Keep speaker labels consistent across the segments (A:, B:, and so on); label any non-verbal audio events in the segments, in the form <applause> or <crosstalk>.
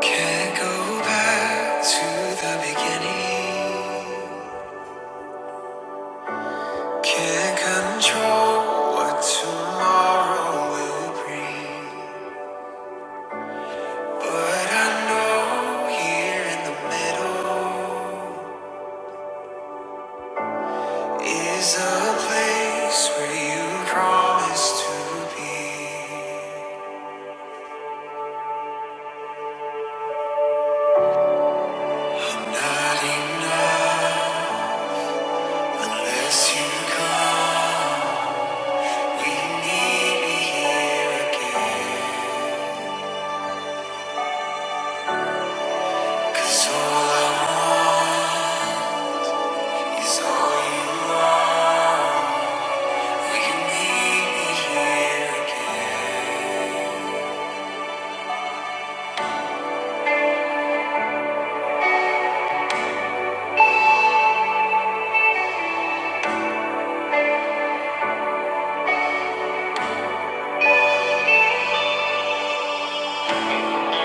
A: Can't go back to the beginning. Can't control what tomorrow will bring. But I know here in the middle is a place where you promised to be. Not enough unless you come. We need me here again. 'Cause all I want. Is all you want. Will you meet me here again?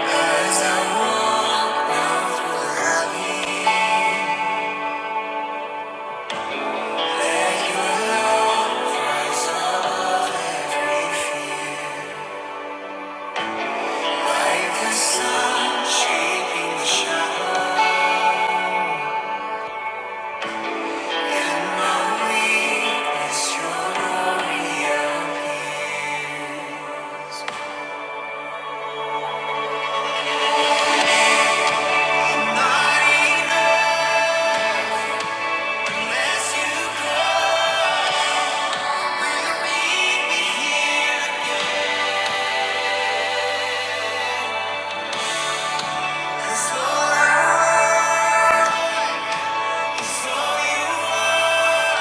A: As I walk through the valley of grief, like the sun shaping the shadow. In my weakness, your glory appears. I'm not enough unless you come. Will you meet me here? 'Cause all I want is all you want.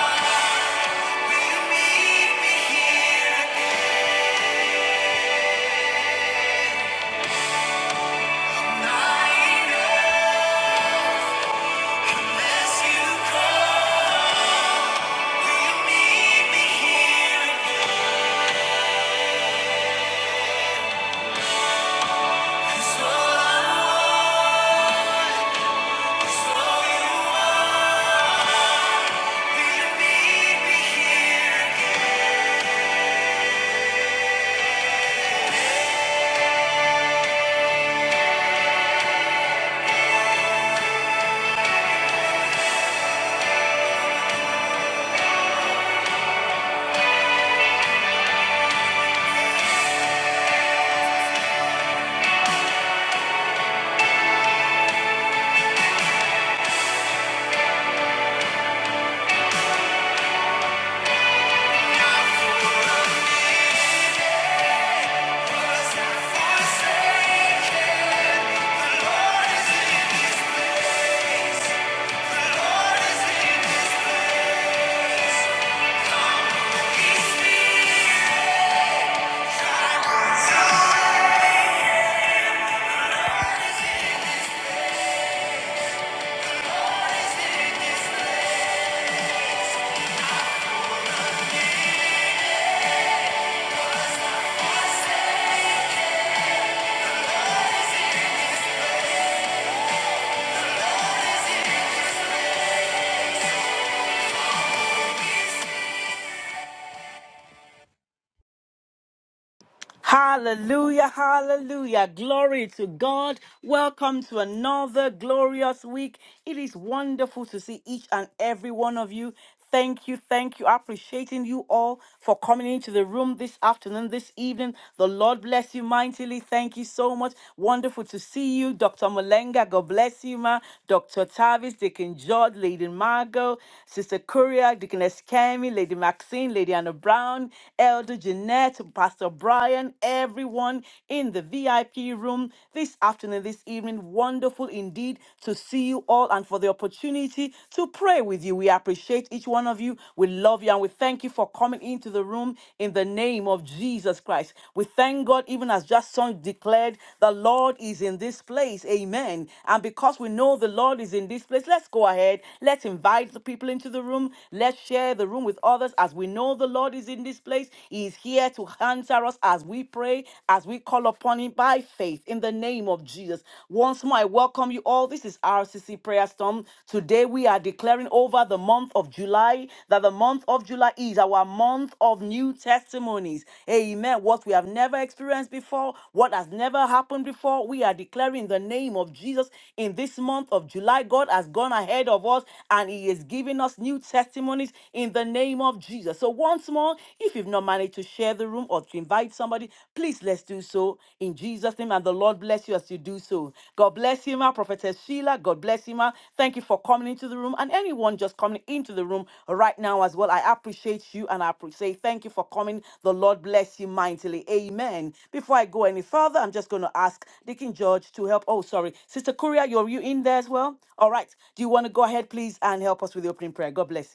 B: Hallelujah, hallelujah. Glory to God. Welcome to another glorious week. It is wonderful to see each and every one of you. Thank you, thank you. Appreciating you all for coming into the room this afternoon, this evening. The Lord bless you mightily. Thank you so much. Wonderful to see you, Dr. Malenga. God bless you, ma. Dr. Tavis, Deacon George, Lady Margot, Sister Courier, Deaconess Kemi, Lady Maxine, Lady Anna Brown, Elder Jeanette. Jeanette, Pastor Brian, everyone in the VIP room this afternoon, this evening. Wonderful indeed to see you all and for the opportunity to pray with you. We appreciate each one of you. We love you and we thank you for coming into the room in the name of Jesus Christ. We thank God, even as just son declared, the Lord is in this place. Amen. And because we know the Lord is in this place, let's go ahead. Let's invite the people into the room. Let's share the room with others as we know the Lord is in is in this place. He is here to answer us as we pray, as we call upon him by faith in the name of Jesus. Once more, I welcome you all. This is RCC Prayer Storm. Today we are declaring over the month of July that the month of July is our month of new testimonies. Amen. What we have never experienced before, what has never happened before, we are declaring in the name of Jesus in this month of July. God has gone ahead of us and He is giving us new testimonies in the name of of Jesus. So, once more, if you've not managed to share the room or to invite somebody, please let's do so in Jesus' name. And the Lord bless you as you do so. God bless you, ma. Prophetess Sheila. God bless you, ma. Thank you for coming into the room and anyone just coming into the room right now as well. I appreciate you and I appre- say thank you for coming. The Lord bless you mightily. Amen. Before I go any further, I'm just going to ask Deacon George to help. Oh, sorry. Sister Kuria, you're you in there as well? All right. Do you want to go ahead, please, and help us with the opening prayer? God bless you.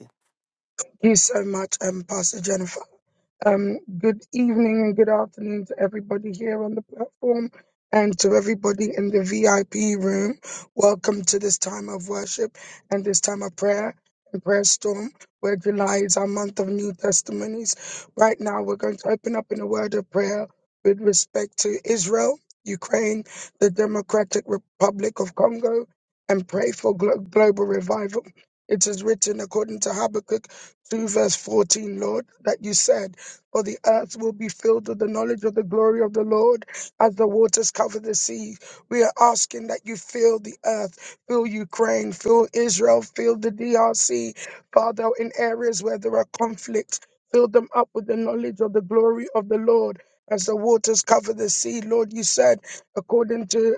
C: Thank you so much, um, Pastor Jennifer. Um, good evening and good afternoon to everybody here on the platform and to everybody in the VIP room. Welcome to this time of worship and this time of prayer and prayer storm, where July is our month of new testimonies. Right now, we're going to open up in a word of prayer with respect to Israel, Ukraine, the Democratic Republic of Congo, and pray for glo- global revival. It is written according to Habakkuk 2, verse 14, Lord, that you said, for the earth will be filled with the knowledge of the glory of the Lord as the waters cover the sea. We are asking that you fill the earth, fill Ukraine, fill Israel, fill the DRC, Father, in areas where there are conflicts, fill them up with the knowledge of the glory of the Lord. As the waters cover the sea, Lord, you said, according to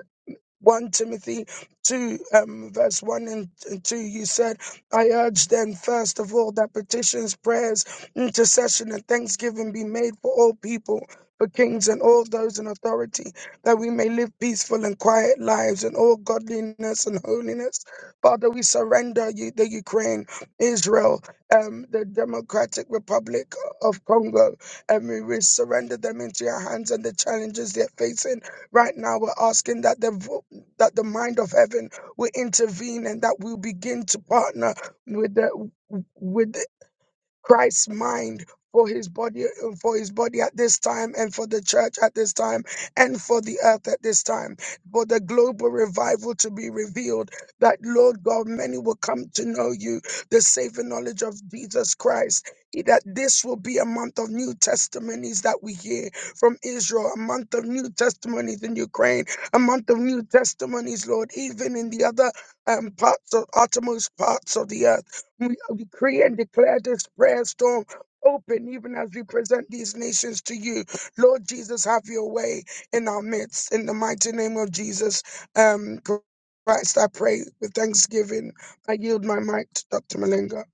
C: 1 Timothy 2, um, verse 1 and and 2, you said, I urge then, first of all, that petitions, prayers, intercession, and thanksgiving be made for all people, for kings and all those in authority, that we may live peaceful and quiet lives in all godliness and holiness. Father, we surrender you, the Ukraine, Israel, um, the Democratic Republic of Congo, and we we surrender them into your hands and the challenges they're facing right now we're asking that the that the mind of heaven will intervene and that we'll begin to partner with the with Christ's mind for his body for his body at this time and for the church at this time and for the earth at this time for the global revival to be revealed that Lord God many will come to know you the saving knowledge of Jesus Christ He- that this will be a month of new testimonies that we hear from Israel a month of new testimonies in Ukraine a month of new testimonies Lord even in the other um, parts of uttermost parts of the earth we uh, decree and declare this prayer storm open even as we present these nations to you. Lord Jesus, have your way in our midst. In the mighty name of Jesus um, Christ, I pray with thanksgiving. I yield my mic to Dr. Malenga.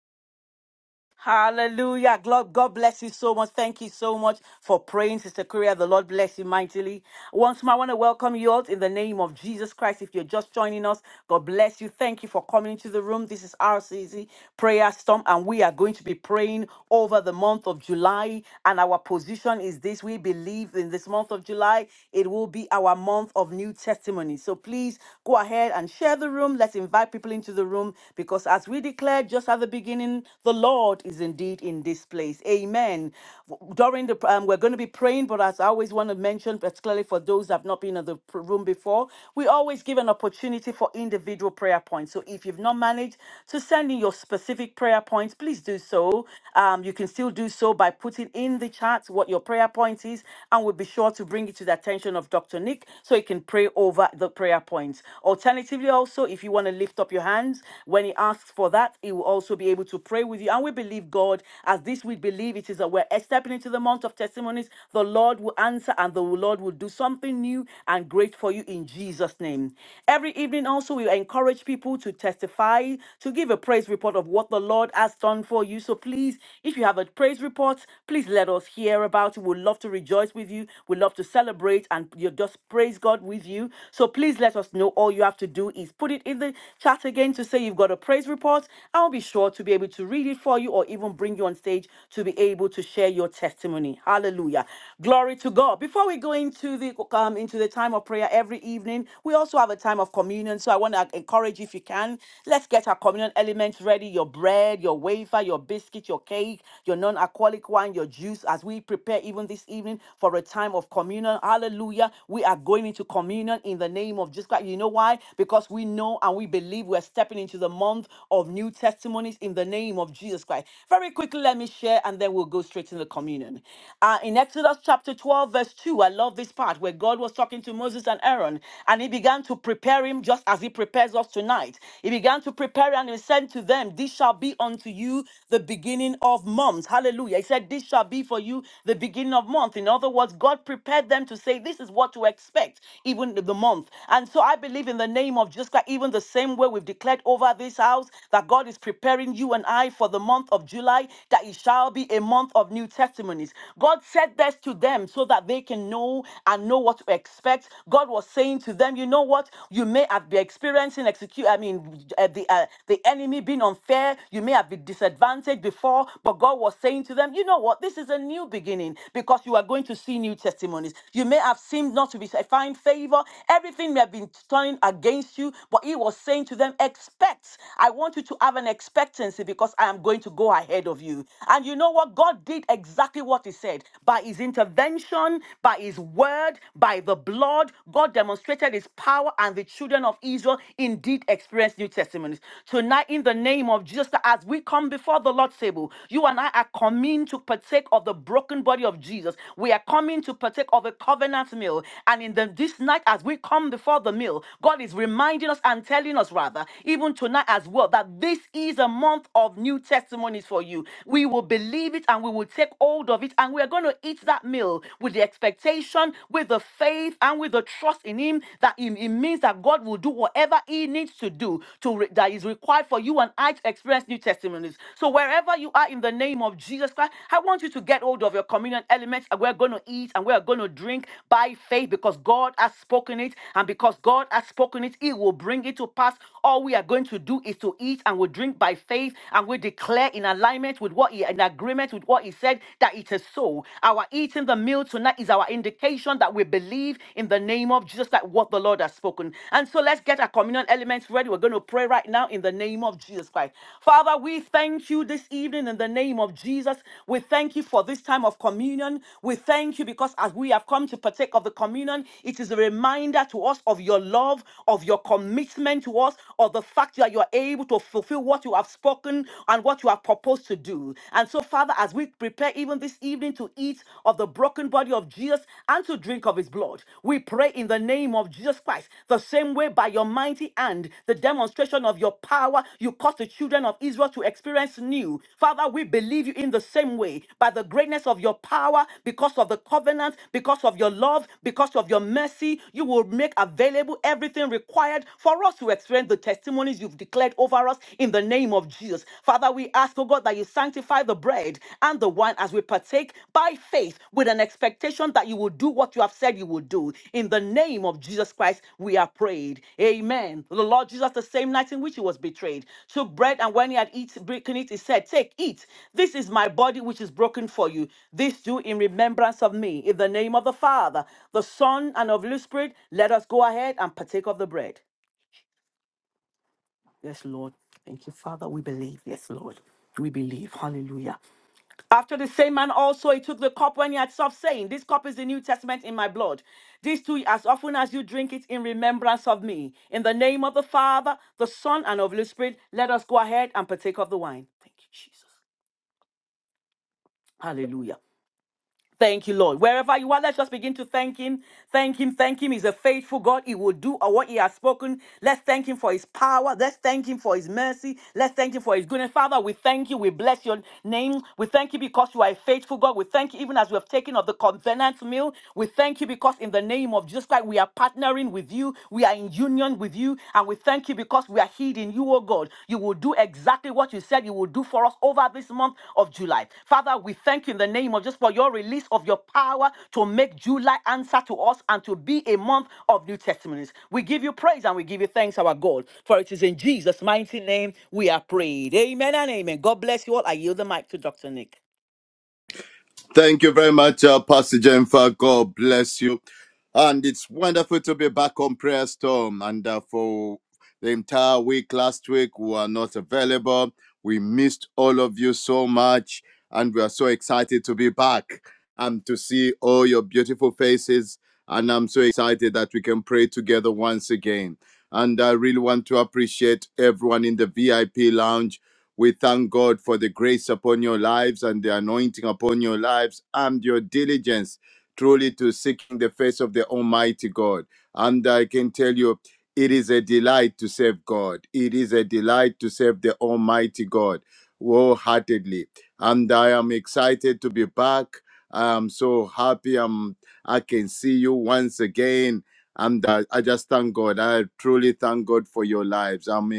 B: Hallelujah. God, God bless you so much. Thank you so much for praying, Sister Korea. The Lord bless you mightily. Once more, I want to welcome you all in the name of Jesus Christ. If you're just joining us, God bless you. Thank you for coming into the room. This is RCC Prayer Storm, and we are going to be praying over the month of July. And our position is this we believe in this month of July, it will be our month of new testimony. So please go ahead and share the room. Let's invite people into the room because as we declared just at the beginning, the Lord is indeed in this place. Amen. W- During the um, we're going to be praying, but as I always want to mention, particularly for those that have not been in the pr- room before, we always give an opportunity for individual prayer points. So if you've not managed to send in your specific prayer points, please do so. Um, you can still do so by putting in the chat what your prayer point is, and we'll be sure to bring it to the attention of Dr. Nick so he can pray over the prayer points. Alternatively, also, if you want to lift up your hands when he asks for that, he will also be able to to pray with you. And we believe God, as this week believe it is that we're stepping into the month of testimonies, the Lord will answer and the Lord will do something new and great for you in Jesus' name. Every evening also, we encourage people to testify, to give a praise report of what the Lord has done for you. So please, if you have a praise report, please let us hear about it. We'd love to rejoice with you. We'd love to celebrate and you just praise God with you. So please let us know. All you have to do is put it in the chat again to say you've got a praise report. I'll be sure sure to be able to read it for you or even bring you on stage to be able to share your testimony. Hallelujah. Glory to God. Before we go into the um, into the time of prayer every evening, we also have a time of communion. So I want to encourage you if you can, let's get our communion elements ready, your bread, your wafer, your biscuit, your cake, your non-alcoholic wine, your juice as we prepare even this evening for a time of communion. Hallelujah. We are going into communion in the name of Jesus Christ. You know why? Because we know and we believe we're stepping into the month of new Testament testimonies in the name of Jesus Christ. Very quickly, let me share and then we'll go straight into the communion. Uh, in Exodus chapter 12, verse 2, I love this part where God was talking to Moses and Aaron and he began to prepare him just as he prepares us tonight. He began to prepare and he said to them, This shall be unto you the beginning of months. Hallelujah. He said, This shall be for you the beginning of month. In other words, God prepared them to say, This is what to expect, even the month. And so I believe in the name of Jesus Christ, even the same way we've declared over this house that God is preparing you and I for the month of July, that it shall be a month of new testimonies. God said this to them so that they can know and know what to expect. God was saying to them, you know what? You may have been experiencing execute, I mean, uh, the uh, the enemy being unfair. You may have been disadvantaged before, but God was saying to them, you know what? This is a new beginning because you are going to see new testimonies. You may have seemed not to be find favor. Everything may have been turning against you, but He was saying to them, expect. I want you to have an expectancy because I am going to go ahead of you. And you know what? God did exactly what He said by His intervention, by His word, by the blood. God demonstrated His power, and the children of Israel indeed experienced new testimonies. Tonight, in the name of Jesus, as we come before the Lord's table, you and I are coming to partake of the broken body of Jesus. We are coming to partake of a covenant meal. And in the, this night, as we come before the meal, God is reminding us and telling us, rather, even even tonight as well, that this is a month of new testimonies for you. We will believe it and we will take hold of it, and we are going to eat that meal with the expectation, with the faith, and with the trust in Him that it, it means that God will do whatever He needs to do to re- that is required for you and I to experience new testimonies. So wherever you are in the name of Jesus Christ, I want you to get hold of your communion elements, and we're going to eat and we're going to drink by faith because God has spoken it, and because God has spoken it, He will bring it to pass all we are going to do is to eat and we drink by faith and we declare in alignment with what he in agreement with what he said that it is so. Our eating the meal tonight is our indication that we believe in the name of Jesus that what the Lord has spoken. And so let's get our communion elements ready. We're going to pray right now in the name of Jesus Christ. Father, we thank you this evening in the name of Jesus. We thank you for this time of communion. We thank you because as we have come to partake of the communion, it is a reminder to us of your love, of your commitment to us to us of the fact that you are able to fulfill what you have spoken and what you have proposed to do. And so, Father, as we prepare even this evening to eat of the broken body of Jesus and to drink of his blood, we pray in the name of Jesus Christ, the same way by your mighty hand, the demonstration of your power, you caused the children of Israel to experience new. Father, we believe you in the same way by the greatness of your power, because of the covenant, because of your love, because of your mercy, you will make available everything required for for us to experience the testimonies you've declared over us in the name of Jesus. Father, we ask, oh God, that you sanctify the bread and the wine as we partake by faith with an expectation that you will do what you have said you will do. In the name of Jesus Christ, we are prayed. Amen. The Lord Jesus, the same night in which he was betrayed, took bread and when he had eaten, broken it, he said, Take, eat. This is my body which is broken for you. This do in remembrance of me. In the name of the Father, the Son, and of the Holy Spirit, let us go ahead and partake of the bread. Yes, Lord. Thank you, Father. We believe. Yes, Lord. We believe. Hallelujah. After the same man also he took the cup when he had supped, saying, This cup is the New Testament in my blood. This too, as often as you drink it in remembrance of me. In the name of the Father, the Son, and of the Holy Spirit, let us go ahead and partake of the wine. Thank you, Jesus. Hallelujah. Thank you, Lord. Wherever you are, let's just begin to thank Him. Thank Him. Thank Him. He's a faithful God. He will do what He has spoken. Let's thank Him for His power. Let's thank Him for His mercy. Let's thank Him for His goodness. Father, we thank you. We bless your name. We thank you because you are a faithful God. We thank you even as we have taken of the covenant meal. We thank you because in the name of Jesus Christ, we are partnering with you. We are in union with you. And we thank you because we are hid in you, O God. You will do exactly what you said you will do for us over this month of July. Father, we thank you in the name of just for your release of your power to make July answer to us and to be a month of new testimonies. We give you praise and we give you thanks, our God. For it is in Jesus' mighty name we are prayed. Amen and amen. God bless you all. I yield the mic to Dr. Nick.
D: Thank you very much, uh, Pastor Jennifer. God bless you. And it's wonderful to be back on Prayer Storm. And uh, for the entire week last week, we were not available. We missed all of you so much. And we are so excited to be back and to see all your beautiful faces. And I'm so excited that we can pray together once again. And I really want to appreciate everyone in the VIP lounge we thank God for the grace upon your lives and the anointing upon your lives and your diligence truly to seeking the face of the Almighty God. And I can tell you, it is a delight to serve God. It is a delight to serve the Almighty God wholeheartedly. And I am excited to be back. I'm so happy. I'm, I can see you once again. And uh, I just thank God. I truly thank God for your lives. I'm.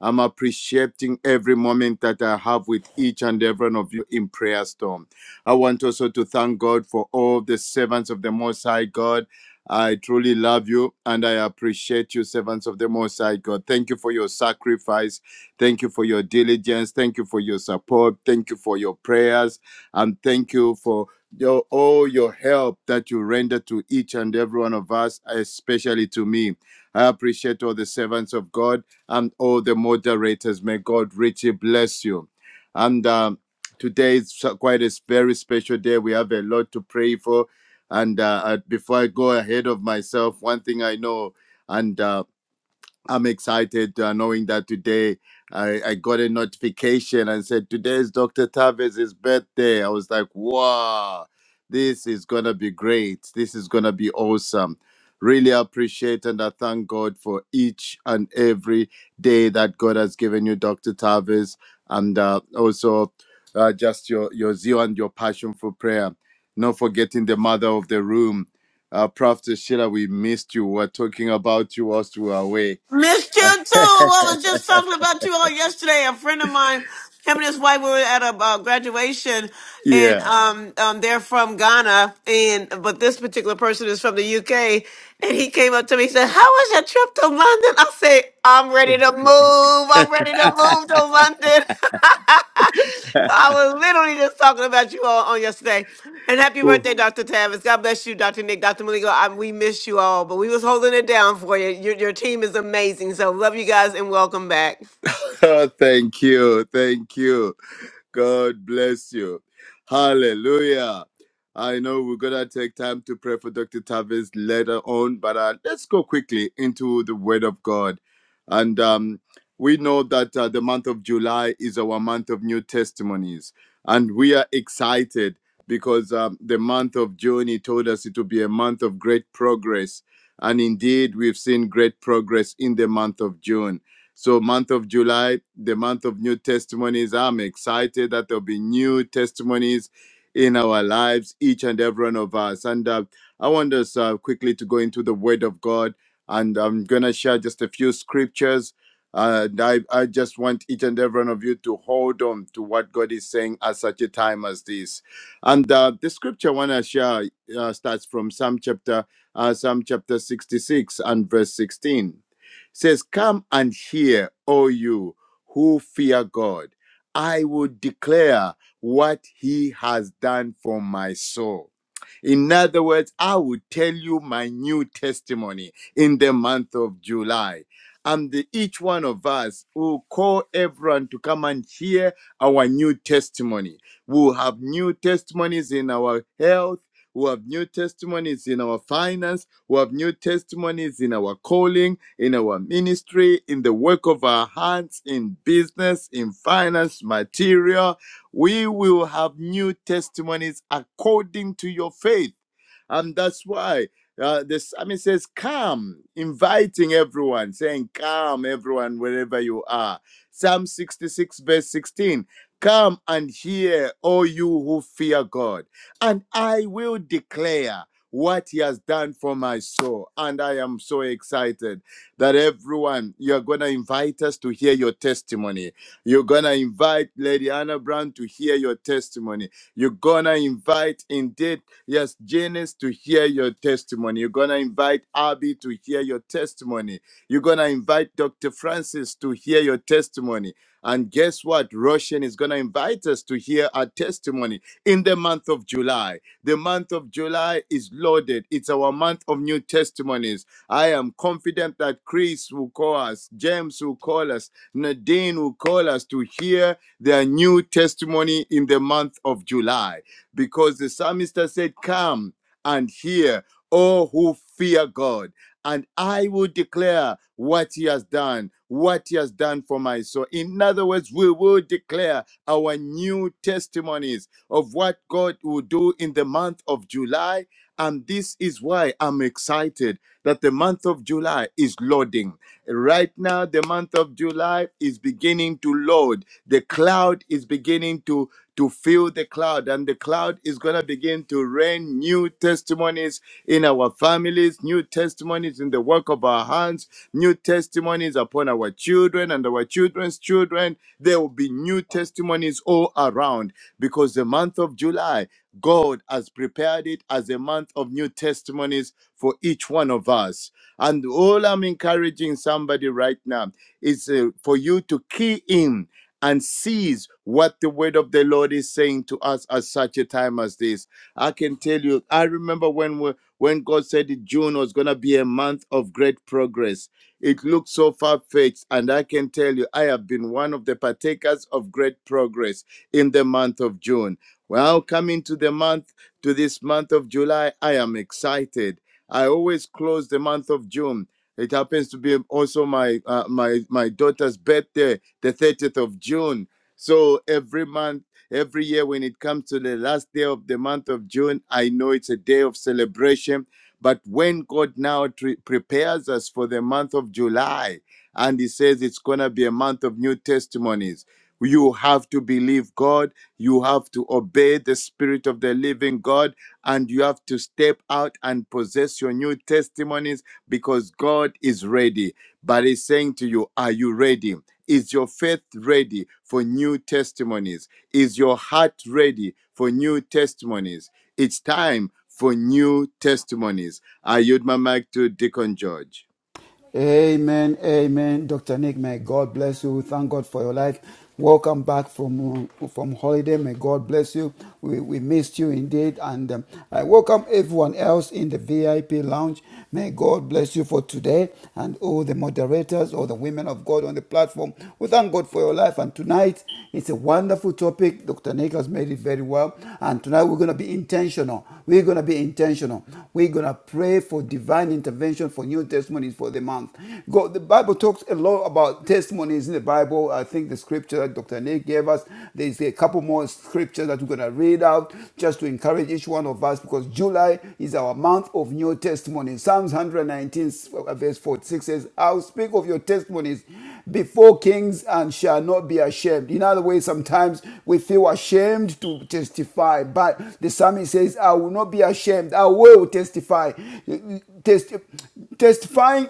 D: I'm appreciating every moment that I have with each and every one of you in Prayer Storm. I want also to thank God for all the servants of the Most High God. I truly love you and I appreciate you, servants of the Most High God. Thank you for your sacrifice. Thank you for your diligence. Thank you for your support. Thank you for your prayers. And thank you for your, all your help that you render to each and every one of us, especially to me. I appreciate all the servants of God and all the moderators. May God richly bless you. And um, today is so- quite a very special day. We have a lot to pray for. And uh, I- before I go ahead of myself, one thing I know, and uh, I'm excited uh, knowing that today I, I got a notification and said, Today is Dr. Tavez's birthday. I was like, Wow, this is going to be great. This is going to be awesome. Really appreciate and I thank God for each and every day that God has given you, Dr. Tavez, and uh, also uh, just your, your zeal and your passion for prayer. Not forgetting the mother of the room, uh, Prophet Sheila, we missed you. We are talking about you whilst we were away.
E: Missed
D: <laughs> I-
E: you too. I was just talking about you all yesterday. A friend of mine, him and his wife were at a uh, graduation, and
D: yeah.
E: um, um, they're from Ghana, and but this particular person is from the UK. And he came up to me, he said, "How was your trip to London?" I say, "I'm ready." ready to move. I'm ready to move to London. <laughs> so I was literally just talking about you all on yesterday. And happy
D: Oh,
E: birthday, Dr. Tavis. God bless you, Dr. Nick, Dr. Maligo. I, we miss you all, but we was holding it down for you. Your, your team is amazing. So love you guys and welcome back.
D: <laughs> thank you. Thank you. God bless you. Hallelujah. I know we're going to take time to pray for Dr. Tavis later on, but uh, let's go quickly into the Word of God. And um, we know that uh, the month of July is our month of new testimonies. And we are excited because um, the month of June, he told us it will be a month of great progress. And indeed, we've seen great progress in the month of June. So, month of July, the month of new testimonies. I'm excited that there'll be new testimonies in our lives, each and every one of us. And uh, I want us uh, quickly to go into the Word of God, and I'm gonna share just a few scriptures. Uh, and I, I just want each and every one of you to hold on to what God is saying at such a time as this. And uh, the scripture I want to share uh, starts from Psalm chapter uh, Psalm chapter 66 and verse 16 says, Come and hear, O you who fear God. I will declare what he has done for my soul. In other words, I will tell you my new testimony in the month of July. And the, each one of us will call everyone to come and hear our new testimony. We'll have new testimonies in our health. We'll have new testimonies in our finance who have new testimonies in our calling, in our ministry, in the work of our hands, in business, in finance, material. We will have new testimonies according to your faith. And that's why uh, the psalmist says, Come, inviting everyone, saying, Come, everyone, wherever you are. Psalm 66, verse 16. Come and hear, all you who fear God, and I will declare what he has done for my soul. And I am so excited that everyone, you're going to invite us to hear your testimony. You're going to invite Lady Anna Brown to hear your testimony. You're going to invite, indeed, yes, Janice to hear your testimony. You're going to invite Abby to hear your testimony. You're going to invite Dr. Francis to hear your testimony. And guess what? Russian is going to invite us to hear our testimony in the month of July. The month of July is loaded. It's our month of new testimonies. I am confident that Chris will call us, James will call us, Nadine will call us to hear their new testimony in the month of July. Because the psalmist said, Come and hear, all who fear God. And I will declare what he has done, what he has done for my soul. In other words, we will declare our new testimonies of what God will do in the month of July. And this is why I'm excited that the month of July is loading. Right now, the month of July is beginning to load. The cloud is beginning to to fill the cloud, and the cloud is going to begin to rain new testimonies in our families, new testimonies in the work of our hands, new testimonies upon our children and our children's children. There will be new testimonies all around because the month of July, God has prepared it as a month of new testimonies for each one of us. And all I'm encouraging somebody right now is uh, for you to key in and sees what the word of the Lord is saying to us at such a time as this. I can tell you, I remember when we, when God said that June was going to be a month of great progress. It looked so far-fetched, and I can tell you, I have been one of the partakers of great progress in the month of June. Well, coming to the month, to this month of July, I am excited. I always close the month of June it happens to be also my uh, my my daughter's birthday, the 30th of June. So every month, every year when it comes to the last day of the month of June, I know it's a day of celebration. But when God now tre- prepares us for the month of July, and He says it's gonna be a month of new testimonies, you have to believe God. You have to obey the Spirit of the Living God, and you have to step out and possess your new testimonies because God is ready. But He's saying to you, Are you ready? Is your faith ready for new testimonies? Is your heart ready for new testimonies? It's time for new testimonies. I yield my mic to Deacon George.
F: Amen, amen. Dr. Nick, may God bless you. Thank God for your life. Welcome back from uh, from holiday. May God bless you. We, we missed you indeed. And um, I welcome everyone else in the VIP lounge. May God bless you for today and all the moderators, all the women of God on the platform. We thank God for your life. And tonight, it's a wonderful topic. Dr. Nick has made it very well. And tonight, we're going to be intentional. We're going to be intentional. We're going to pray for divine intervention, for new testimonies, for the the month. God, the Bible talks a lot about testimonies in the Bible. I think the scripture that Dr. Nick gave us, there's a couple more scriptures that we're going to read out just to encourage each one of us because July is our month of new testimony. Psalms 119, uh, verse 46 says, I'll speak of your testimonies before kings and shall not be ashamed. In other words, sometimes we feel ashamed to testify, but the psalmist says, I will not be ashamed. I will testify. Test- testifying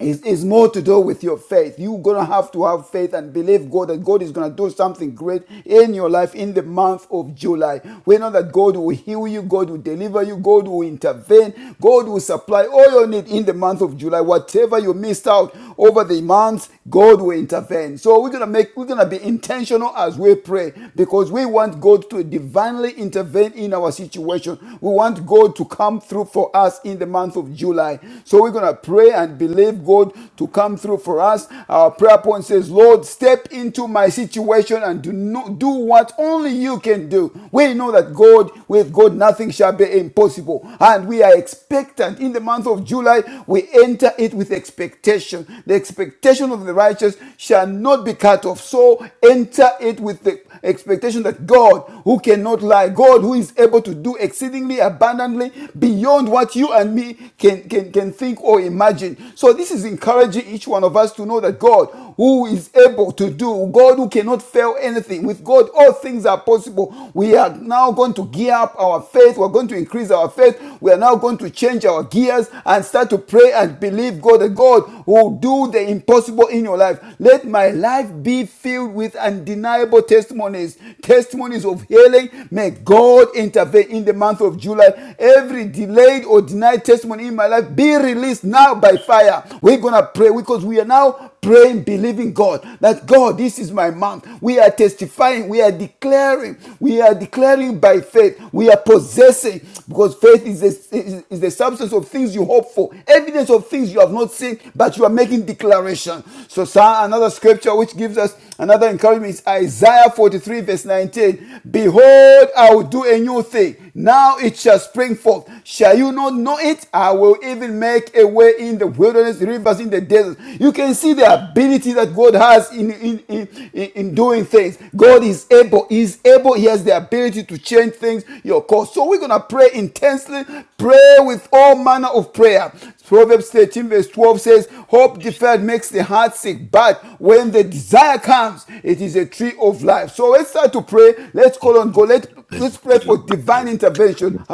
F: it's, it's more to do with your faith. You're going to have to have faith and believe God that God is going to do something great in your life in the month of July. We know that God will heal you, God will deliver you, God will intervene, God will supply all your need in the month of July. Whatever you missed out over the months, God will intervene. So we're going to make, we're going to be intentional as we pray because we want God to divinely intervene in our situation. We want God to come through for us in the month of July. So we're going to pray and believe God to come through for us. Our prayer point says, Lord, step into my situation and do, no, do what only you can do. We know that God, with God, nothing shall be impossible. And we are expectant. In the month of July, we enter it with expectation. The expectation of the righteous shall not be cut off. So enter it with the expectation that God, who cannot lie, God, who is able to do exceedingly abundantly beyond what you what you and me can, can, can think or imagine. So this is encouraging each one of us to know that God, who is able to do, God who cannot fail anything, with God all things are possible. We are now going to gear up our faith. We're going to increase our faith. We are now going to change our gears and start to pray and believe God that God will do the impossible in your life. Let my life be filled with undeniable testimonies, testimonies of healing. May God intervene in the month of July life, every delayed or denied testimony in my life be released now by fire. We're gonna pray because we are now praying, believing God that God, this is my month. We are testifying, we are declaring, we are declaring by faith, we are possessing because faith is the, is, the substance of things you hope for, evidence of things you have not seen, but you are making declaration. So, sa- another scripture which gives us Another encouragement is Isaiah 43, verse 19. Behold, I will do a new thing. Now it shall spring forth. Shall you not know it? I will even make a way in the wilderness, rivers in the desert. You can see the ability that God has in, in, in, in doing things. God is able. He is able. He has the ability to change things, your course. So we're going to pray intensely, pray with all manner of prayer. Proverbs 13, verse 12 says, Hope deferred makes the heart sick, but when the desire comes, it is a tree of life. So let's start to pray. Let's call on God. Let, let's pray for divine intervention.
G: Thank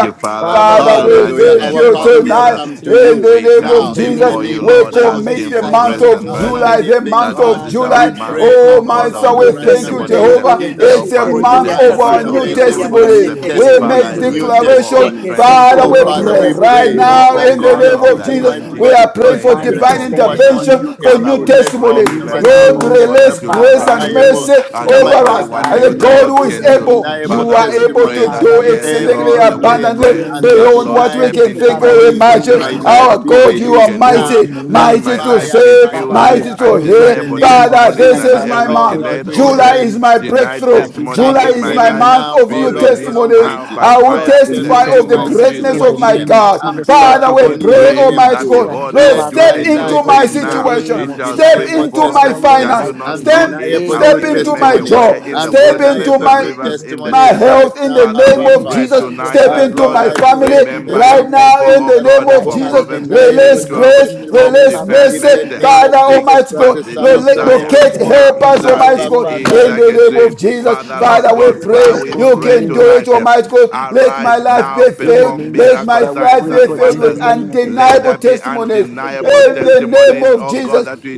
G: you, Father,
B: Father, in
G: Lord,
B: the
F: Father, we
G: tonight
B: name
D: Hallelujah.
G: in
B: of
G: the
F: thank
D: Our
F: you
G: name
B: Jesus,
G: of
D: Father,
B: we
D: we have
F: tonight
B: thank you
G: Jesus.
D: come to
F: in
B: tonight.
D: you
F: the
G: We
F: name
B: In
F: of
G: come
D: now
B: the
D: in the
G: before
F: Jesus.
G: you,
B: name
D: name
F: We
B: of
D: of
G: Lord,
D: the Lord
F: commit
B: Jesus
G: asking
F: the
G: for
D: Jesus
B: Christ,
F: month
D: Christ,
B: oh
G: grace
D: the
G: and
F: of
G: mercy
D: covenant
F: July,
B: God.
F: the
D: keeping
F: month
G: that
D: God.
G: this
F: of
G: is
B: Father,
G: our
D: We
B: we
F: July.
G: month,
D: pray,
B: thank
G: oh
F: Oh,
B: you,
D: Abba
F: my
G: God,
B: God,
G: of
F: son,
B: in the
G: new
D: Father,
F: we
D: right now
F: thank
B: name
D: in
H: Yekese
F: you,
D: the
B: of
D: name
G: testimonies.
B: Jesus
D: of
H: terebo,
B: Christ,
F: Jehovah.
D: Jesus
B: even
F: It's
H: yekese
G: Help
F: a
G: us
B: for
D: for
G: to
H: terebo,
F: month
D: divine
F: of
B: yes,
H: yakase
G: testify
F: our
B: Lord,
F: new
G: of your
H: terebo,
B: divine
D: intervention, for
G: goodness.
H: yakase
F: testimonies.
D: new
B: restoration,
F: We
H: terebo, she
G: Father,
F: make
G: a
D: testimonies,
B: the name
D: new
H: terebo.
B: of
G: renewal
B: Jesus Christ.
F: declaration.
G: of
D: testimonies.
H: Yekese
G: strength,
B: Thank you,
G: oh
F: Father,
D: Oh,
F: we
H: terebo,
B: Lord.
G: God,
B: This
D: Father,
G: a
F: pray
D: we
B: month
H: yakase
B: is
F: right
B: the
D: pray
H: terebo,
B: month
G: renewal,
F: now
H: bo
B: of
G: oh
D: that
H: bo
F: in
D: you
F: the
H: bo
G: God,
B: divine
H: bo
D: step
F: name
G: of
H: bo
F: of
G: the
H: bo
D: into,
H: bo
F: Jesus.
H: bo
D: mighty
B: intervention,
H: bo.
F: We
G: anointing
D: God,
H: bo.
G: to
F: are
D: into our
F: praying
G: pray in
F: for
B: divine
G: the
D: situation
G: name
D: to
F: divine
D: do
G: of
H: Yekese
D: what
G: Jesus.
H: terebo,
D: only
B: intervention
F: intervention
D: you
F: for
D: can
H: yekese
G: Father,
F: new
D: do.
G: we
H: terebo,
D: Let,
B: for
G: pray
D: of
F: testimonies.
B: new
G: even
D: mighty
G: now,
H: yekese
D: God,
F: Lord,
D: we
G: oh
B: testimonies,
G: God,
H: terebo,
D: lift
F: release
G: that
D: up
G: you'll
B: Father,
H: yekese
F: grace
B: in
H: terebo,
B: the
F: and
G: arise
B: name
D: undeniable
B: of
F: mercy
G: and
B: Jesus
D: now,
G: do
D: my
B: Christ,
F: over
H: yekese
G: only
D: God,
F: us.
B: Father,
G: what
H: terebo,
B: I
F: And
G: you,
F: the
B: pray,
G: the
H: yekese
F: God
B: God,
G: Lord,
F: who
D: undeniable
B: in
D: with
F: is
B: the
G: can
H: terebo,
G: do.
B: name
F: able,
B: of
D: undeniable
F: you
G: Father,
B: Jesus.
F: are
G: we
H: yekese
F: able
G: pray
F: to
D: testimonies.
H: terebo,
G: that,
B: Father,
F: do
H: bo bo
B: we
G: yes,
H: bo
B: pray,
H: bo.
B: O
H: bo.
D: Every
F: exceedingly
G: Lord,
B: God, in
G: we
B: the
D: delayed
F: abundantly
G: pray
F: abundantly
H: Yes,
B: name
D: and the
B: of
G: that,
F: beyond
H: Lord.
G: Lord,
B: Jesus
F: what
D: denied
F: we
G: step
B: Christ.
F: can
G: into
H: Yekese
F: think or
G: my
B: Father, we
D: testimony
H: terebo,
B: still
D: in
B: pray
F: imagine.
G: situation
D: my
B: in
G: and
B: the
G: do
H: yekese
D: life
H: terebo,
B: name
F: Our
G: what
D: be
G: only
F: God, you
G: you
F: are
D: released
B: of
G: can
B: God,
G: do.
F: mighty,
D: now
B: in the
G: Let
D: by
B: name of
F: mighty
G: my
B: Jesus
F: to
G: life
D: fire,
G: be
B: Christ.
D: by
F: save,
B: Father,
G: filled
B: we are
G: with
F: mighty
D: fire,
F: to
B: praying, O
D: in
F: heal.
B: God, in
D: the
G: undeniable
B: the
H: yes,
D: name
B: name of
D: of
F: Father,
B: Jesus
G: testimonies
H: Lord.
F: this
B: Christ.
G: and
F: is
D: Jesus.
B: Father,
F: my
B: we
G: every
D: Oh
F: month.
B: pray,
D: God,
B: God,
G: delayed
D: we
B: in
G: or
B: the
F: July
D: pray
G: de-
B: name
F: is
B: of
F: my
B: Jesus Christ,
G: denied
F: breakthrough.
B: that this
G: testimony
D: that
F: July
B: month
G: in
F: is
G: my
F: my
D: beginning
F: month
G: life
D: now,
F: of
D: oh
G: be
F: new
B: of
D: Lord God
G: released
F: testimonies.
G: now
D: Almighty.
G: by
F: I will
D: Lord,
G: fire
B: the
G: in
D: step
G: the
B: new
F: testify
D: into
F: of
G: name
F: the
D: my
G: of
B: testimony
F: greatness
B: in
G: Jesus.
B: the
F: of my
G: Mm.
D: situation
B: name of
F: God.
D: and
B: Jesus
D: do what
B: Christ,
F: Father,
B: we
G: Father,
F: we
B: go
G: we
D: only
B: in
F: pray,
B: the
D: you
G: pray
B: name
D: can
B: of
F: Almighty
G: that
B: Jesus
D: do.
F: God,
B: Christ.
G: behold, I will
F: Lord,
D: Let
G: do
B: Father,
F: step
D: my
B: we
G: a
B: pray, oh
G: new
F: into
D: life
H: Terebo,
B: God,
F: my
D: be
G: thing
B: in the
D: filled
G: now.
D: with
F: situation,
B: name
G: It
B: of
G: shall
H: yekese
F: step
B: Jesus
G: spring
D: undeniable
H: terebo,
B: Christ.
F: into
G: forth.
B: Father,
F: my
B: Lord,
G: Shall
D: testimonies,
F: finance,
G: you
B: I
G: not
B: pray.
G: know
H: terrible,
F: step,
G: it?
B: In
D: undeniable
B: the
G: I'll
D: new
F: step
G: even
F: into
B: name
G: make
B: of
F: my
G: a
B: Jesus
D: testimonies,
G: way
B: Christ,
F: job,
G: in
B: Lord
G: the
F: step
B: God,
F: into
G: wilderness
D: undeniable
G: and
D: new
F: my
G: rivers in the
F: my
D: testimonies
G: desert.
D: right
F: health in the
D: now,
G: Father,
F: name
B: in
G: we
B: the
D: Abba
F: of
B: name of
G: pray
F: Jesus.
D: Father.
B: Jesus
G: tonight
F: Step
D: Ah,
G: that,
B: Christ,
F: into
B: Father,
D: Lord,
G: Lord,
F: my
B: I
D: I
B: pray, oh
F: family
D: pray
B: God,
D: in
B: in the
D: the
G: remember your
B: name
F: right
D: name
B: of
D: of
B: Jesus
G: people,
F: now
B: Christ.
F: in
G: O
F: the
D: Jesus
F: name
G: God,
F: of
B: Right
D: for
G: for
B: now, in
F: Jesus.
B: the
G: Proverbs
D: undeniable
G: 13:12,
F: Release
B: name
D: new
B: of
F: grace,
B: Jesus,
G: Hope
B: Christ.
D: testimonies
F: release
B: Father, we
G: deferred
D: in
F: mercy.
G: makes
B: pray
D: the
G: the
B: in
D: name
B: the
G: heart
D: of
F: Father,
B: name.
G: sick,
D: Jesus
F: Almighty
D: Christ,
G: but
D: the
F: God,
G: the
D: Son
B: Oh
F: lo-
D: of the
B: Lord,
G: desire
B: we
D: living
F: locate,
D: God.
B: call
F: help
B: upon
G: comes,
F: us,
B: you, oh
G: uh,
B: God,
F: Almighty
D: Abba,
B: in
G: it
F: God,
B: the
D: Father,
G: is
B: name
D: I
F: in
B: of,
G: like
F: the
G: a
D: pray
F: name
G: dream.
F: of
B: of
F: Jesus.
G: Father, Lord
F: Father,
B: Jesus.
F: we
G: God, Father,
B: Oh
F: pray
G: we
B: God,
F: you
B: in the
G: pray
F: can
B: name
F: do
B: of
F: it,
G: tonight.
F: Almighty God. Let my
G: Arise
F: life
G: now,
F: be
B: in the
F: filled.
G: perform
B: name of
F: Let
B: Jesus
G: miracle
F: my
B: Christ, we
F: life
G: signs
B: pray, oh
F: be
G: and
B: God,
F: filled
B: in the
F: with
G: wonders.
B: name of
G: Let
F: undeniable
G: there be
F: testimonies in
G: undeniable
H: terrible,
F: the name
G: testimonies,
F: of
G: oh God,
F: Jesus.
G: that we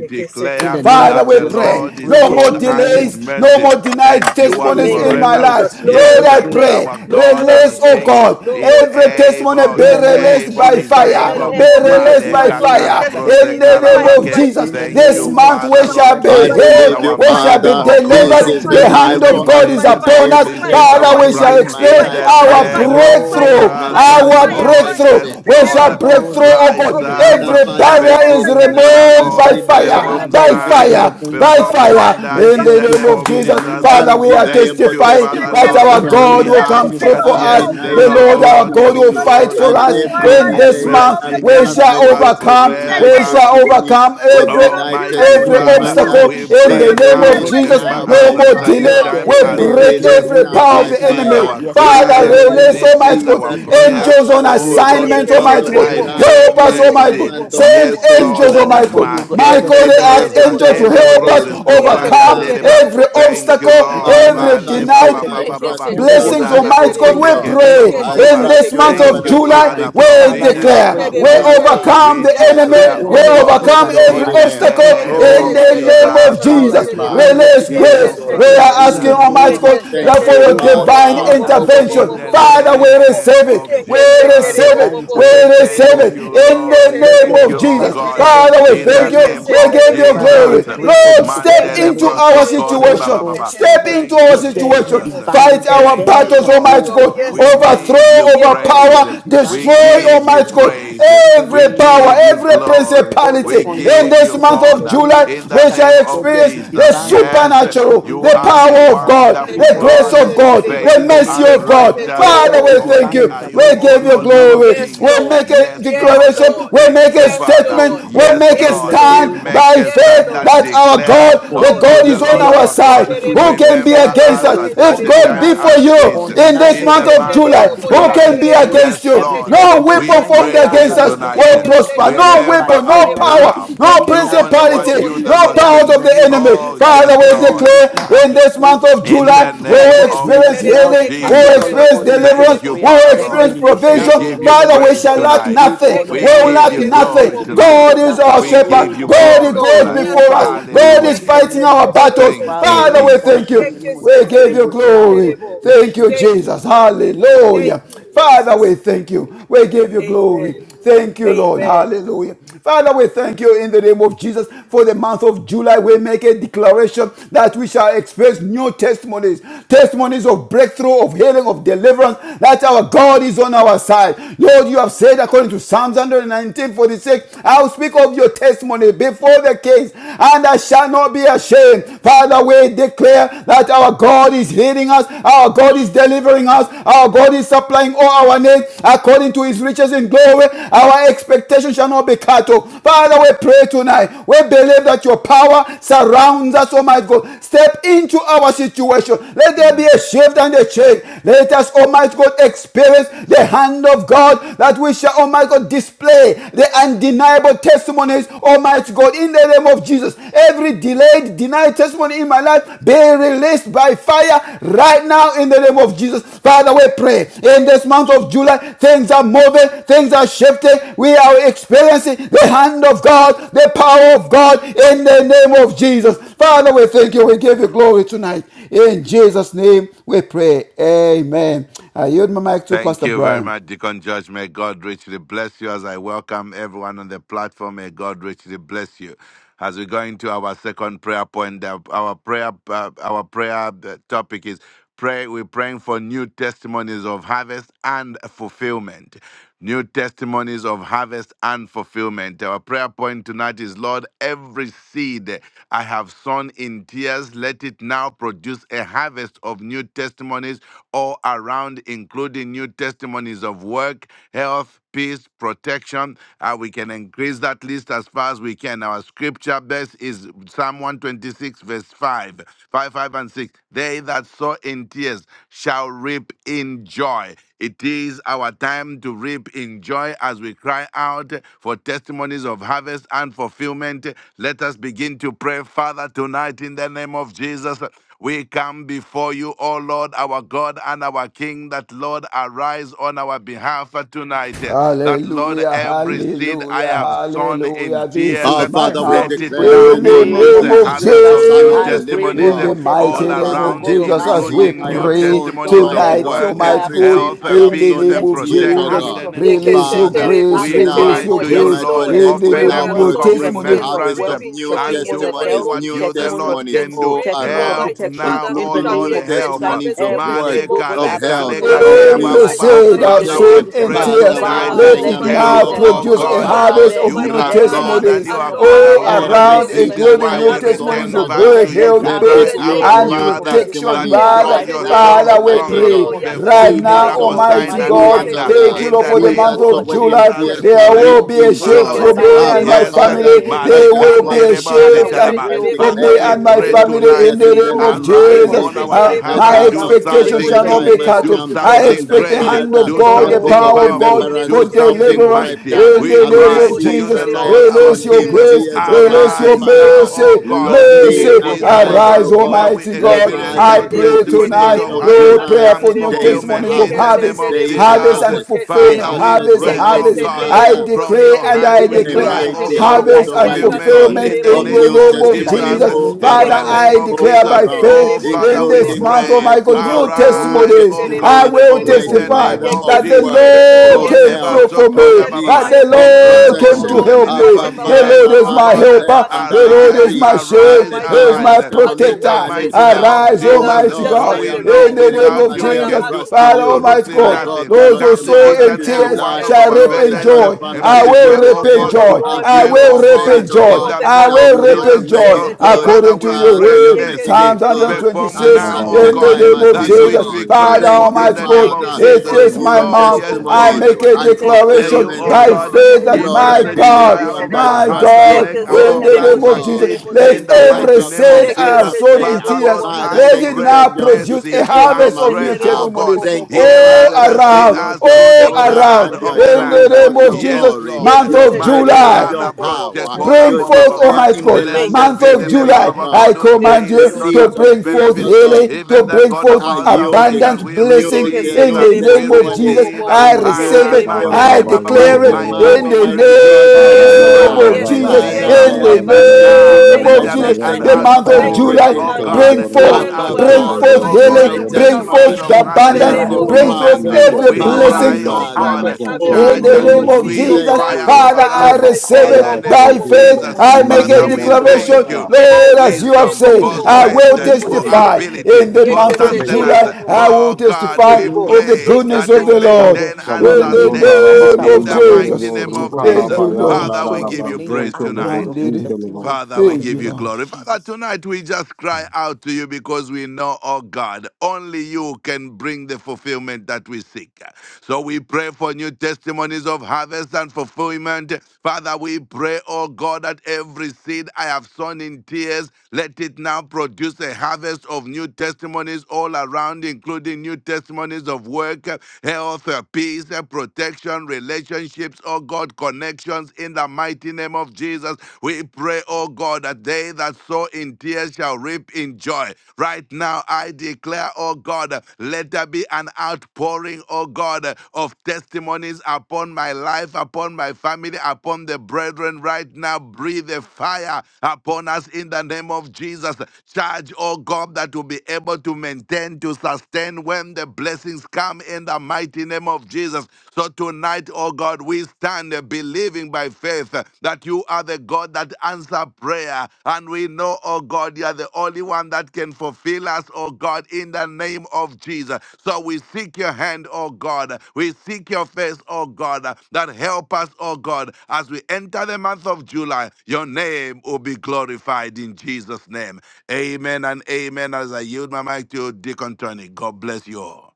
B: In
G: declare
B: the
H: terrible,
B: name
F: Father,
B: of
G: that
F: we
G: the
B: Jesus, God, we
G: Lord
F: pray.
G: is
B: feel
H: terrible,
F: No
B: but
G: good
F: more
B: In the
G: and
B: name
G: his
B: of
F: delays, no
B: Jesus.
G: mercy
F: more
H: terrible,
F: denied
H: In the
G: endures
B: In
F: testimonies
B: the
H: name
F: in
H: of
F: my
G: forever.
B: name of
F: life.
H: Jesus, no
B: Jesus,
F: Lord,
B: we
H: more
G: Yes,
F: I
G: uh,
B: feel
H: delay,
F: pray.
G: our
H: no
G: God
H: more
F: Release,
G: and
F: oh
H: delay,
G: King uh,
F: God,
H: no
G: is
H: more
F: every
H: delay.
F: testimony
G: able,
B: In
F: be
B: the
H: No
G: is
H: more
B: name of
F: released
G: able,
F: by
H: delay
B: Jesus,
G: is
B: God,
H: in the
B: Father,
F: fire.
G: able.
B: we
F: Be
H: name of
B: feel but
H: Jesus.
F: released
B: In the
F: by
H: Month
G: Maleka
H: of
B: name
H: new
B: of
F: fire.
B: Jesus,
G: kalabrose
F: In
H: testimonies
B: let
F: the
B: there
H: by
B: be
F: name of
G: kalabrake.
B: good.
H: by
F: Jesus.
B: In the
G: Thank
H: by
F: This
G: you,
B: name
H: force
B: of
F: month
H: by
F: we
G: Father
B: Jesus
G: Lord.
H: fire,
F: shall
B: Christ, oh
F: be
D: I
H: by
G: This
B: God,
G: is
H: force
D: believe
G: our
H: by
F: healed.
D: you,
F: We shall
H: fire,
G: month,
F: be
D: Father.
G: oh
H: by
B: new
H: force
G: God,
D: This
F: delivered.
H: by
D: is
G: of
D: the
F: The
H: fire,
G: great
B: testimonies.
F: hand
B: In
D: time
B: the
H: by
F: of
D: for
B: name
F: God
H: force
B: of
F: is
G: testimonies.
H: by
B: Jesus, God,
F: upon
H: fire,
B: we
F: us.
D: undeniable
G: This
H: by
B: declare.
G: is
H: force
F: Father,
G: our
H: by
B: In
F: we
B: the
D: testimonies
G: bride
F: shall
D: in
B: name
H: fire,
B: of Jesus,
D: my
F: experience
H: by
G: in
B: Christ.
G: the
D: life
H: force by
F: our
D: right
B: yes,
G: name
H: fire,
D: now.
G: of
B: Lord,
H: fire,
F: breakthrough.
B: I
D: Abba,
B: pray.
G: Jesus.
B: In
H: fire,
B: the
F: Our
B: name
D: Father,
H: fire,
B: of
G: Oh,
D: I
H: fire.
B: Jesus,
D: pray
G: yes,
F: breakthrough.
B: God.
H: Burn
F: We
G: Lord,
H: every
F: shall
B: Father,
F: break
H: chaff
B: Lord,
H: of
F: through,
B: we
H: God
F: oh
B: pray
G: rise
B: in
H: of
B: the
F: God.
G: up,
B: name
D: that,
B: of
H: wickedness
F: Every
D: Father,
H: that
B: Jesus.
F: barrier
H: stands
F: is
D: beginning
G: perform
H: against our
D: now,
F: removed
B: Jesus
G: miracle,
F: by
H: testimonies
B: Christ.
F: fire
H: in
F: fire,
D: undeniable
H: the
G: perform
B: Father,
F: by
H: name
B: we
H: of
B: pray in
D: testimonies
G: sign,
F: fire,
B: the
H: Jesus.
B: name of
F: by
H: By
B: Jesus.
G: perform
B: Christ.
F: fire,
H: fire,
G: wonder
B: Let
F: in
G: in
H: by
B: there
F: the
G: the
B: be
F: name
G: name
B: good.
F: of
G: of
H: fire,
B: In the
F: Jesus.
B: name
G: Jesus.
B: of
F: Father,
H: name
F: we
B: Jesus.
H: of
F: are
G: Thank
D: Undeniable
H: Jesus.
G: you,
F: testifying
G: Father,
H: Bend
F: that
D: testimonies
G: Lord.
H: every
F: our
B: In the
D: right
H: chaff,
F: God
B: name
G: We
B: of
F: will
H: every
D: now.
F: come
G: ask
B: Jesus,
H: head
F: through
B: the
G: that,
H: of,
F: for us.
B: Father,
H: oh
G: yes,
B: we
G: the
B: pray,
F: The
B: oh
H: Father,
D: Undeniable
B: God,
F: Lord
H: every
B: in the
F: our
G: Lord
F: God
B: name
G: is
B: of
F: will
D: testimonies.
B: Jesus.
H: opposition
F: fight
H: is
B: Christ.
G: good
F: for
D: And
F: us.
B: Oh
H: destroyed
D: every
B: God,
G: and
H: by
F: In
B: I
H: the
G: his
F: this
B: pray, in
D: delayed
H: power of
B: the
F: month,
G: mercy
H: the
D: and
F: we
H: blood
B: name of
H: of
F: shall
D: unlike
B: Jesus.
G: endures
D: God
H: Jesus.
D: or
H: In
F: overcome,
H: the
D: denied
F: we
H: name
G: forever.
H: of
F: shall
D: testimony
H: Jesus,
F: overcome
H: we
D: or
H: shall
F: every
H: not
D: denied
H: build and
G: Almighty
B: In
F: every
D: testimony
B: the
D: in
H: another
D: my
G: Father,
B: name
D: life
F: obstacle
H: inhabit.
B: of
G: we
B: Jesus,
H: We
F: in
B: Christ,
F: the
G: pray
D: be
B: we
H: shall not
F: name
B: pray, oh
G: now,
F: of
D: released
B: God,
H: labor in
B: in
F: Jesus.
B: the
G: remember
D: now
H: vain.
B: name of
F: No
G: us
D: by
B: Jesus.
H: In
G: at
F: more
H: the
G: such a
H: name
B: Let
H: of
D: fire.
F: delay.
B: there
G: time
F: We
B: be,
H: Jesus,
G: as
B: oh
D: Be
B: God,
F: break
G: this.
B: in
H: new
B: the
D: released
F: every
B: name
D: now
B: of
F: power of
D: by
H: testimonies,
F: the
G: This
B: Jesus.
H: oh
B: Christ.
G: is
F: enemy.
H: God,
D: fire.
G: our
B: Yes,
H: new
B: Lord,
D: In
F: Father,
B: in
D: the
G: cry.
B: the name
D: name
F: release,
H: testimonies.
B: of
D: of
G: This
B: Jesus. Christ.
F: Almighty
G: is
F: God,
G: our
B: In
D: Jesus,
B: the name
D: I
B: of
G: prayer.
F: angels
B: Jesus,
F: on
D: thank
B: Christ.
G: Oh
B: let
D: you
H: Yekeseterebo,
B: there
D: that the
G: Lord
F: assignment,
D: month
B: be,
G: God,
B: in
F: Almighty
B: the
D: of
F: God.
G: I
H: yekeseterebo,
B: name of
D: July
G: pray
B: Jesus.
F: Help us,
D: is my
F: Almighty
G: mercy.
F: God.
H: yekeseterebo,
D: month
H: bo,
D: of
H: bo,
D: new
F: Send
B: Fast.
H: bo,
G: Yes,
H: bo,
B: We
H: bo,
G: Lord.
H: bo,
F: angels,
H: bo,
B: call
H: bo,
D: testimonies,
F: Almighty
H: bo.
B: upon you, oh
F: God.
B: God, in the
F: Michael,
G: Makele
B: name
F: the
B: of
D: undeniable
G: braza
H: Yekeseterebo,
F: archangel,
B: divine
F: to
G: kele
F: help
H: sheterebo,
F: us
D: testimonies
G: brozes
B: intervention, divine
D: right
G: kopari
D: now
F: overcome
B: intervention
G: andeleba.
H: yekeseterebo,
F: every
H: bo, bo, bo, bo,
G: Thank you,
H: bo,
F: obstacle,
H: bo,
B: in
H: bo.
B: the
G: Lord.
B: name
D: Father,
B: of
G: Ba
F: every
G: le
B: Jesus
D: thank
G: ba
B: Christ.
D: you.
G: ba
B: Said,
G: ba
D: I
G: ba
F: denied
G: ba
D: trust
G: ba.
H: Yekese
D: you,
B: Only
H: terebo
B: what
F: Blessings,
B: you
D: covenant
H: she
G: Ndala
B: can
F: Almighty
G: bobo
F: God,
D: keeping
B: do
H: terebo.
B: for
F: we
B: the
D: God.
G: shekele
B: name
G: ba
F: pray
B: of
G: ba
H: Yeke
G: ba ba
H: ke
D: I
B: Jesus
F: in
G: ba.
H: ke
D: trust
H: ke
F: this
B: Christ.
D: you,
H: ke
F: month
H: ke
B: Only
G: Thank
F: of
H: ke
G: you,
D: covenant
B: what
H: ke
B: you
H: ke.
B: can
F: July,
G: Father.
D: keeping
B: do,
D: God.
F: we
G: In
B: Father.
G: the
B: We are
H: Yekese
F: declare,
G: name
B: praying.
D: Abba,
G: of
F: we
B: Only
H: terebo
B: what
G: Jesus,
B: you
H: she.
B: can
D: Father,
F: overcome
G: we
B: do.
F: the
D: I
H: Yaka
F: enemy,
B: Do
H: se
G: declare,
D: thank
F: we
D: you
G: oh
B: only
D: and I
H: terebo
B: what you
H: bo
G: God
D: bless
F: overcome
H: bo
B: can
D: your
H: bo
B: do
H: bo
F: every
G: in
D: holy
B: as
H: bo.
B: you
H: bo.
G: the
D: name.
B: step in
F: obstacle
B: in the
G: name
D: Oh,
F: in
B: name
H: Yekese
G: of
B: of
D: my
F: the
B: Jesus
H: terebo
D: God,
B: Christ.
F: name
D: be
F: of
G: Jesus.
H: yaka se
B: Father,
F: Jesus.
B: do
H: terebo.
B: only
D: glorified,
B: what you
F: Release
D: be
G: Mareke
B: can do
F: grace.
B: and
H: Yekese
B: step
F: We
B: in
D: exalted.
B: oh
F: are
B: God, in
H: terebo.
F: asking,
B: the
D: Mm,
G: sobrasketari
F: Almighty
B: name of
G: bababa.
F: God,
B: Jesus.
H: Yekese
D: thank
B: Christ.
F: for
D: you,
F: your
H: terebo
B: We
G: Thank you,
H: bo
B: call
G: oh
H: bo
F: divine
H: bo
B: upon
D: Father.
B: you
H: bo
G: God.
B: and
H: bo
B: we
H: bo
B: believe
F: intervention.
B: you
G: In
B: oh
H: bo bo bo
G: the
B: God, in
H: bo
B: the
H: bo
F: Father,
B: name
H: bo
F: we
B: of
H: bo
B: Jesus.
H: bo.
B: Christ.
G: name
F: receive it.
G: of
F: We
H: Yekese
B: For
G: Jesus,
F: receive
H: terebo
F: it.
H: bo
B: divine
H: bo
F: We
G: we
H: she
B: intervention in the
F: receive
G: thank
F: it
B: name
H: terebo.
G: you,
B: of Jesus. Christ.
F: in
G: Lord. We
F: the
H: Yekese
B: Let
F: name
B: there
G: thank
B: be
F: of
G: you,
H: terebo
G: oh
H: she
B: divine
F: Jesus.
G: God.
H: terebo.
F: Father,
B: intervention
F: we
B: in
G: In
B: the
G: the
F: thank you.
B: name of
G: name
F: We
H: Yekese
B: Jesus.
G: of
B: Christ.
F: give
H: terebo
F: you
H: bo
B: Father,
H: she
G: Jesus.
B: we
F: glory.
B: pray for
H: terebo.
F: Lord,
B: this oh God,
F: step
B: in the
G: Mandele
F: into
B: name
H: Yekese
B: of
F: our
G: brosko
B: Jesus.
H: terebo
G: kori
H: bo
B: Oh
H: bo
F: situation.
B: God.
H: she
G: bababa.
F: Step
H: terebo.
F: into
G: Thank
F: our
H: Terebo
G: you,
B: Let
H: she
B: there be
F: situation.
G: Jesus.
H: terebo.
B: divine
F: Fight our
H: Yes,
G: Thank you,
H: Lord.
F: battles,
B: intervention,
H: Yes,
B: oh
F: Almighty
G: Lord.
H: Lord.
F: God.
B: God, in
H: Yes,
B: the
G: We
H: Lord.
B: name of
G: give you
F: Overthrow,
B: Jesus.
H: Yekese
B: Let there
G: praise.
B: be
F: overpower,
B: divine
G: We
F: destroy,
G: give
B: intervention,
G: you
F: Almighty
B: oh
F: God.
B: God,
G: praise.
B: in the
F: Every
G: We
B: name
F: power,
B: of
G: give you
B: Jesus.
F: every
B: We
G: glory.
B: call
F: principality
G: We
B: upon you
F: in
B: for
G: give
F: this
B: this,
G: you
B: oh God,
F: month
B: in
F: of
B: the
G: honor
F: July,
B: name of
G: in the
B: Jesus.
F: we
G: name
F: shall
B: Let
G: of
B: there
F: experience
B: be
F: the
G: Jesus.
B: divine
G: Yes,
B: intervention
F: supernatural,
B: in
G: you
B: the
F: the
G: are
B: name
G: a
B: of
F: power of
B: Jesus.
F: God,
B: We
G: wonderful
F: the
B: call
F: grace
H: terebo
B: upon you
G: God,
F: of
H: she
B: for
F: God,
B: this, oh God,
H: terebo.
F: the
B: in the
G: faithful
F: mercy
B: name of
G: and
F: of
B: Jesus.
H: Yekese
F: God.
G: righteous.
B: Let there
F: Father,
H: terebo.
B: be
F: we thank
B: divine
G: Holy
F: you.
G: are
F: We
G: you,
B: intervention
G: O
F: give
B: in
F: you
B: the
G: Lord,
B: name
G: our
B: of
F: glory.
H: Yes,
F: We
G: King.
B: Jesus.
H: Lord.
F: make a
G: Yes,
B: Thank
H: Yes,
B: you,
G: Lord.
F: declaration.
B: Lord,
H: Lord.
B: in
F: We
B: the name
F: make
G: Thank
F: a
G: you,
B: of
H: Yes,
B: Jesus. We
G: Father.
F: statement.
H: Lord.
F: We
B: declare, oh
G: Yes,
F: make
B: God,
F: a
B: in
H: Yes,
B: the
G: Lord. We
H: Lord.
B: name
F: stand
B: of
G: make
F: by
G: a
H: Yes,
B: Jesus.
G: stand
F: faith
G: and
H: Lord.
F: that our
G: declare
H: Yes,
F: God,
B: God.
F: the
H: Lord.
G: unto
F: God
G: the
F: is
B: Yes,
F: on
G: Lord
F: our
B: Lord,
G: our
H: Yekese
F: side.
B: in
G: God,
B: the
F: Who
H: terebo
B: name of
H: bo
F: can
B: Jesus,
F: be
H: she
B: I
G: remember
F: against
B: do
H: terebo
G: us
F: us?
G: at
H: she
B: over
G: such
F: If
G: a
H: terebo.
F: God
G: time
F: be for
B: undeniable,
G: as
F: you
G: this
F: in this
B: undeniable
G: in
H: Yeke
G: the
F: month of
B: testimony,
G: month
F: July,
H: seterebo
G: of
H: bo
B: everything
F: who
B: that we
F: can
G: July.
F: be
H: seterebo
B: delayed,
F: against
G: Yes,
H: yaka
F: you?
B: everything
G: Lord.
B: that
F: No
B: we
H: seterebo
G: We
F: weapon
B: deny, my
F: formed
G: pray to
H: seterebo.
G: you
B: Father,
F: against us
B: Lord, let it be
F: will
G: tonight.
H: Yeke
B: released
F: prosper.
B: now.
F: No
H: seterebo
B: By
G: Remember
F: weapon, no
G: us
B: fire,
H: seterebo.
F: power,
B: let it
G: now.
B: be
F: no
H: Yeke
B: released
G: Do
B: now.
G: only
B: Let
H: seterebo
G: what
B: it
H: bo
B: be
G: you,
F: principality,
G: the
F: no
B: released
G: Lord,
B: now
H: seterebo.
B: in
F: powers
G: can.
F: of
B: the
F: the
B: name of
F: enemy.
G: Oh,
B: Jesus.
G: yes,
F: Father, we
B: Let
F: declare
B: it be
G: Lord.
F: declare
B: released now as
F: in
B: we
F: this
B: pray
F: month of
B: in the
G: In
B: name
F: July,
G: the
B: of Jesus.
F: we
G: name
F: will
B: Let
H: Yeke
B: it be
G: of
F: experience
B: released
H: seterebo
B: now
F: healing,
H: yeke
F: we
B: as we
F: will
G: Jesus.
B: call
F: experience
H: seterebo
B: upon you in the place
G: Thank
F: deliverance,
B: of
G: you,
H: seterebo.
F: we
B: prayer.
F: will
G: Father,
B: Let it
H: Yeke
B: be
G: Lord.
F: experience
B: released
G: We
B: now
F: provision.
B: in
H: seterebo
B: the
G: give
H: bo
G: you
B: name
H: bo
B: of
F: Father, we
G: praise
F: shall
B: Jesus.
F: lack
H: seterebo.
G: tonight.
B: We
F: nothing.
B: call
H: Yeke
F: We
G: We
B: upon
F: will
B: you
G: give
B: for
F: lack
G: you
B: this, oh
H: seterebo
B: God.
H: bo
F: nothing.
G: glory
B: Let
H: bo
B: it be
H: bo bo
G: tonight.
F: God
B: released
H: bo
B: now
H: bo
F: is
B: in
H: bo
F: our
B: the
H: bo
G: We
H: bo.
F: shepherd.
G: give
B: name
G: you
B: of Jesus.
H: Yes
F: God
G: glory
H: Lord,
F: goes
G: tonight.
H: yes
F: before
B: Jehovah,
F: us.
B: we
H: Lord.
B: pray, oh
F: God
B: God,
F: is
B: in
H: Yeke
B: the
G: Hallelujah.
F: fighting
B: name of
F: our
B: Jesus.
H: seterebo
F: battles.
G: Thank
B: Father,
G: you,
B: Lord,
F: Father,
B: we
H: seterebo.
F: we
B: call
F: thank
B: upon you in
G: Jesus.
F: you.
B: the name
H: Yeke
B: of
F: We
B: Jesus to
F: give you
H: seterebo
B: release now, oh
F: glory.
B: God,
H: seterebo.
B: in
F: Thank you,
B: Jesus'
H: Thank
B: name.
H: you
F: Jesus.
H: Father.
F: Hallelujah.
H: Thank you
F: Father,
H: Jesus.
F: we thank you. We give you glory.
H: Amen.
F: Thank you, Lord.
H: Amen.
F: Hallelujah. Father, we thank you in the name of Jesus for the month of July. We make a declaration that we shall experience new testimonies, testimonies of breakthrough, of healing, of deliverance, that our God is on our side. Lord, you have said according to Psalms hundred nineteen forty six, I will speak of your testimony before the kings and and I shall not be ashamed. Father, we declare that our God is healing us, our God is delivering us, our God is supplying all our needs according to his riches in glory. Our expectation shall not be cut off. Father, we pray tonight. We believe that your power surrounds us, oh my God. Step into our situation. Let there be
G: Mm.
F: a shift and a change. Let us, oh my God, experience the hand of God that we shall, oh my God, display the undeserved undeniable testimonies, Almighty God, in the name of Jesus. Every delayed, denied testimony in my life be released by fire right now in the name of Jesus. Father, we pray in this month of July, things are moving, things are shifting. We are experiencing the hand of God, the power of God in the name of Jesus. Father, we thank you. We
G: Thank
F: give you
G: you, Lord.
F: glory tonight. In Jesus' name we pray. Amen. I yield my mic to
G: Thank
F: Pastor
G: you very
F: Brian.
G: much, Deacon George. May God richly bless you as I welcome everyone on the platform. May God richly bless you. As we go into our second prayer point, uh, our prayer, uh, our prayer uh, topic is pray. We're praying for new testimonies of harvest and fulfillment new testimonies of harvest and fulfillment. Our prayer point tonight is Lord, every seed I have sown in tears, let it now produce a harvest of new testimonies all around, including new testimonies of work, health, peace, protection. Uh, we can increase that list as far as we can. Our scripture base is Psalm 126, verse 5, 5, 5 and 6. They that sow in tears shall reap in joy. It is our time to reap in joy as we cry out for testimonies of harvest and fulfillment. Let us begin to pray, Father, tonight in the name of Jesus. We come before you, O Lord, our God and our King, that Lord arise on our behalf tonight. That Lord,
F: Hallelujah,
G: every seed I
F: hallelujah,
G: have sown
F: hallelujah.
G: in
F: This
G: tears,
D: Our
F: is my
D: Father,
B: Yes,
D: we
B: Lord,
F: month
G: let
B: we
G: it
B: pray
D: declare
B: in
D: in
B: the
G: now
D: the
F: in the
D: name
B: name
D: of
G: produce
B: of
F: name
G: a
F: of
D: Jesus
B: Jesus.
D: Christ,
G: harvest
B: I,
D: the
G: of
D: Son
G: new
D: of the
B: I
F: Jesus.
B: pray, oh
D: living
B: God,
F: In
G: testimonies
D: God,
F: the
B: for
D: that
G: all
F: mighty
B: testimonies,
F: name
B: oh
D: Father,
F: of
G: around,
B: God, of
F: Jesus,
D: every
F: as
B: harvest and
D: seed
F: we
G: including
D: I
G: new
D: have
B: fulfillment.
F: pray
D: sown,
G: testimonies
B: Lord,
G: of
D: Almighty
B: every
F: tonight,
D: God,
B: seed
G: work,
B: I
F: Almighty
B: have
D: every
F: God,
B: sown
D: seed
B: in
G: health,
D: I have
F: in
B: church,
F: the
G: peace,
D: sown
F: name
D: in
B: let
F: of
B: it bring
D: tears,
G: protection
B: an
D: oh
F: Jesus,
G: resurrection,
B: harvest
G: the
D: God.
B: of
G: name
B: new
G: of
F: release your
G: Jesus.
B: testimonies,
D: Father,
H: Yekeseterebo,
F: grace,
D: it's
G: We
B: harvest of
F: release
B: new
D: now,
G: cry
F: your
H: sheterebo.
G: to you,
H: Yes,
B: testimony,
F: grace,
D: Almighty God,
G: Lord,
H: Lord.
F: in
D: let
F: the
D: it
B: testimony
H: Where
G: open
B: of
F: name
G: a
H: we
D: now
F: of
H: have
B: work,
F: your
G: book
H: sown
G: of
H: in
D: produce
F: testimony
D: a
B: testimony
H: tears,
B: of
H: we
D: harvest
G: remembrance
H: reap
D: of
B: wealth,
H: in
D: new
H: joy
G: and
H: in
B: testimony
G: do
H: the
B: of
G: only
H: name
D: testimonies,
B: health,
H: of
G: what
D: new
G: you, the
H: Jesus.
B: testimony of
G: Lord,
D: testimonies
G: can
H: This
B: peace,
G: do.
D: all
H: reaping,
B: testimony of
D: around,
G: Help
H: Almighty
B: protection
G: now,
H: Father,
B: in
G: oh
B: the
D: including
H: shall be
G: Lord,
B: name
D: new
H: a
B: of
H: great
G: help.
B: Jesus.
D: testimonies
H: harvest
D: of
H: in
B: Every
H: the name
G: Male
B: seed,
D: work,
B: oh
H: of
B: God, I
D: of
G: kale
B: have
H: Jesus.
B: sown,
D: health,
G: kale
B: oh
H: We have
B: God, in
D: of
B: the
G: karia
B: name of
D: peace,
F: Every
H: sacrificed,
B: Jesus,
G: baboba.
D: of
F: seed
B: in
H: Almighty
F: I've
B: the
G: Father,
B: name
G: we
H: God.
B: of
F: sown
D: protection.
B: this
F: in
H: We
G: pray
H: have
B: September
D: Father,
F: tears,
H: given
D: we are
G: tonight.
H: our
B: Father,
F: let
D: crying
B: let
F: it
B: there
D: unto
H: Almighty
B: be a
D: you,
F: now
G: Help,
D: oh
H: God.
D: God,
G: oh
B: testimony
F: produce
D: for,
H: We
B: of
F: a
H: have
G: God.
D: oh
H: planted,
D: God,
F: harvest of
B: harvest.
G: You
F: new
H: Almighty
D: right
G: are
B: Let there be
D: now.
H: Father.
G: God and
F: testimonies
G: you
H: As
B: testimony
G: are
B: of
H: long
G: God
H: as the
F: all
B: harvest
H: earth
B: and
G: alone.
D: Every
F: around,
H: remains,
G: This
D: seed
H: seed
B: fulfillment
G: is
D: that
H: time
B: in
F: including
B: the
G: why
D: I
H: and
F: new
G: we
D: have
B: name
H: harvest
B: of
H: time
D: sown,
F: testimonies
G: return
B: Jesus.
H: shall
D: oh
F: of
H: not
G: back
D: God,
F: work,
G: to
B: Let there
G: you
H: cease.
B: be
G: to
F: health,
D: let
H: In
F: peace,
B: harvest,
G: cry,
D: it
H: the
B: oh God,
D: yield
H: name
B: in
G: Abba,
B: the
H: of
F: and
D: new
B: name of
G: Father,
H: Jesus.
B: Jesus.
F: protection.
G: that
D: testimonies
B: Father,
G: show
B: I
D: right
F: Rather,
B: pray for
D: now,
B: this
G: yourself
H: Yekesenderebo,
F: Father,
B: in the
F: we
D: Almighty
G: strong.
B: name
H: shenderebo,
D: God.
F: pray
B: of Jesus.
F: right
G: Perform
D: Seeds
B: My
D: have
F: now,
H: yakaseterebo.
G: miracle
D: sown
B: Lord and
G: sign
D: in
B: my
F: Almighty
H: Ye
G: and
B: God, I
D: tears,
F: God,
D: oh
G: wonder
B: pray, oh
H: kesetere
F: thank
B: God,
D: God.
H: bo
F: you,
G: in
F: Lord,
B: even
G: the
F: for
B: for
F: the
D: He
H: shetere
B: this,
G: name
F: month
D: that
B: oh
H: bo bo
B: God,
F: of
G: of
H: bo
D: soweth
B: in
H: bo
D: in
H: bo
F: July.
H: bo
G: Jesus.
B: Jesus'
D: tears
B: name,
F: There
D: shall
B: oh
H: shetere
D: reap
H: bo.
F: will
B: God.
G: Thank
F: be
G: you,
F: a
D: in
H: Ye
B: Oh
G: Father,
F: shift
D: joy.
F: for
B: Lord,
G: Lord
B: I
F: me
G: God.
B: pray,
H: kesetere
F: and
B: oh
H: bo
D: Abba,
F: my
B: God,
G: Yes,
B: in the
H: shetere
D: Father,
H: bo
F: family.
B: name
D: I
B: of
F: There
H: shetere
D: just
B: Jesus
F: will
H: bo.
F: be
B: Christ.
G: Malekande
D: want
F: a
D: to
G: Reba
H: Ye
B: Father,
F: shift
B: we
D: celebrate
G: Setaraba.
F: and
B: pray,
D: and
B: oh
H: kesetere bo
F: for
B: God,
F: me
B: in
H: bo
G: Father,
B: the
G: we
D: declare
F: and
B: name
F: my
B: of
H: shetere
G: pray
H: bo
D: your
H: bo
F: family in
G: tonight.
D: goodness
F: the
D: in
H: shetere
D: the
H: bo.
F: name of
D: land of
H: Ye
D: the
B: name
G: Arise
B: of
F: Jesus.
G: on
D: living
B: Jesus
G: our
H: kesetere
B: Christ.
F: Uh,
H: bo
G: behalf
D: that
H: bo
F: my
G: and
H: bo
B: Father,
G: do
D: Abba
B: we
H: shetere
B: break
F: expectation
D: Father,
H: bo
B: in
D: the
G: something
F: shall
B: the
F: not
G: new.
F: be
D: time
H: shetere
B: name
D: has
H: bo.
B: of
F: cut
G: Do
F: off.
D: come,
B: Jesus
H: Ye
F: I
B: Christ.
D: and
G: something
F: expect
D: that
F: the
G: great.
H: kesetere
F: hand
H: bo
F: of
D: Father,
G: Do
F: God,
D: the
H: shetere
F: the
H: bo
D: book
G: something
H: ye
B: Lord,
D: of
F: power of God
G: powerful.
B: in
H: kesetere bo
D: remembrance
F: for
G: Do
D: is
H: shetere
D: opened
G: something
H: bo.
F: deliverance
D: right
G: mighty.
H: Ya
D: now,
F: in
G: We
F: the
D: and
B: the
H: kasetere
D: the
F: name
G: cry
F: of
H: bo
B: name
G: to
B: of
G: you,
D: seeds
B: Jesus,
F: Jesus.
G: the
D: that
H: shetere
D: I
H: bo
G: Lord,
D: have
H: ye
G: our
F: Release
D: sown
F: your
G: King.
D: in
H: kesetere
F: grace,
H: bo.
D: tears,
H: Ya
F: release
D: Almighty
F: your
G: Arise
H: kasetere bo
G: now,
D: Father,
H: bo
G: O
H: bo
F: mercy,
H: bo bo
B: in
G: God.
D: Lord,
B: the
F: mercy.
D: day
G: It
H: shetere
B: name
I: Blah
H: bo
B: of
D: and
I: blah
G: is
H: ya
I: blah
G: our
D: night,
B: Jesus,
D: oh
F: Arise,
G: month
H: kasetere bo.
G: where
D: God,
G: we
F: Almighty
H: Ye
D: Lord
F: God.
G: experience
I: blah
F: I
D: Father,
G: new
H: kesetere
D: in
F: pray
H: bo
D: this
G: testimonies
F: tonight,
H: shetere
D: month
G: of
H: bo
D: of
H: ya
G: harvest
F: Lord,
D: July,
F: prayer for
G: and
H: kasetere
F: new
D: there
H: bo.
D: is a
G: fulfillment
F: testimonies of
G: in
H: Yeke
G: the
D: harvest.
G: name
F: harvest,
D: There
G: of
H: setere bo
D: is a
H: bo
F: harvest
H: bo
G: Jesus.
H: bo
F: and
D: harvest, a
H: setere
G: Father,
F: fulfillment,
H: bo.
G: we
D: harvest,
F: harvest,
G: pray,
H: Yeke
G: oh
F: harvest.
D: Almighty
G: God,
H: setere
F: I
D: Father
H: bo bo
G: from
F: declare
G: your
F: and
H: bo.
F: I
B: in
G: hand
B: the
G: we
D: a
H: Yaka
B: name
F: declare
G: cry,
B: of
G: oh
D: mighty
H: setere
B: Jesus
G: God,
H: bo.
D: harvest,
G: for
F: harvest
B: Christ,
F: and
B: we-
D: Almighty
H: Yaka
G: fulfillment
D: God,
B: in the
G: in
H: setere
F: fulfillment
G: the
F: in
H: bo
D: of
F: in
B: name
H: bo
G: name
F: the
B: of
D: new
H: bo bo
F: name
G: of
B: Jesus
F: of
B: Christ, in
D: testimonies
G: Jesus.
B: the
H: bo.
F: Jesus.
D: all
B: name of
G: In
F: Father,
B: Jesus
G: the
H: Yeke
D: around,
B: Christ,
G: name
F: I
G: of
H: setere
D: all
F: declare
B: in the
H: bo
G: Jesus,
F: by
B: name
D: around,
B: of
H: setere
G: oh
F: faith
H: bo
G: Father,
F: in
G: we
H: setere
F: this
D: including,
F: month, oh
G: pray,
F: my
D: Almighty
F: God,
H: Iko
D: God,
F: new
H: sotoro bo
D: new
G: arise,
F: testimonies.
G: oh
H: setere bo
F: I
D: testimonies,
G: God,
F: will
H: setere
G: in
H: bo.
D: Almighty
G: the
F: testify
G: name
D: Father,
G: of
H: Yeke
D: of
F: that the
D: work,
H: setere
G: Jesus.
H: bo.
F: Lord
G: Oh,
D: of
H: Yes,
F: came
G: Leba
D: health,
F: through
H: Lord.
F: for
H: We'll
D: of
G: Sotoria
F: me, that
G: Baba.
H: testify
D: peace,
F: the
H: of the
G: We
D: of
H: goodness
G: cry
F: Lord
H: of the
F: came
G: unto
F: to
D: protection.
H: Lord.
G: the
F: help
G: living
D: Abba,
G: God,
F: me.
H: Whatever we
F: The
H: have
G: yes,
F: Lord
D: Father,
H: sown,
F: is
G: oh
D: I
F: my
G: God,
H: Almighty
D: declare
F: helper,
H: Father,
D: and
F: the
D: I
H: it
F: Lord
H: shall
F: is
G: arise,
D: decree
F: my
H: come forth,
D: that
F: shield,
G: arise,
D: the
F: He
H: Almighty
F: is
D: time
H: God,
G: arise
F: my
D: has come
H: as
D: and the
H: your
G: in the
H: word
F: protector.
D: time
H: says,
D: is
G: mighty name
D: now.
H: Almighty
G: of
F: Arise,
H: Father,
D: Oh
G: Jesus.
F: Almighty
D: Lord,
H: just
G: For
D: I
F: God,
H: like
G: we
H: the
D: am
G: know
F: in
H: rain,
F: the
D: believing
F: name
D: you
H: Almighty
G: without
F: of
D: and
G: you we
D: I
H: Father,
D: am
F: Jesus.
G: can
H: has
G: do
H: to
D: trusting
H: fall
F: Father,
H: from
D: you.
H: the
F: Almighty
G: absolutely
D: My
H: sky,
F: God,
H: oh
D: God,
G: nothing.
D: you are
H: God.
F: those
D: not
F: who
D: a
G: Come
H: It
G: to
D: man
H: has
G: each
F: sow
D: that
H: to
F: in
G: and
D: you
G: every
H: fall,
D: should
F: tears
G: one
D: lie,
H: and
G: of
F: shall
H: that
G: our
F: reap
D: nor
H: so
D: the
F: in
H: shall
G: burdens
H: it
D: Son
H: be.
F: joy.
D: of Man
G: in
H: Every
D: that
F: I
G: this
D: you
H: seed
D: should
F: will
G: way,
H: that
G: oh
F: reap
H: was
D: repent.
F: in
H: sown,
G: God,
H: oh
F: joy.
G: to
D: Have
H: God,
F: I
D: you
G: fulfill,
H: which
D: not
F: will
G: oh
H: it
F: reap
D: said
H: shall
G: God,
D: it,
F: in
D: O
H: bring
F: joy.
G: in
D: God?
H: forth
G: the
H: a
F: I
G: name
D: Shall
H: harvest,
G: of
F: will
H: oh
D: you
F: reap
D: not
H: God,
G: Jesus,
F: in
D: make
H: in
F: joy.
D: it
G: Lord.
H: the name
D: good?
H: of
G: Father,
F: According to
G: we
F: your
H: Jesus.
D: Father,
G: pray
D: you're
F: word,
D: making it
G: mercy.
F: Psalms
D: good
G: Perform
D: at
F: 126,
G: now,
D: such
G: O
D: a
F: in the
G: God,
D: time
F: name
D: as
F: of
G: that
D: this, O
G: which
F: Jesus.
G: we
D: God.
G: cry
F: Father
G: for
D: Thank you,
G: in
F: Almighty
G: the name
F: God,
H: Yeke
G: of
D: Father,
H: se
F: it
G: Jesus.
D: for
F: is
H: terebo,
F: my
D: new
H: bo,
G: Oh,
H: bo, bo,
F: mouth.
G: yes,
H: bo, bo,
F: I
H: bo,
G: Lord.
D: testimonies
H: bo,
F: make
H: bo,
F: a
H: she
D: and
H: terebo.
G: Hey,
F: declaration
G: you,
F: Lord,
D: fulfillment,
G: oh
D: O
F: by
H: Yeke
G: God,
H: se
G: uh,
D: God.
F: faith that
H: terebo,
G: give
D: Lord,
H: she
G: us
F: my
D: I
G: the
H: terebo,
D: believe
F: God,
H: she
G: desire
D: you and
G: of
D: I
G: our
H: terebo.
F: my
G: hearts
D: trust
G: and
D: you.
F: God,
G: make
H: Yeke se
G: our
F: in
D: Oh
F: the
D: my
H: terebo,
F: name
G: plans
F: of
H: she
F: Jesus,
D: God.
G: succeed
H: terebo, she
F: let
G: in
D: Thank
G: the
D: you
H: terebo.
D: that you
F: every
G: mighty
D: have
G: name of
F: seed
D: answered
F: I
H: Yeke
F: have
D: my
G: Jesus.
H: se
F: sown
D: prayer.
F: in
H: terebo,
G: Father,
H: bo,
F: tears,
G: Lord,
H: bo, bo,
D: Father,
H: bo,
G: I
F: let
H: bo,
D: thank
F: it
H: bo,
D: you
H: bo,
G: pray
F: now
D: that
H: bo.
D: you have
H: wo.
F: produce a
D: shifted
G: mercy
D: things
H: Yeke
D: on
G: and
F: harvest
D: my
H: se
F: of new
G: grace, oh
H: terebo,
D: behalf.
H: bo,
F: testimonies
H: bo,
G: God.
H: bo,
D: Thank
H: bo,
D: you,
H: bo,
G: Hear
H: bo,
F: all
D: Father,
G: us,
H: bo,
G: uh,
D: that
H: bo.
G: see
D: your
H: wo wo.
F: around,
D: Lord,
G: us
D: you have
G: through the
F: all
D: shown
H: Yeke
D: up
H: se
G: blood
F: around,
D: and you
G: of
D: are
H: terebo,
G: the
H: bo,
F: in
H: bo,
D: showing
F: the
G: Lamb.
H: bo,
D: forth
F: name
H: bo,
F: of
D: your
H: bo, bo.
G: Yes,
F: Jesus,
D: glory
G: Lord.
F: month
H: Yeke
D: your
F: of
H: se
D: presence
H: terebo,
D: and
H: bo,
G: Malekala
H: bo,
D: your
F: July.
H: bo, bo,
G: broske
H: bo,
D: power
H: bo, bo,
G: kora
F: Bring
D: to
H: she
G: bo ba ba ba
F: forth,
H: terebo.
G: ba.
D: declare
F: Almighty
D: in the
F: God,
D: land
H: Thank you,
D: of
G: Blessed
F: month
G: be
D: the
F: of
G: the name
D: living,
H: Jesus.
G: of
D: O
F: July.
G: our
F: I
G: God
D: God,
G: who
D: that
F: command
H: Thank you,
D: the
G: daily,
F: you
H: Lord.
G: Lord,
F: to
G: has
D: seeds of
G: been
F: bring forth
D: tears,
G: benefit.
D: O God,
F: healing, to
G: Even the
F: bring
G: God of
D: are
F: forth
G: our
D: yielding
G: salvation,
F: abundance,
G: we
F: blessings
D: new,
H: Yekese
G: receive,
F: in
D: new
G: uh,
F: the
H: tere bo
G: we
F: name
H: bo
F: of
H: bo bo
F: Jesus.
D: testimonies
H: bo
G: receive.
H: bo
G: uh,
H: bo
F: I
H: bo
D: and
H: she
D: new
G: I
F: receive
I: blah
G: am
H: tere
F: it.
I: blah
H: bo
I: blah
H: bo bo
F: I
G: Makele
D: fulfillment
H: bo
G: Baba.
H: bo
G: Ba.
H: bo
D: in
F: declare
H: bo
D: the
F: it
G: My
H: bo
I: blah
H: bo
I: blah.
D: month,
F: in
H: bo
G: family
F: the
H: bo bo
D: Almighty
H: bo.
D: God,
I: In
G: receives, uh,
I: the name
D: of
G: the
H: Yes,
I: of
H: Lord.
F: name
D: July.
G: brethren
F: of
H: Yes,
F: Jesus.
H: Lord.
G: receive.
I: Jesus,
D: Father,
H: Thank
G: uh,
H: you
D: I
F: In
H: for
G: Even
H: abundance.
D: appreciate
G: now,
D: you
F: the name
D: and
H: Thank
G: let
H: you
D: I
F: of
G: there
H: for
D: say
G: be
F: Jesus.
G: an
D: thank
F: The
D: you,
H: abundance.
F: month of
D: covenant
H: Thank you for
G: outpouring,
D: keeping
G: oh
F: July,
D: God.
H: abundance.
F: bring
G: God, an
F: forth,
H: Whatever
D: Abba,
H: we have
B: Jesus,
F: bring
H: sown,
G: outpouring,
F: forth
D: Father,
G: oh
H: Almighty
G: God,
F: healing,
H: Father,
G: of
H: we
D: righteous
F: bring
H: shall
G: testimonies
H: reap
F: forth
B: this
G: of
D: Father,
F: the
B: month
H: in
B: of
H: the
G: harvest
F: abundance,
G: and
B: July,
H: name
B: oh
H: of
D: merciful
F: bring
B: God,
H: Jesus.
G: fulfillment.
F: forth
B: let
D: Father,
B: me
H: Oh
F: every
G: We
I: in
B: experience
I: the
H: Father,
D: powerful
F: blessing
G: cry,
I: name of
G: oh
B: harvest,
H: seed time
D: Father,
H: and
G: God
B: harvest,
I: Jesus,
B: oh God,
H: harvest
I: in
D: oh
I: the
F: in
H: time
G: charge
B: in
F: the
H: shall
B: the
D: God.
G: and
F: name
I: name
H: not
I: of
B: name
F: of
B: of
H: cease,
G: breathe
H: oh
B: Jesus,
I: Jesus.
F: Jesus,
D: Thank
H: God.
D: you,
G: fire
B: harvest,
D: Lord.
F: Father,
B: I
G: over us
F: I
B: thank you,
I: Abba,
H: Yekese
F: receive
B: Father,
H: tere
G: in
I: Father,
G: the
H: bo
I: I
F: it
H: bo
G: name
H: bo
I: thank
F: by
G: of
B: in
H: bo
I: you,
B: the
H: bo
I: O
B: name
H: bo
B: of
G: Jesus.
F: faith.
I: God.
H: bo
I: I'm
H: bo.
B: Jesus,
F: I
B: in
I: in a
F: make
B: this
F: a
I: new
G: Father,
B: month of
G: we
H: Yes,
I: month, O
H: Lord.
I: God.
F: declaration,
G: thank
B: July,
I: Ah,
G: you
H: Ye
G: for
F: Lord, as you
H: kesetere
F: have
G: wisdom,
H: bo
D: Broko
F: said,
H: bo
G: for
H: bo
I: In
H: bo
F: I
H: bo
D: satara
B: Jesus,
H: bo
G: strength,
F: will
I: the
H: bo bo
D: broko
G: for
I: name of
F: testify
H: shetere bo.
D: sikidide.
G: ability,
F: in
I: Jesus,
F: the
H: Ye
I: in
G: for
I: the
F: month of
I: name of
H: kesetere
I: Jesus.
G: sustenance.
H: bo
F: July.
H: bo bo
F: I
H: bo
G: For
F: will
H: bo bo
G: God,
F: testify
B: the
H: shetere
G: we
H: bo.
B: name of
F: of the
G: pray
H: Ye
F: goodness
G: that
F: of
G: you
F: the
B: Jesus,
H: kesetere.
B: oh
F: Lord
B: God,
G: maintain and
B: in the
F: in
B: name of
I: Kavalizota
G: sustain
B: Jesus,
F: the name
B: that
G: in
F: of
G: the
B: over
I: rabayende
B: every
G: mighty
F: Jesus.
I: lelebo,
G: name
B: seed, oh
G: of
B: God,
I: ruka
F: Thank
G: Jesus.
F: you,
B: every
F: Lord.
B: seed
I: rabayanda
G: Father, we
B: sown in
G: give
B: the
G: you
B: name of
G: praise
I: rarabazeke
B: our best
I: lebo,
G: tonight.
B: of new
I: zike
F: Mandiri.
I: lebo.
B: testimonies,
G: Father, we
B: in the
F: Thank
G: give
F: you,
G: you
B: name of
F: Lord.
G: glory. Father,
B: Jesus.
G: tonight we just cry out to you because we know, oh God, only you can bring the fulfillment that we seek. So we pray for new testimonies of harvest and fulfillment. Father, we pray, oh God, that every seed I have sown in tears, let it now produce a harvest of new testimonies all around, including new testimonies of work, health, peace, protection, relationship relationships, oh God, connections in the mighty name of Jesus. We pray, oh God, that they that sow in tears shall reap in joy. Right now, I declare, oh God, let there be an outpouring, oh God, of testimonies upon my life, upon my family, upon the brethren. Right now, breathe a fire upon us in the name of Jesus. Charge, oh God, that will be able to maintain, to sustain when them the blessings come in the mighty name of Jesus. So tonight, oh God, we stand uh, believing by faith uh, that you are the God that answers prayer. And we know, oh God, you are the only one that can fulfill us, oh God, in the name of Jesus. So we seek your hand, oh God. We seek your face, oh God, uh, that help us, oh God, as we enter the month of July. Your name will be glorified in Jesus' name. Amen and amen. As I yield my mic to Deacon Tony, God bless you all.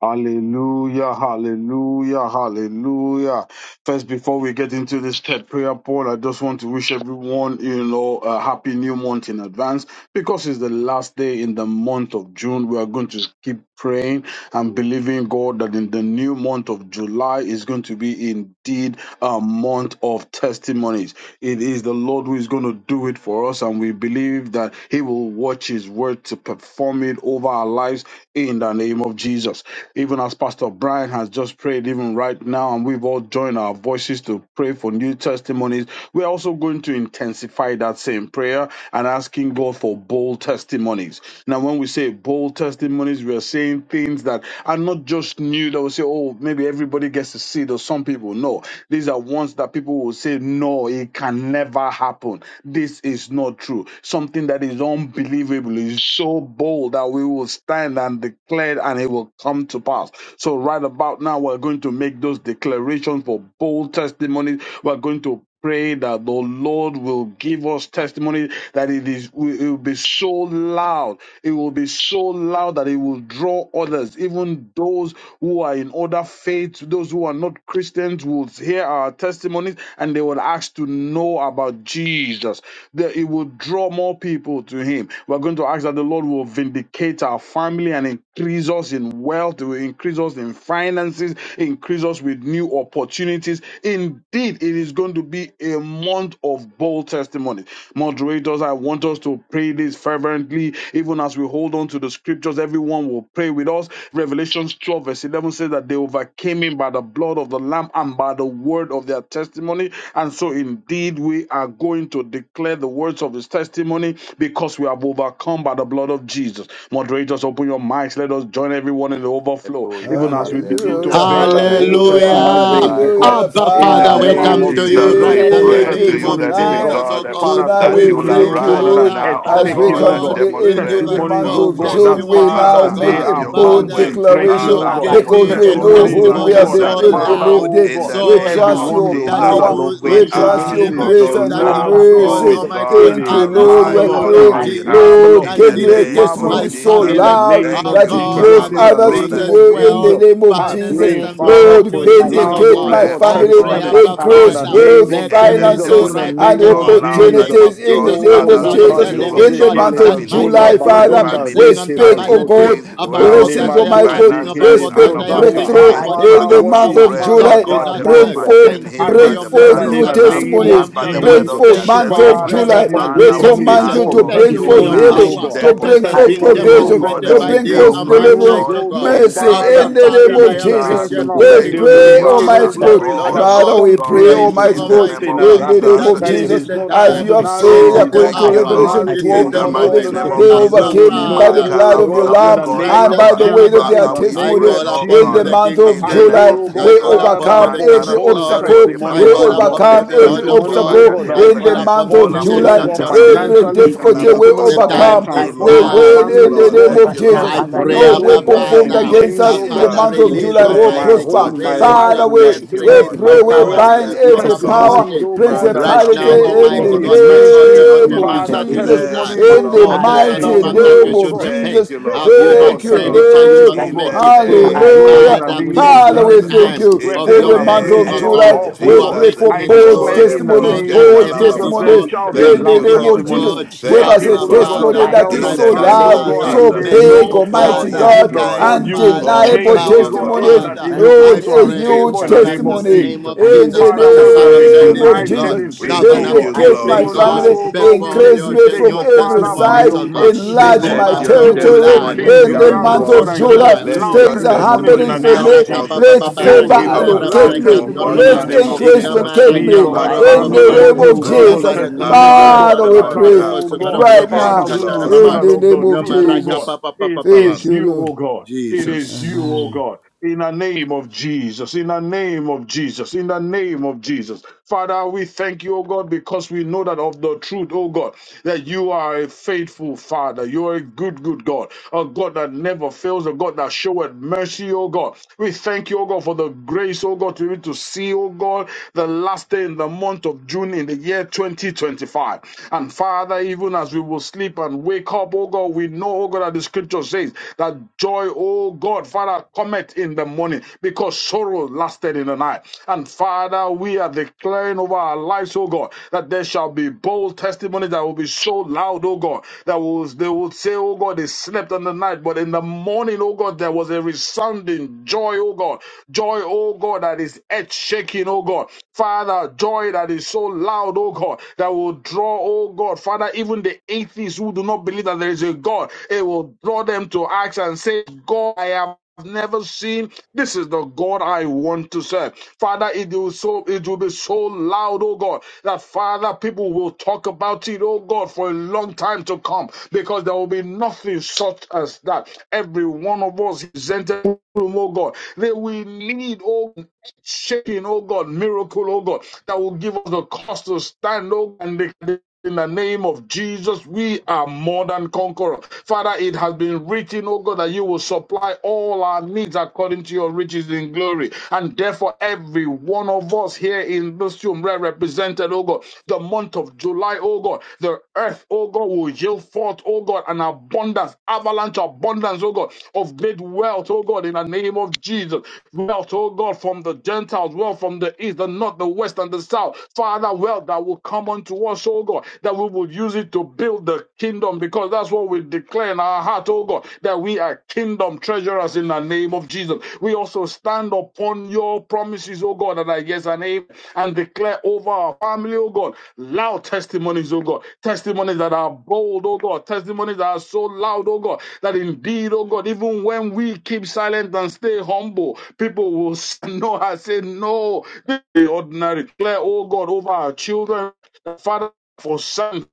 I: Hallelujah, hallelujah, hallelujah. First, before we get into this third prayer point, I just want to wish everyone, you know, a happy new month in advance because it's the last day in the month of June. We are going to keep praying I'm believing God that in the new month of July is going to be indeed a month of testimonies. It is the Lord who is going to do it for us, and we believe that He will watch His word to perform it over our lives in the name of Jesus. Even as Pastor Brian has just prayed, even right now, and we've all joined our voices to pray for new testimonies, we're also going to intensify that same prayer and asking God for bold testimonies. Now, when when we say bold testimonies, we are saying things that are not just new that we say, oh, maybe everybody gets to see it or some people. No, these are ones that people will say, no, it can never happen. This is not true. Something that is unbelievable is so bold that we will stand and declare it, and it will come to pass. So right about now, we're going to make those declarations for bold testimonies. We're going to pray that the Lord will give us testimony that it is it will be so loud. It will be so loud that it will draw others, even those who are in other faiths, those who are not Christians will hear our testimonies and they will ask to know about Jesus. That it will draw more people to him. We're going to ask that the Lord will vindicate our family and increase us in wealth, it will increase us in finances, increase us with new opportunities. Indeed, Indeed, it is going to be a month of bold testimony. Moderators, I want us to pray this fervently, even as we hold on to the scriptures. Everyone will pray with us. Revelations 12, verse 11 says that they overcame him by the blood of the Lamb and by the word of their testimony. And so, indeed, we are going to declare the words of his testimony because we have overcome by the blood of Jesus. Moderators, open your mics. Let us join everyone in the overflow,
G: Hallelujah,
I: even as we begin to
G: hallelujah.
F: Hallelujah,
I: pray that
G: Thank
I: bold
G: you,
F: hallelujah,
G: Father,
I: testimonies
D: Hallelujah.
I: begin to
G: tonight.
I: come.
G: eh,
F: hallelujah.
D: Abba,
G: In
I: In
G: the
I: the
D: Father,
F: Father,
D: we
G: name of
I: name
B: That
D: come
F: we
I: of
D: to you
G: Jesus,
B: new
I: Jesus,
D: right
G: we
D: now in
I: bold
D: the
G: pray
F: thank you
G: to
D: name
B: testimonies,
G: you,
D: of
G: the
I: testimonies,
B: new
I: oh
G: living
F: tonight.
I: God.
D: Jesus, oh
G: God, eh,
B: testimonies,
D: God.
I: Father,
F: Tonight
B: in the
G: that
D: We
F: we
G: you will
I: testimonies,
B: name
D: pray,
B: of
F: thank
I: oh
F: you,
I: God, that
G: arise
I: are
B: Jesus
F: Lord.
D: Father,
B: Christ,
G: now,
I: edge
G: O
B: Father,
D: that
F: As
B: I
F: we
I: taking,
G: God,
B: pray
I: oh
F: come
G: and
F: to
D: Lord
I: God.
B: what in
F: the
B: the
D: will
F: end
G: demonstrate
D: give
F: of the
D: us
I: Testimonies,
F: month
G: yourself
D: both
I: oh
F: of
I: God,
B: name
G: stronger.
I: that
B: of Jesus
F: June, we
B: Christ,
D: testimonies,
F: now
D: oh
I: Father,
G: Father,
I: they
F: make
D: God.
B: testimonies
F: a
G: have
B: in
I: are
B: the
G: your
B: name of
G: own
F: bold
D: Father,
G: way.
I: mountain
B: Jesus Christ,
I: breaking,
F: declaration
D: Lord,
I: oh
G: Ala
I: God.
B: Father, I
D: give
G: bobo
B: pray
F: because
D: me
G: se
F: we
D: a
B: what in the
F: know
B: name
I: Testimonies,
F: whom
G: kolambra
B: of
I: oh
F: we
D: testimony
F: have
B: Jesus
I: God, that
B: Christ,
D: so
G: katari
B: Lord
I: Father,
G: bababa.
B: God,
F: believed
D: loud,
I: oh
F: in.
G: In
I: God,
G: the
F: We
D: so
G: name
F: trust
D: loud
G: of
I: everyone
F: your
I: will
D: that
I: know
B: to
G: Jesus,
D: it
F: power.
I: that
B: God,
D: will,
I: of the
G: we
D: my
F: We
B: in the
D: God,
I: truth,
F: trust
I: this
D: eh,
F: your
B: name
G: ask
I: is
B: of
G: of
D: my
B: Jesus
F: grace
D: God,
G: you
I: the
F: and
D: that
F: your
B: Christ,
D: it
G: now,
B: Father,
I: Lord's
B: I pray
D: draws,
G: oh
F: mercy.
B: what in
I: doing.
B: the
D: Almighty
B: name of
G: God,
D: God,
I: It
B: Jesus
F: Thank you,
B: Christ,
I: is
D: others
F: Lord.
D: to
G: arise
F: We
D: you,
I: marvelous,
G: on
B: Father,
D: Lord
I: it
F: pray,
G: our
B: I
I: is
G: behalf.
D: Jesus,
I: marvelous,
F: Lord,
G: In
D: and
F: give
G: the
I: it
F: me
I: is
F: a
G: name
D: vindicates
B: pray.
G: of
D: my
F: testimony
I: marvelous.
F: so
B: God,
G: Jesus,
I: In the
D: family,
I: name
F: loud
D: our
G: thank
I: of
F: that
G: you,
F: it
D: God,
B: Jesus.
G: Father,
I: Jesus,
F: draws
D: and
I: in
G: Lord
I: the
F: others to
I: name
G: God
D: increases
I: of
F: you in
D: wealth
F: the
I: Jesus.
F: name of
I: I
F: Jesus.
D: finances
I: pray,
B: Yes,
D: and
I: Father,
B: Lord,
F: Lord,
I: for a
B: I
D: opportunities,
B: pray
D: oh
I: loud,
G: we
B: that
F: vindicate
I: oh
D: God.
B: you
F: my
B: will
G: pray,
I: God,
D: I
G: oh
B: choose
F: family,
D: pray,
G: God,
B: like
I: testimony
B: my
D: Abba
B: father
I: in
B: and
G: Lord,
F: increase
I: the
D: Father,
B: Lord
G: give
I: name
F: wealth,
G: me
I: of
D: let
G: a
D: there be
I: Jesus,
D: so
I: in
F: finances,
I: the
G: testimony
D: right now in
F: and
D: the,
I: name
G: so
I: of
D: no- in the
G: loud that
D: name
I: Jesus.
G: it
F: opportunities
D: of
F: in the
G: draws
D: Jesus Christ,
F: name
I: Oh,
D: the
F: of
G: others
B: in
D: Son
B: the
D: of
G: to
D: the
F: Jesus.
B: name
G: you.
B: of
D: living
F: In
I: labradoze
B: Jesus.
F: the
D: God,
I: ke
F: month
G: Father,
D: that
F: of
D: my
I: legazonda
F: July,
D: God,
G: vindicate
D: you
G: my
D: do
F: Father,
I: barenda
F: we
G: family
D: exceeding and
I: reke
G: and
F: speak, oh
I: bazoke.
D: abundantly
F: God,
G: increase
D: above
I: La
D: all
G: wealth,
D: that
F: blessings,
D: I am
F: Almighty Almighty
I: nemadoze
D: asking,
F: God,
I: ke
F: we
D: above
G: finances,
D: all that
G: and
F: speak
D: I am
I: lebrozata.
D: thinking,
B: Over
F: breakthrough
I: Ah,
G: opportunities.
B: I
D: according
B: pray
D: to
F: in
I: Father,
F: the
G: Father,
D: your
I: what
G: we
F: month
I: is
D: power
F: of
G: pray,
I: man
G: oh
D: that
I: that
D: is
F: July.
G: God,
I: God
G: they
D: at
F: Bring
D: work.
I: mindful of?
G: overcame
D: Thank
F: forth,
D: you
I: I
G: him
D: for
G: by
F: bring
D: your
G: the
I: declare
F: forth
G: blood
I: that
D: message
G: of
I: in
F: new
B: to
G: the
I: the
D: after
B: for
G: Lamb
I: name
B: me,
F: testimonies.
G: and
I: of
D: triumph
G: by
D: O
G: the
B: the
D: God.
F: Bring
B: name
G: word
I: Jesus.
G: of
B: of
F: forth,
G: their
D: Thank you
F: month
B: Jesus,
D: for your
B: Christ
F: of
G: testimony.
I: Father,
D: grace
I: that
D: that
F: July.
I: you
B: for
D: has
I: will
B: me
F: We
D: been
G: Father,
I: give
G: we
I: me
F: command
B: testimonies
D: sufficient.
F: you
G: ask
B: for
F: to
I: bold
B: me
G: of
D: Thank
F: bring
B: in
D: you
B: the
G: you
D: for
F: forth
B: name
D: your
I: testimonies,
B: of
G: now,
I: oh
D: power
F: healing,
B: Jesus,
I: God
F: to
B: that
D: that
F: bring
D: has
B: I
F: forth
G: demonstrate
D: been
G: it,
B: fall
I: testimonies,
G: oh
I: oh
B: upon
F: provision,
B: you for
G: God,
I: God,
D: demonstrated
F: to
I: that
B: this
D: by
I: will
F: bring
B: in
D: day
B: the
F: forth
G: help
D: and
B: name
D: by
B: of
G: us,
I: confuse,
B: Jesus.
F: deliverance,
D: night,
G: Lord,
D: O
I: oh
D: God.
B: That
I: God,
G: in
B: you
F: mercy
G: the
I: Father,
F: in
G: name
D: Abba,
B: testimony,
F: the
G: of
F: name
D: Father,
B: testimony,
F: of
D: I
I: even
B: you
F: Jesus.
G: Jesus.
B: testimony,
D: appreciate
B: you
I: professionals,
D: you,
B: were
I: that
F: We
B: in
D: King
B: the
I: they
G: Thank
D: of
I: will
G: you,
B: name
F: pray,
D: Kings,
B: of
I: know,
D: King
B: Jesus,
G: Father.
D: of
I: oh
F: Almighty
B: Christ,
I: God,
F: God.
D: Glory, Lord
G: Oh,
B: I
I: that
D: of
F: Father,
G: Lord
D: Lords.
F: we pray,
G: God,
I: something
B: offer you
D: Thank
I: is
D: you,
B: the
F: Almighty
G: in
B: name
G: the
B: of
F: God,
B: Jesus.
G: name
D: Almighty
I: something
G: of
I: has
F: in
D: God,
F: the
I: happened.
F: name
G: Jesus.
B: Yes,
D: that
F: of
I: That
D: this
I: it
G: Mm.
B: Jesus,
D: is
F: Jesus,
I: is
B: in
D: the
I: not
B: the
F: as
B: name
D: time,
F: you have
B: of Jesus,
I: ordinary,
D: this
F: said,
I: it
G: Oh,
D: is
B: Christ,
I: is
D: the
F: according
I: not
F: to
G: thank
B: I
G: you,
D: hour,
B: pray
G: Lord,
B: and
F: Revelation
B: I
I: ordinary,
D: this
I: it
D: is
B: fall
G: in
F: 12,
I: is
D: the
G: the
B: upon
I: not
B: you for
F: 11,
G: mighty
B: this
D: moment.
B: in the
G: name
I: ordinary.
G: of
F: they
B: name of Jesus.
I: They
G: Jesus.
D: Abba,
I: will
F: overcame him
I: know,
F: by the
D: Father,
I: oh
F: blood of
B: Build
F: the
B: our
I: God, in
G: Makalabroske
F: Lamb
I: the
G: kori
B: testimonies
I: name
F: and
B: to
I: of
D: righteous
F: by
G: bababa.
F: the
B: live
F: weight of
I: Jesus,
D: Father,
I: in
F: their
G: Father,
I: the
G: we
D: I
I: name
F: testimony.
G: pray,
D: call
I: of
G: oh
D: upon
F: In
D: you,
F: the
G: God,
I: Jesus.
D: the
F: month
D: King of
G: in
F: of
I: I
B: for
G: the
B: the
D: Kings.
G: name
I: pray,
F: July,
B: people
G: of
I: oh
F: we
D: I
I: God,
G: Jesus.
D: call upon you,
I: Father,
F: overcome
D: the
I: for
D: King
F: every
D: of
G: Mandarebo
I: bold
D: Glory.
F: obstacle.
G: sekori
D: I
F: We
I: testimonies,
B: there
D: call
I: oh
G: bababa.
B: in
I: God.
D: upon
B: the
D: you,
F: overcome
D: the
F: every
D: Lord
B: community,
G: Lebrases
D: of
I: Testimonies, oh
D: Lords.
G: kopari
F: obstacle
I: God,
G: ande
I: that
D: I
I: will
F: in
D: call
F: the
G: lebregede.
F: month
D: upon you,
F: of
D: the
I: transform me,
B: influence
I: oh
F: July.
B: the
G: Olambria
D: Ancient
I: God,
D: of
B: testimony
D: Days.
F: Every
G: kalambria
B: in
I: financially
D: Mm,
B: Jesus'
G: kakala
F: difficulty
B: name
F: we
B: of
G: bababa.
I: Testimonies
D: The
B: Jesus.
I: that will
D: time
F: overcome.
G: Thank you,
B: I
D: is
F: We
I: transform
B: will
G: Lord.
I: my
B: not
D: now.
F: win
B: even
G: Thank you,
I: family,
B: for
F: in
I: oh
F: the
B: this
G: Lord.
F: name
B: open
I: God.
G: Thank
F: of
B: right
G: you,
B: now
G: Lord.
D: I
F: Jesus.
B: as I
D: pray,
F: No
I: Testimonies,
B: pray
G: In
B: in
G: the
I: oh
D: Abba
F: weapon
I: God, that
B: the
F: formed
G: name
I: will
D: Father,
B: name
G: of
B: of
F: against
I: change,
D: that
F: us
I: oh
B: Jesus.
F: in the
I: God,
D: Father,
F: month of
G: Jesus.
D: release
F: July
I: situations
F: will
I: in my
D: Almighty
G: Thank
B: Just
G: you,
F: prosper.
I: home,
B: give
D: God,
I: in
B: it
I: my
B: the
D: release
G: thank
I: life,
D: your
F: Father,
G: you,
B: name
I: in
B: of
I: my
F: we,
D: grace,
G: thank you,
B: Jesus.
F: we
B: Like
I: business,
D: release
G: Lord.
I: in my
F: pray,
B: there
D: your
F: we
B: is
D: power,
G: Oh,
I: career.
F: bind
D: release
G: yes,
B: expression
D: your
G: oh
F: every
G: God.
B: testimonies of
F: power,
I: Testimonies,
B: God
D: anointing.
I: oh
B: in the name
I: God, that
B: of
I: will
D: Right
B: Jesus.
G: Mandala
F: principality
D: now,
B: that
I: change,
G: Bobo
I: oh
F: in
B: There
I: God,
D: Almighty
B: is
I: me
G: Sekole
D: God,
I: in
D: my
B: expression
G: Braske
D: God,
I: ministry.
D: you're
F: the
D: not
F: name
D: a
B: testimony
G: Karababa.
F: of
B: in
D: man
B: the
I: Father,
D: that you
F: Jesus,
B: name
D: should
B: of
D: lie,
B: Jesus.
G: Thank
I: testimonies,
G: you,
B: that
F: in
I: oh
F: the
D: no,
G: Lord.
I: God,
D: the
B: I
I: Lord,
D: Son
B: will
I: that
D: of
G: Thank
F: mighty
G: you,
B: what
D: Man
I: will,
B: you
D: that
G: Lord.
D: you
B: for
F: name
I: oh
B: this
F: of
D: should
I: God,
B: open
G: Thank
D: repent.
F: Jesus.
G: you,
I: take,
G: Lord.
D: Have you
I: oh
D: not
I: God,
F: Thank
G: Thank you,
B: in
F: you,
B: the
D: said
B: name
D: it?
G: Lord.
D: Shall
B: of
D: you
I: circumstances,
B: Jesus.
D: not
F: Lord.
I: oh
G: In
I: God,
D: make
G: the
D: it
I: to
B: that
D: good?
I: your
B: I
I: glory
B: call
G: name
I: in
F: Hallelujah.
I: the
D: Father,
B: upon
G: of
B: you
I: name
B: Lord,
D: this
B: in
I: of
B: the
F: Father,
D: is a
F: we
G: Jesus.
B: name
I: Jesus.
B: of
F: thank
D: time
F: you
I: Where
G: In
B: Jesus.
D: of
G: the
F: for
I: people
D: your
F: the
I: have
F: month
D: making,
B: I
F: of
D: oh
I: written
G: name
I: us
B: pray
D: God.
G: of
I: off,
F: July.
I: oh
D: You
F: We
B: because
D: are
I: God,
F: pray
G: Jesus.
F: for
D: making
I: I
D: it
F: bold
G: Oh,
I: declare
D: good
I: in the
D: more
F: testimonies,
B: that
G: Lebroske
I: name
D: than
B: that
I: of
F: bold
D: ever
I: Jesus,
G: Kalababa.
I: there
F: testimonies
B: testimony
D: before.
I: shall
D: You
I: be
B: in
D: are
F: in
G: Thank
B: the
F: the
G: you,
I: loud
D: making
F: name
D: it
F: of
G: Lord.
I: testimony
B: name
F: Jesus.
D: good
B: of Jesus
F: Give
I: where
B: Christ.
G: Thank
F: us
G: you,
F: a
D: Abba,
I: people, oh
B: Lord,
G: Father.
I: God,
B: you
F: testimony
D: Father,
I: have
B: I
F: that
I: held
F: is
G: In
I: us
B: pray,
F: so
G: the
D: righteous
G: name
I: bound,
B: let
I: oh
G: of
F: loud,
B: there
I: God,
D: Father,
B: be
I: and
F: so
B: the
G: Jesus.
I: said,
B: need
F: big,
I: no,
B: that
D: merciful
G: Oh,
I: not
F: Almighty
I: for
D: Father,
B: I
I: you,
G: yes,
F: God,
I: but
B: pray for
G: Lord.
D: kind
B: the
I: Lord, you will
B: the
D: Father,
G: Oh,
B: need.
F: undeniable
I: change,
G: thank
I: oh
G: you,
D: powerful
I: God,
G: Lord.
I: it,
F: testimonies.
B: On
I: that
D: Father.
I: it
B: the
I: will
B: it's
I: be
B: a
D: I
F: Lord,
I: to
F: a
I: our
B: testimonies of
D: pray
B: God
F: huge
I: favor in
B: that
I: the
D: right
B: people
I: name
B: will
D: now in
I: of
D: the
F: testimony
B: see.
D: name
I: Jesus.
D: of
B: I know
F: in
B: it's
D: Jesus
B: just it
I: Father,
D: Christ, the
I: where
B: has
I: we
D: Son
I: have
B: done
D: of
G: Praise
B: this
I: been
D: the
F: the
B: one
F: name
B: in
F: of
B: the
G: tonight.
D: living
I: denied
B: name
D: God,
B: of
F: Jesus.
I: certain
G: We
B: Jesus.
I: things, oh
G: give
D: covenant
I: God,
G: you
B: I
F: Vindicate
G: glory
D: keeping
F: my
B: pray
I: even
B: for
I: though,
B: this
D: God.
F: family,
G: tonight.
I: oh God, we
D: Perform
I: made
F: increase
D: your,
F: me
I: mistakes,
F: from
D: your
I: but
F: every
B: in
I: Father,
B: the
I: by
D: testimonies,
F: side,
I: your
D: oh
B: name of
D: God,
I: mercies, oh
B: Jesus.
D: in
F: enlarge
D: the
I: God,
F: my
G: Let
D: month
B: Father,
G: your
I: you
D: of
B: Lord,
I: will
B: this for
F: territory
I: turn
B: me,
D: July.
B: but
G: testimonies
I: things
B: in
F: in
D: In
B: the
F: the
D: the
G: come
I: around,
B: name of
I: oh
F: month
D: month
I: God,
F: of
D: of
B: Jesus,
G: forth.
I: and
B: but
I: give
B: even
F: July.
I: us
D: July.
B: for this,
G: Let
D: Mm.
I: loud
B: but
G: your
F: Things
B: in
F: are
B: the
I: testimonies in
F: happening
I: the
B: name
G: testimonies
B: of
F: for
I: name
F: me.
G: come
I: of
B: Jesus,
D: Maraka
G: forth
I: Jesus.
D: baba
F: Let
D: baba
B: Father,
I: You
B: I
I: will
F: favor
G: into
D: rakim
I: give
B: pray
I: us
B: for
G: our
D: dara
B: this
F: locate
I: loud
B: in
G: lives,
B: the
F: me,
D: braka
G: oh God,
I: testimonies
G: in
I: in
G: the
D: torbaba.
F: let
B: name
I: the
B: of
G: name
I: name
G: of
I: of
B: Jesus.
F: increase
D: Ika
I: Jesus.
G: Jesus.
F: locate
B: Oh
I: Me
F: me
D: marakam
I: and
B: God,
I: my
D: doro
B: I
G: Father, we
B: call
D: baba
F: in
I: family,
F: the
I: oh
B: upon
G: pray,
D: baba.
B: you,
I: God,
B: God,
F: name
G: oh
I: you
B: even
F: of
I: will
B: for
I: give
B: this
G: God,
D: Unda
I: us
B: in the
F: Jesus.
D: marakam
B: name
D: na
B: of
I: testimonies, oh
B: Jesus.
G: arise
I: God
F: Father,
D: barakada
G: on
F: we
G: our
D: wada
B: Father,
I: that,
F: pray
B: I
G: behalf.
I: oh
D: barakosu
B: call
D: kada
I: God,
B: upon you,
F: right
D: brokosu
G: Thank
I: Father,
F: now
G: you,
I: we
D: katara
I: will
G: Lord.
B: Jesus,
I: know
F: in
D: baba.
I: that
F: the
B: mighty
I: of
F: name
I: the
D: No
F: of
I: truth, oh
D: maraka
I: God.
F: Jesus.
D: papa papa
I: It
D: papa.
F: Thank
I: is
F: you,
I: you,
F: Lord.
I: oh God. It
B: name.
I: is you,
D: Jesus.
I: oh God. In the name of Jesus, in the name of Jesus, in the name of Jesus. Father, we thank you, oh God, because we know that of the truth, oh God, that you are a faithful Father. You are a good, good God, a God that never fails, a God that showeth mercy, oh God. We thank you, oh God, for the grace, oh God, to be able to see, oh God, the last day in the month of June in the year 2025. And Father, even as we will sleep and wake up, oh God, we know, oh God, that the scripture says that joy, oh God, Father, cometh in the morning because sorrow lasted in the night. And Father, we are declaring over our lives, oh God, that there shall be bold testimonies that will be so loud, oh God, that will, they will say, oh God, they slept in the night, but in the morning, oh God, there was a resounding joy, oh God, joy, oh God, that is earth shaking, oh God. Father, joy that is so loud, oh God, that will draw draw, oh God, Father, even the atheists who do not believe that there is a God, it will draw them to acts and say, God, I have never seen this is the God I want to serve. Father, it will so it will be so loud, oh God, that Father, people will talk about it, oh God, for a long time to come, because there will be nothing such as that. Every one of us is entered room, oh God. That we need, oh shaking, oh God, miracle, oh God, that will give us the cost to stand, oh God, and in the name of Jesus, we are more than conquerors. Father, it has been written, oh God, that you will supply all our needs according to your riches in glory. And therefore, every one of us here in this room represented, oh God, the month of July, oh God, the earth, oh God, will yield forth, oh God, an abundance, avalanche abundance, oh God, of great wealth, oh God, in the name of Jesus. Wealth, oh God, from the Gentiles, wealth from the east, the north, the west, and the south. Father, wealth that will come unto unto us, oh God, that we will use it to build the kingdom because that's what we declare in our heart, oh God, that we are kingdom treasurers in the name of Jesus. We also stand upon your promises, oh God, that are yes and amen, and declare over our family, oh God, loud testimonies, oh God, testimonies that are bold, oh God, testimonies that are so loud, oh God, that indeed, oh God, even when we keep silent and stay humble, people will <laughs> know and say, No, this ordinary. Declare, oh God, over our children, the Father, for signs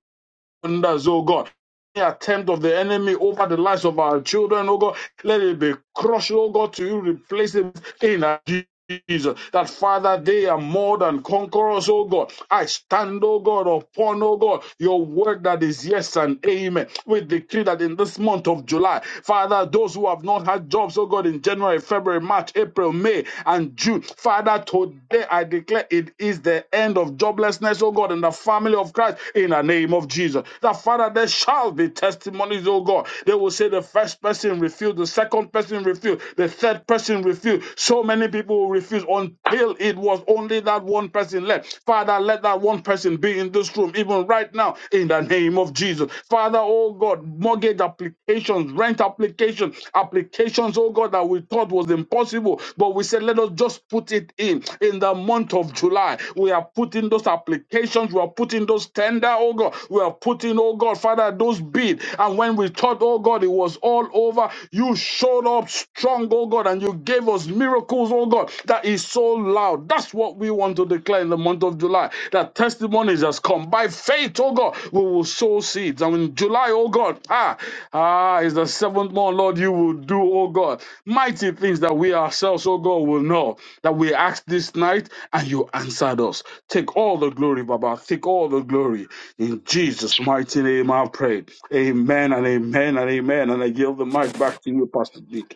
I: and wonders, oh God. Any attempt of the enemy over the lives of our children, oh God, let it be crushed, oh God, to you, replace it in our Jesus. Jesus, That Father, they are more than conquerors, oh God. I stand, oh God, upon, oh God, your word that is yes and amen. We decree that in this month of July, Father, those who have not had jobs, oh God, in January, February, March, April, May, and June, Father, today I declare it is the end of joblessness, oh God, in the family of Christ, in the name of Jesus. That Father, there shall be testimonies, oh God. They will say the first person refused, the second person refused, the third person refused. So many people will refuse until it was only that one person left. Father, let that one person be in this room, even right now, in the name of Jesus. Father, oh God, mortgage applications applications, rent applications, applications, oh God, that we thought was impossible. But we said, let us just put it in in the month of July. We are putting those applications, we are putting those tender, oh God, we are putting, oh God, Father, those bid. And when we thought, oh God, it was all over, you showed up strong, oh God, and you gave us miracles, oh God, that is so loud. That's what we want to declare in the month of July that testimonies has come by faith, oh God. We will sow seeds. And in July, oh God, ah, ah, is the seventh month, Lord, you will do, oh God, mighty things that we ourselves, oh God, will know that we asked this night and you answered us. Take all the glory, Baba. Take all the glory. In Jesus' mighty name, I pray. Amen and amen and amen. And I give the mic back to you, Pastor Dick.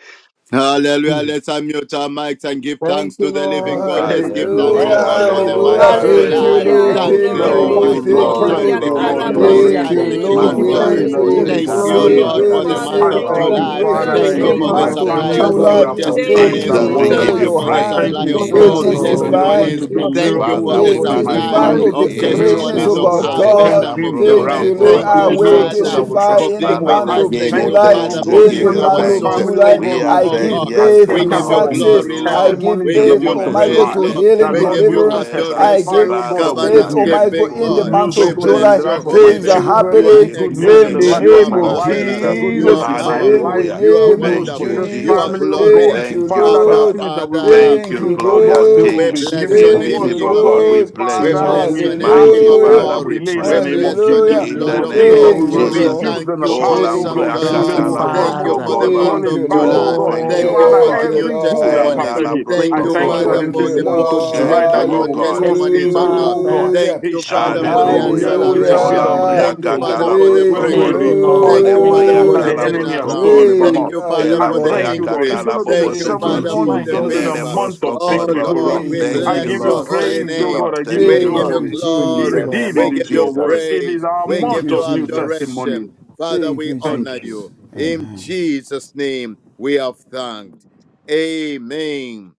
D: Hallelujah. Let's unmute our mics and give
B: Thank
D: thanks
B: you,
D: to the living
B: Lord.
D: God. Let's
I: Thank
D: give
I: you,
D: thanks
F: Hallelujah,
D: to
G: Hallelujah,
I: Lord.
B: Thank you,
D: God for the
G: hallelujah,
D: month
F: hallelujah.
B: Lord.
D: of
F: Thank
I: Thank
F: you,
D: July.
G: hallelujah.
H: Hallelujah.
I: you,
F: Lord.
B: Thank
I: Lord.
D: Thank
B: you,
F: Thank
D: the
H: Glory
F: you,
H: be
I: Thank
B: Lord.
G: Glory,
F: Lord.
H: to
I: you,
D: Almighty God.
F: Thank
I: Lord.
F: you,
H: God.
G: glory,
C: Praise
D: Thank
F: Lord.
I: Thank
D: the
I: you,
D: King
G: glory,
I: Lord,
D: of
I: in
H: Yakaraba
I: the
C: Lord.
D: Kings.
G: glory.
B: Hallelujah.
F: Thank
I: name
D: Thank
F: you,
I: of
D: the
H: shendere
B: Thank
C: We
B: you,
D: King
H: bo
C: give
F: Lord.
D: of
C: you
F: We,
B: Lord.
I: Jesus.
G: Manda
F: re-
D: Glory.
I: In
C: praise. We
I: the
G: rebo
F: we
C: give
G: se
I: name
C: you
D: Thank
I: of
D: you,
C: glory.
F: receive,
H: Thank
G: kalambra
D: Lord,
H: you,
I: Jesus.
F: we
D: for the
C: Lord.
G: kase
C: We
H: Father.
D: month
I: I
F: receive
C: give
D: of
H: Thank
C: you
G: karababa.
F: our
I: thank
H: you,
I: you,
C: thanks.
D: July.
C: Thank
I: Father,
C: you
F: breakthrough
I: that
G: Thank
H: Jesus.
D: Thank
F: in
G: you,
D: you
F: the
C: so
H: Thank
B: Thank
D: for
I: indeed
B: you,
H: you,
C: much.
D: the
I: my
G: Lord.
F: month of
D: supply
G: Thank
I: family,
B: Lord.
G: you,
I: oh
D: of
I: God,
H: Jesus.
I: we
D: new
F: July.
G: Lord.
I: are
B: We give
I: for
C: Hallelujah.
B: you
H: Thank
I: signs
F: Thank
B: thanks,
H: you,
C: Glory
D: testimonies.
F: you,
I: and
C: and
G: Jesus, we
B: Lord.
F: Lord,
I: wonders.
F: for
G: give
D: Thank
G: you
D: you
F: your
H: Jesus.
C: praise.
D: for
I: I
D: the
G: praise.
B: We
F: hand.
I: thank
C: You
D: supply
B: give
I: you
B: you
D: of
I: so
F: We
B: thanks,
G: Jesus,
I: much,
D: bold
C: forever
G: we
I: Lord,
G: give you
I: that
B: Lord.
C: name.
I: you're
B: We
F: testify.
B: give
I: going
G: praise.
B: you
I: to
D: testimonies.
C: You
I: do
C: are
B: thanks,
D: Thank
C: faithful
D: you
B: Lord.
I: miracles,
D: for
G: Father,
C: and
I: oh
D: the
F: We
G: we
I: God, in
C: true.
I: my
B: We
C: You
D: supply
G: magnify
F: testify
C: are
B: give
I: family.
G: you.
F: of the
B: you
D: of
B: thanks,
G: Eh,
C: forever.
F: greatness
G: la
I: Miracles,
D: testimonies
F: of
I: oh
D: of
I: God,
F: our
B: Jesus.
G: bobo
I: that will
G: se
C: Lord.
D: harvest
I: turn
F: God.
D: and
I: things
G: calambro
F: Thank
G: kose
I: around
D: fulfillment.
F: you,
B: We
I: for
F: Lord.
I: us.
D: Thank
G: tarababa.
F: I
B: give
D: you,
B: you
C: Thank you
F: will
B: thanks,
I: Miracle
C: for
I: that
D: Father,
I: will
F: testify
B: Jesus.
D: for
F: in the
D: being
I: transform us.
G: Father,
D: with
F: month
G: we
I: I
D: us.
F: of
G: give
D: Thank
G: you
I: thank
D: you,
I: you,
F: July.
I: oh
D: Father,
G: thanks. We
D: for
I: God,
C: the
F: In
G: give
F: the
D: being
G: you
I: that
D: our
F: month
I: my
C: glory
F: of
G: thanks.
D: source.
I: family, oh
D: Thank
F: July,
G: We
I: God,
D: you,
G: are
I: will
F: I
I: be
D: oh
I: a
G: saying,
F: give
D: God.
G: Yes,
F: birth
G: the
D: We
F: to
B: Father,
I: partaker
D: give you
B: Lord, we
G: Lord
B: give
I: of
G: is
B: you
I: the
F: success.
D: glory,
G: good.
F: I
D: Lord.
F: give
I: testimonies
D: We
I: in the
G: His
D: give
F: birth,
D: you
F: oh
I: month of
F: my God,
D: praise,
I: July
G: mercy
F: to
D: Lord.
I: that
F: healing,
D: We
I: Lord,
G: endures
D: give
I: we
D: you
I: will
F: deliverance.
G: forever.
F: I
I: testify,
D: adoration,
I: oh
F: give
I: God,
G: Father,
I: of
G: we
F: birth,
I: good
B: thanks.
G: are
D: covenant
F: oh
I: news.
F: my God,
D: keeping
G: thankful.
F: in
I: Good
F: the
G: We
D: God.
G: are
I: news,
F: month
I: oh
D: We
F: of
I: God,
G: grateful.
I: in
F: July.
I: the
D: bless
G: We
D: your
I: life of my
D: holy
F: Things are
G: appreciate
D: name.
G: your
I: children.
D: You
B: We
D: are
B: give
F: happening
G: mercy
I: Good news
B: you
I: in
F: in
D: excellent.
I: the
G: in
F: the
G: the
I: life
D: You
I: of
B: thanks.
D: are
G: name
F: name
I: my
F: of
G: of
I: wife.
D: marvelous.
G: Jesus.
B: Thank
I: Good
B: you,
D: You
F: Jesus.
D: are
I: news in my
B: Lord.
F: In
D: powerful.
I: life.
F: the
G: Hallelujah.
D: You are
I: Good
F: name
I: news
F: of
G: Thank
I: for
G: you,
D: wonderful.
I: this
D: You
F: Jesus.
D: are
I: family,
G: Jesus.
I: oh God.
F: Thank
D: glorious.
F: you,
G: Thank you,
I: Father, the
D: Abba,
F: Lord.
G: Father.
I: things that we were
D: Father.
G: Thank
F: Thank
G: you,
D: Mm.
F: you,
I: refused, oh
G: glorious
I: God, they
F: Lord.
I: will
D: We
G: King.
I: be
D: bless
B: Jesus,
I: given
D: your
I: to
B: but
F: Thank
B: we
D: name,
I: us,
F: you,
B: give
D: King
G: Invisible
I: oh
D: of
B: you
I: God.
G: God, we
D: Kings.
F: Lord.
B: thanks,
D: We
G: bless
I: Father,
G: you.
D: bless your
B: Lord.
D: name,
B: We
I: without,
B: give
D: King
G: Mighty
D: of
I: oh
F: Hallelujah.
G: Father,
I: God,
B: you
G: we
D: Glory.
I: delay in
B: Jesus.
I: the
D: We
G: bless
I: name
G: you
I: of
D: bless your
I: Jesus.
D: name,
B: Thank
F: Hallelujah.
B: you,
G: in the
D: Lord
I: The
B: Lord,
D: of
G: name
I: things that
B: thank
I: we
B: you,
D: Lords.
G: of
F: Thank you,
I: will
B: Lord.
D: We
G: Jesus.
F: Lord.
I: refuse
D: thank
I: in the
D: you,
G: Oh,
I: past,
B: Jesus.
I: oh
F: Thank
D: awesome
F: you,
I: God,
G: Lambrea
I: they
B: Thank you,
D: God.
I: will
F: Jesus.
I: come,
D: Thank you
I: oh
G: Catalabrosko
B: Father.
D: for the
I: God,
G: Corbaba.
D: month
F: Thank
I: calling
D: of
F: you,
I: back,
F: Lord.
I: oh
G: Oh,
D: July.
I: God.
G: thank you,
D: Thank you
G: oh
I: Father,
B: Lord,
D: for
F: Thank
D: the
F: you,
G: God.
D: new
I: every good and
G: And
F: Lord.
D: testimonies.
B: we give
I: perfect
B: you
I: gift.
D: Thank
I: I
G: Alabrosco
B: praise,
D: you,
B: O
I: thank you that
B: God,
D: Father,
G: Corba.
I: in
B: in
F: Thank
B: the
D: for
I: this
F: you,
D: the
B: name
I: month
B: of
D: bold
I: of
F: Lord.
B: Jesus.
D: step
I: July
G: Thank you,
I: that we
G: oh
I: will
G: God.
B: Thank
I: cross
B: you,
D: testimonies, oh
I: into,
D: God.
I: oh God.
B: Father.
F: Hallelujah.
D: Thank
I: It
D: you,
B: Give
I: shall
B: you
D: Father,
B: the
I: be
D: for the
I: the
B: glory,
G: Hallelujah.
I: year,
B: give
I: oh, it
B: you
I: shall
G: Oh,
I: be
D: acceleration.
I: the
B: honor, give you
F: Hallelujah.
G: Lambrea
D: Thank
I: month,
D: you,
B: praise.
I: oh
D: Father,
I: God,
D: for the
F: Thank
G: Catalabrosko
I: where we
F: you,
B: Thank
G: Corba.
D: breakthrough.
B: you,
G: Oh,
I: recover
B: Lord.
D: Thank you,
B: Thank
D: Father,
B: you,
G: Lambrea
I: all
D: for
I: that
D: the
F: Lord.
I: the
B: Lord.
I: enemy has
G: Calabrosco
D: turnaround.
I: stolen
G: Corba.
I: from
D: Thank
F: Great
D: you,
I: us.
F: are
D: Father,
F: you,
I: I
D: for the
I: thank
G: Elambrea
F: Lord.
I: you, Lord. It's
D: increase.
I: going to be
B: Give
I: the
B: you
G: Cacalabobo
D: Thank
B: the
D: you,
F: Thank you,
I: seventh
G: Setor.
D: Father,
B: praise,
I: month.
D: for
I: It's
B: my
D: the
I: going
G: In
I: to be
G: the
I: the
B: Lord,
D: favor.
I: month
F: Jesus.
G: Lebrosco
I: of
B: and
D: Oh
B: the
I: victory
G: Corba.
I: for
B: glory
D: Lord,
I: us.
F: Thank
D: we
B: of
F: you,
B: God.
I: I
G: Thank you,
I: give
D: bless
I: you
D: your
G: Lord.
F: Jesus.
D: holy
G: Thank
I: praise,
G: you,
I: oh
D: name.
I: God.
G: Lord.
I: I give
B: We
D: We
G: Thank
I: you
B: give
G: you,
D: give
F: Thank
G: Lord.
D: you
F: you,
I: glory.
B: you
G: In
B: praise,
G: the
D: glory.
B: Lord.
G: name
I: Indeed,
F: Jesus.
D: We
I: it
G: of
I: is
D: give
I: your
D: you
I: word.
G: Jesus.
I: It is
D: praise.
I: our
D: We
F: Thank
D: give
I: month
F: you,
D: you
I: of new
F: Jesus.
I: testimonies.
D: adoration. Father,
F: Thank
D: we
F: you,
I: Thank
D: honor
I: you.
D: you.
F: Jesus.
B: Thank you.
D: In
F: Amen.
D: Jesus' name, we have thanked. Amen.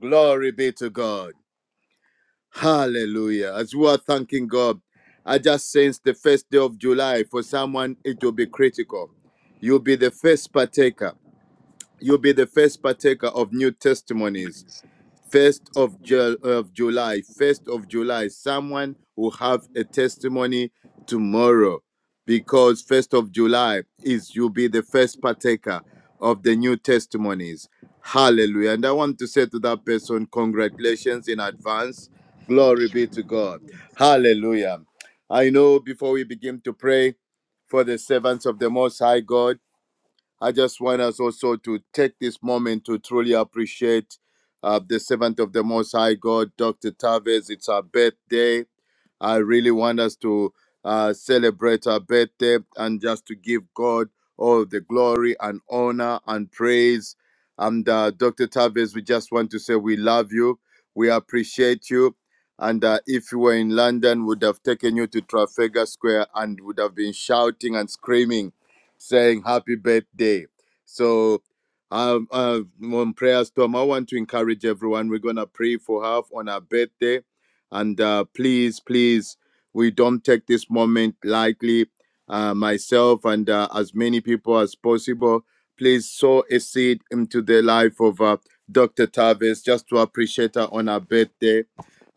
D: Glory be to God. Hallelujah. As we are thanking God, I just sense the first day of July for someone, it will be critical. You'll be the first partaker. You'll be the first partaker of new testimonies first of, Ju- of July, first of July, someone will have a testimony tomorrow because first of July is you'll be the first partaker of the new testimonies. Hallelujah. And I want to say to that person, congratulations in advance. Glory be to God. Hallelujah. I know before we begin to pray for the servants of the Most High God, I just want us also to take this moment to truly appreciate uh, the servant of the Most High God, Dr. Tavis. It's her birthday. I really want us to uh, celebrate our birthday and just to give God all the glory and honor and praise. And uh, Dr. Tavis, we just want to say we love you. We appreciate you. And uh, if you were in London, would have taken you to Trafalgar Square and would have been shouting and screaming, saying happy birthday. So, um, uh, on prayers, Tom, I want to encourage everyone. We're going to pray for her on her birthday and uh, please, please, we don't take this moment lightly. Uh, myself and uh, as many people as possible, please sow a seed into the life of uh, Dr. Tavis just to appreciate her on her birthday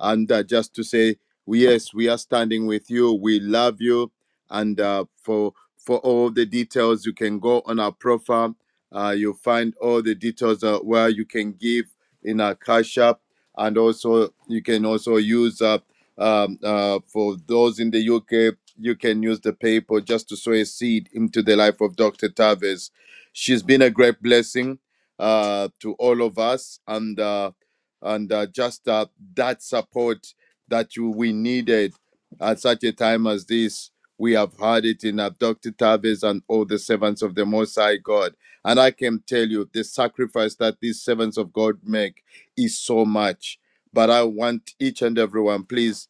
D: and uh, just to say, yes, we are standing with you. We love you. And uh, for for all the details, you can go on our profile. Uh, you'll find all the details uh, where you can give in our cash app and also you can also use uh, um, uh, for those in the UK. You can use the paper just to sow a seed into the life of Dr. Taves. She's been a great blessing uh, to all of us, and uh, and uh, just uh, that support that you, we needed at such a time as this. We have had it in uh, Dr. Taves and all the servants of the Most High God. And I can tell you the sacrifice that these servants of God make is so much. But I want each and everyone, please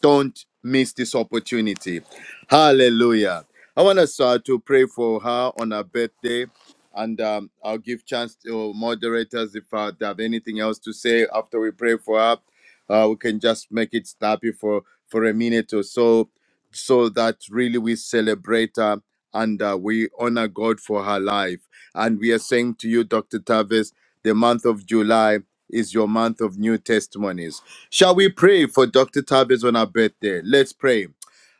D: don't miss this opportunity. Hallelujah. I want us uh, to pray for her on her birthday. And um, I'll give chance to moderators if uh, they have anything else to say after we pray for her. Uh, we can just make it snappy for, for a minute or so, so that really we celebrate her and uh, we honor God for her life. And we are saying to you, Dr. Tavis, the month of July is your month of new testimonies Shall we pray for Dr. Tavis on our birthday? Let's pray.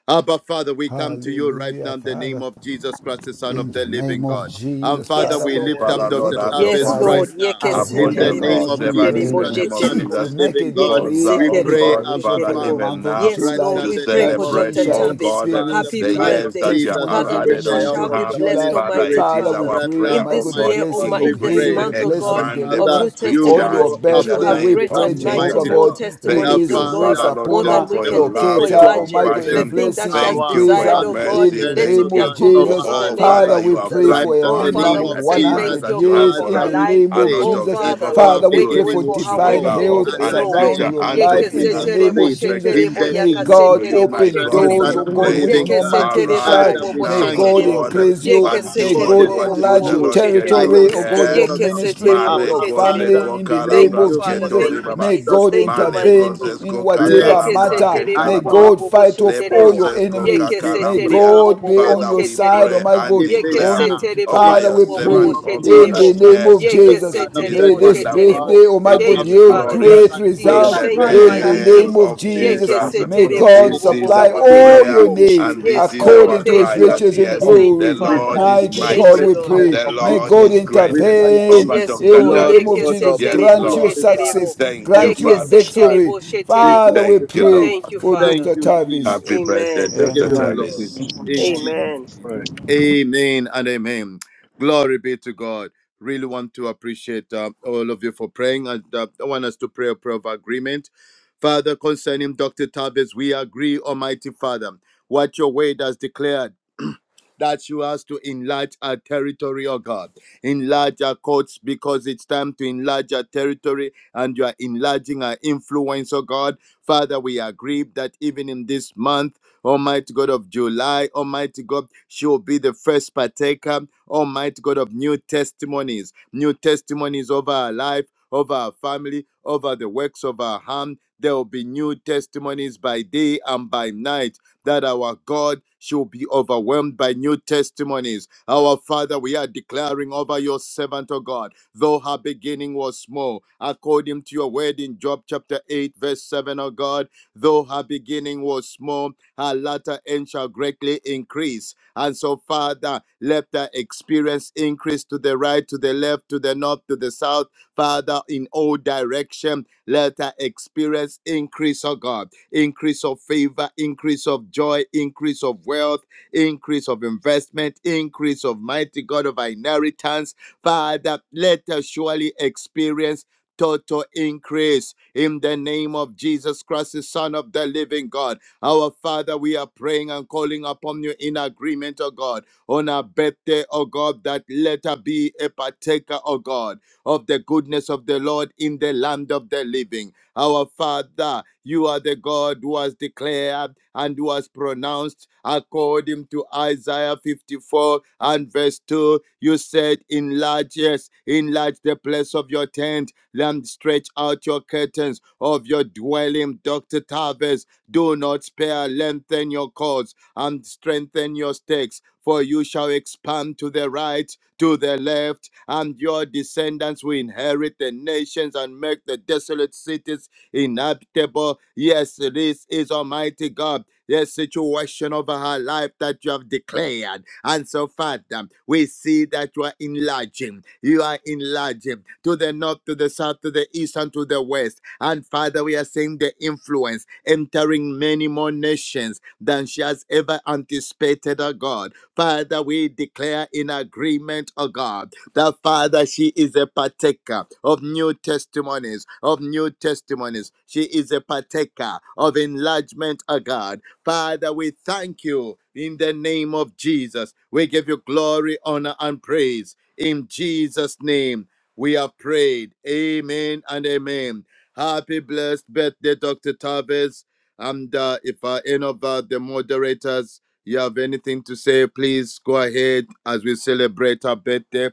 D: Abba, Father, we come to you right
F: Hallelujah,
D: now in the
F: Father.
D: name of Jesus Christ, the Son
F: In
D: of the
F: the
D: living
F: name of
D: God. And
F: Jesus,
D: Father,
H: Yes,
F: Father,
D: we
F: we
D: lift
H: Lord.
D: up
G: Father,
F: pray for
G: Lord,
D: Dr.
G: have
F: Dr.
G: your
D: Tavis
H: Yes,
G: own way
D: right
H: Lord.
F: Tavis,
D: now
B: Our
G: upon
D: in the
F: Jehovah
G: your
H: Yekeseterebo,
D: name
B: praise
G: maid
F: God, we
D: of
B: in the
G: servant
D: Jesus
G: in
F: pray.
H: sheterebo,
B: name
G: the
D: Christ,
B: of
D: the
G: name of
D: Son of
F: <clears throat>
B: Jesus.
H: sheterebo.
F: we
D: the
G: Jesus
F: make a
D: living God.
G: cause,
F: decree
G: uh,
D: We
F: and a
G: oh
D: pray,
H: Yekeseterebo,
G: God,
D: Abba,
F: declaration
G: Father,
F: for the
H: sheterebo.
D: Father,
G: even
F: month of
G: now
H: Yes,
D: right
F: July
D: now
H: Lord,
G: to
D: in
H: we
D: the
H: pray
F: that
D: name
H: for
D: of
F: she
G: celebrate,
H: Dr.
F: shall
B: Thank
G: oh
D: Jesus,
B: you,
H: Tavis.
G: God, uh,
D: by the
F: experience
H: Happy
G: the
D: blood of
G: years
F: great
H: birthday.
G: that you
D: Jesus,
G: have
F: testimonies
H: Father,
F: in
H: that
D: with
F: the
G: added
H: she
D: the
F: month
D: help
G: unto
H: shall
D: of
H: be
F: of
G: harm.
D: the Holy
H: blessed,
F: July.
G: Father,
H: Almighty
D: Spirit.
G: it is
F: Father, we
H: Father.
G: our
D: Right
F: pray, oh
D: now,
G: prayer,
H: In
F: my
G: oh
H: this
F: God, the
H: year,
G: God,
D: Almighty
H: oh
D: God,
F: blessings
H: my,
F: of
D: we
H: in this
G: increase,
D: pray
F: healing, the
H: month, oh
B: Lord, In the
F: blessings
D: that,
H: God,
F: of
B: name
G: expand,
B: of
H: of
B: Jesus.
H: new
D: Father,
F: deliverance
D: you
F: on your
H: testimonies,
G: recharge
D: show
G: in
D: up
H: she'll
G: the
D: on
F: birthday.
H: have
D: our
F: We
G: name
H: great
D: behalf,
F: pray,
G: of
B: In
H: and
B: the
H: mighty
F: Jehovah
B: name
G: Jesus.
D: Almighty
H: more
D: God.
F: God,
D: The
G: Thank
H: testimonies,
F: release
H: oh
G: you,
D: Father,
H: God,
F: grace
G: Father, Lord
H: more
F: upon
H: than
G: God,
D: dem-
H: we
F: her,
G: for
H: can
G: your
H: think or
G: love,
F: locate
D: demonstrate
G: your
F: her,
D: your
F: oh
H: imagine.
F: my God,
H: The
F: in
D: presence,
G: compassion.
D: your
H: thing that
F: blessing,
H: she has
G: Thank
D: power,
G: you
F: increase
G: for
H: desired,
G: your
F: her
D: and
H: oh
D: your
H: God,
F: in
G: mercy.
F: the
D: grace,
H: let
F: name
D: oh
H: it
G: Thank
F: name
H: be
F: of
G: you
D: God,
G: for
D: over
H: accomplished
F: Jesus.
H: in
D: our
H: the
G: all
H: name of
D: life.
F: Father,
G: that you
F: we
G: have
F: pray
H: Jesus.
D: Right
F: for
G: planned
F: a
D: now,
G: for
D: in
H: Oh,
G: us,
D: the
F: minimum
H: Father,
D: name
G: knowing
F: of
D: of
H: we
G: that the
H: say
G: plans
D: Jesus,
H: thank
F: 100
H: you,
G: that
H: oh
G: you
H: God,
G: have
F: years
H: for
G: for
F: in
H: her
D: Father,
G: us
F: the
D: we
H: life.
F: name
G: are
F: of
D: pray
G: not
H: Oh,
G: of
F: Jesus.
D: that
G: evil
H: Father,
D: though
G: but
D: our
F: Father,
G: of
F: we
H: make
G: good
H: a
F: pray
H: way
D: beginning
F: for
H: for
D: was
H: her
G: to
H: where
G: give
F: divine
H: there
D: small,
G: our
H: seems
G: hope
H: to
D: our
F: health
H: be
G: and a
H: no
D: latter
H: way.
F: surround
G: future
D: end
F: your
D: shall
G: and to
F: life
H: Yeke
F: in
G: bring
D: greatly
H: se
F: the
G: us to an
F: name
H: terebo,
F: of
D: increase.
H: she
F: Jesus.
G: expected
D: In
H: Yekeseterebo, sheterebo,
D: the
G: end.
F: May
B: of
D: name of
G: To
F: God
B: Jesus.
G: you,
D: Jesus
H: yakaseterebo,
G: my
F: open
D: Christ,
B: We
D: the
G: God,
B: are
F: doors,
G: we
D: Son
H: sheterebo.
F: oh
D: of the
B: praying,
F: God,
B: O
G: pray.
F: which
D: living
B: God,
F: no
D: God.
F: man can
H: Yekeseterebo, bobo, bo,
F: shut.
D: Father,
H: bo
G: Arise
D: we
H: bo
F: May
G: now,
H: she
D: thank
G: O
F: God
D: you,
H: terebo.
G: God,
F: increase
D: Almighty
F: you.
D: God,
H: Yeke
B: in
G: and
H: se
F: May
G: do
B: Jesus.
D: for
G: only
F: God
D: the
H: terebo, bo
G: what
D: swift
H: bo
G: you,
F: enlarge
H: bo
G: the
F: your
H: bo,
D: move
G: Lord,
H: she
G: can
D: by
H: terebo.
G: do.
D: your
F: territory, oh God,
D: Spirit,
F: your
D: oh
G: Yes.
H: Yeke
D: God.
H: sheterebo. Yekeseterebo,
F: ministry,
H: bobo, bobo, sheterebo.
G: Mare
F: your
D: Abba,
H: she
G: kose
H: sheterebo.
D: Father,
F: family in the
D: Thank
F: name
H: Thank you,
G: kokalabras
F: of
D: you
H: Father.
D: for the
F: Jesus.
G: ketori
H: Thank you,
D: life
G: baba.
D: of
F: May
H: Jesus.
F: God
D: Dr.
H: Thank you,
G: Male
D: Tabitha,
H: mighty
D: oh
F: intervene
G: broses
H: King.
D: God.
F: in
B: name.
F: whatever
D: Bless
H: Yeke
D: her,
H: se
G: kokakalambra ke
F: matter.
H: terebo
F: May
H: bo
D: anoint
H: bo
G: kalababa.
F: God
H: bo bo
D: her,
F: fight
H: she
F: off
G: Le
F: all
H: terebo.
F: your
D: favor
G: broses
D: her.
F: enemies.
H: Yeke se
F: May
D: Increase
G: kokakalambria.
H: terebo
D: her
H: bo
F: God
D: on
H: bo
F: be
H: bo bo
F: on
G: Father,
F: your
H: she
D: every
G: we
F: side, oh
G: pray
H: terebo.
D: side,
F: my
G: and
F: God.
H: Yeke
D: even
G: declare
F: On
H: se
F: you.
D: now,
H: terebo
D: in
G: over
H: bo
F: Father,
H: bo
G: your
F: we
H: bo
D: the
H: bo
B: In
D: name
B: the
H: bo
G: servant,
F: pray
D: of
H: she
G: O
B: name
G: God,
F: in
D: Jesus
F: the
G: that
H: terebo.
D: Christ,
F: name of
G: yes,
D: the
H: Yeke
F: Jesus.
H: se
D: Son
B: of
G: it
D: of
G: is
D: the
F: May
H: terebo
F: this
H: she
D: living
G: wonderful.
B: Jesus.
D: God.
H: terebo.
F: birthday, oh my
G: It
F: God,
D: Abba,
H: Thank
G: is
H: you,
F: yield
D: Father,
H: Father.
D: we
B: In the
F: great
H: Thank
G: glorious
D: thank
H: you,
B: name of
D: you.
G: in
H: Jesus.
F: results
G: the
B: Jesus,
D: We
H: Thank you,
F: in the
D: bless
H: mighty
G: name
D: you.
F: name
H: King.
F: of
G: of
D: We
F: Jesus.
H: Yeke
B: I
G: Jesus.
H: se
B: will
D: exalt
F: May
D: your
H: terebo
F: God
B: continue
H: bo
D: holy
G: This
H: bo
D: name.
H: bo
G: is
H: bo
F: supply
H: bo
G: our
H: she
D: King of
F: all
G: prayer
F: your
H: terebo.
D: kings,
F: needs
D: King
G: and
D: of
G: this
H: Yes,
G: is
D: glory,
H: Lord.
G: our
F: according to his
H: Thank
G: cry
H: you,
D: Lord
G: that
F: riches
D: of
B: to
F: in
H: Jesus.
G: yes,
B: pray.
D: lords.
B: In
H: Thank you,
G: the
F: glory.
D: We
B: the
H: Father.
G: Lord
B: name
D: thank you
B: of
G: is
F: Mighty
D: for your
H: Thank
F: God,
B: Jesus,
H: you,
G: mighty,
F: we
B: I
H: Lord.
D: faithfulness,
B: will
F: pray.
G: the
F: May
B: do
D: Almighty
G: Lord
B: this
D: God.
F: God
G: is
B: in the
G: great.
D: We thank
F: intervene
G: Over
D: you,
H: Yes,
G: Dr.
F: in
H: Lord.
F: the
D: Lord,
F: name
G: Tavis.
F: of
H: Yeke
D: oh
H: se
D: Lord,
F: Jesus.
D: be
G: Yes,
H: terebo
F: Grant you
H: she
G: Lord.
D: glorified,
H: terebo.
F: success,
G: Thank
D: be
G: you,
F: grant you
H: Yeke
G: Father.
H: se
D: glorified,
F: victory.
H: terebo she
D: be
F: Father,
H: terebo.
F: we
G: Thank you,
D: glorified.
F: pray
G: Lord.
H: Thank you,
F: for
H: Father.
D: Thank
F: Dr.
D: you,
F: Tavis.
G: Happy
D: Jesus.
H: Amen.
G: birthday,
D: We give
G: Dr.
D: you
F: Amen.
I: Thank
D: glory
I: you,
G: Tavis.
B: name of
D: in
B: Jesus.
I: Jesus.
D: Jesus'
H: Amen.
D: name.
I: Thank you.
D: Amen and amen. Glory be to God. Really want to appreciate uh, all of you for praying. And uh, I want us to pray a prayer of agreement. Father, concerning Dr. Tabes, we agree, Almighty Father, what your word has declared that you us to enlarge our territory, oh God. Enlarge our courts because it's time to enlarge our territory and you are enlarging our influence, oh God. Father, we agree that even in this month, Almighty God of July, Almighty God, she will be the first partaker, Almighty God of new testimonies, new testimonies over our life, over our family, over the works of our hand. There will be new testimonies by day and by night that our God shall be overwhelmed by new testimonies. Our Father, we are declaring over your servant, O God, though her beginning was small, according to your word in Job chapter 8, verse 7, O God, though her beginning was small, her latter end shall greatly increase. And so, Father, let her experience increase to the right, to the left, to the north, to the south. Father, in all direction, let her experience increase, O God increase of favor, increase of joy, increase of wealth, increase of investment, increase of mighty God of our inheritance. Father, let us surely experience total increase in the name of Jesus Christ, the Son of the living God. Our Father, we are praying and calling upon you in agreement, O God, on our birthday, oh God, that let us be a partaker, O God, of the goodness of the Lord in the land of the living. Our Father, you are the God who was declared and who was pronounced according to Isaiah 54 and verse 2. You said, Enlarge, yes, enlarge the place of your tent, and stretch out your curtains of your dwelling, Dr. Tavis. Do not spare, lengthen your cords and strengthen your stakes. For you shall expand to the right, to the left, and your descendants will inherit the nations and make the desolate cities inevitable. Yes, this is Almighty God. The situation over her life that you have declared. And so, Father, we see that you are enlarging. You are enlarging to the north, to the south, to the east, and to the west. And Father, we are seeing the influence entering many more nations than she has ever anticipated, oh God. Father, we declare in agreement, oh God that Father, she is a partaker of new testimonies, of new testimonies. She is a partaker of enlargement, O God. Father, we thank you in the name of Jesus. We give you glory, honor, and praise. In Jesus' name, we have prayed. Amen and amen. Happy blessed birthday, Dr. Tavis. And uh, if uh, any of uh, the moderators you have anything to say, please go ahead as we celebrate her birthday.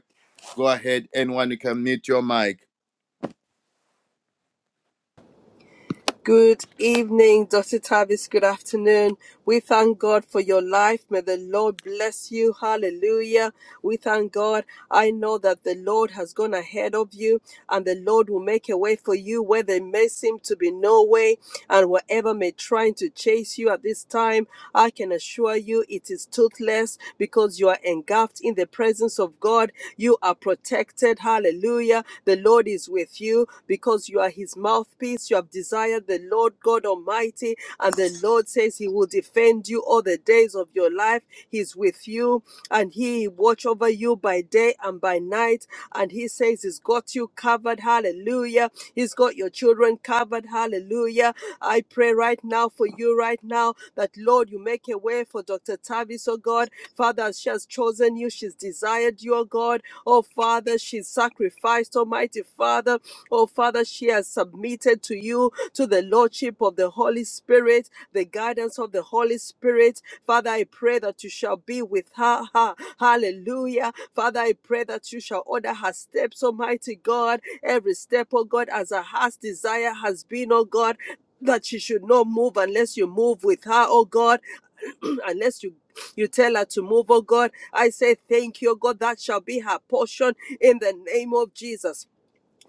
D: Go ahead, anyone, you can mute your mic.
H: Good evening, Dr. Tavis. Good afternoon. We thank God for your life. May the Lord bless you. Hallelujah. We thank God. I know that the Lord has gone ahead of you and the Lord will make a way for you where there may seem to be no way and whatever may try to chase you at this time, I can assure you it is toothless because you are engulfed in the presence of God. You are protected. Hallelujah. The The Lord is with you because you are his mouthpiece. You have desired the Lord God Almighty, and the Lord says he will defend you all the days of your life. He's with you, and he watch over you by day and by night. And he says he's got you covered. Hallelujah. He's got your children covered. Hallelujah. I pray right now for you right now that Lord, you make a way for Dr. Tavis, oh God. Father, she has chosen you you. She's desired your God. Oh, Father, She's sacrificed, Almighty Father. Oh, Father, she has submitted to you, to the Lordship of the Holy Spirit, the guidance of the Holy Spirit. Father, I pray that you shall be with her. Ha- Hallelujah. Father, I pray that you shall order her steps, Almighty God. Every step, oh God, as her heart's desire has been, oh God. That she should not move unless you move with her, oh God. <clears throat> unless you you tell her to move, oh God. I say thank you, oh God. That shall be her portion in the name of Jesus.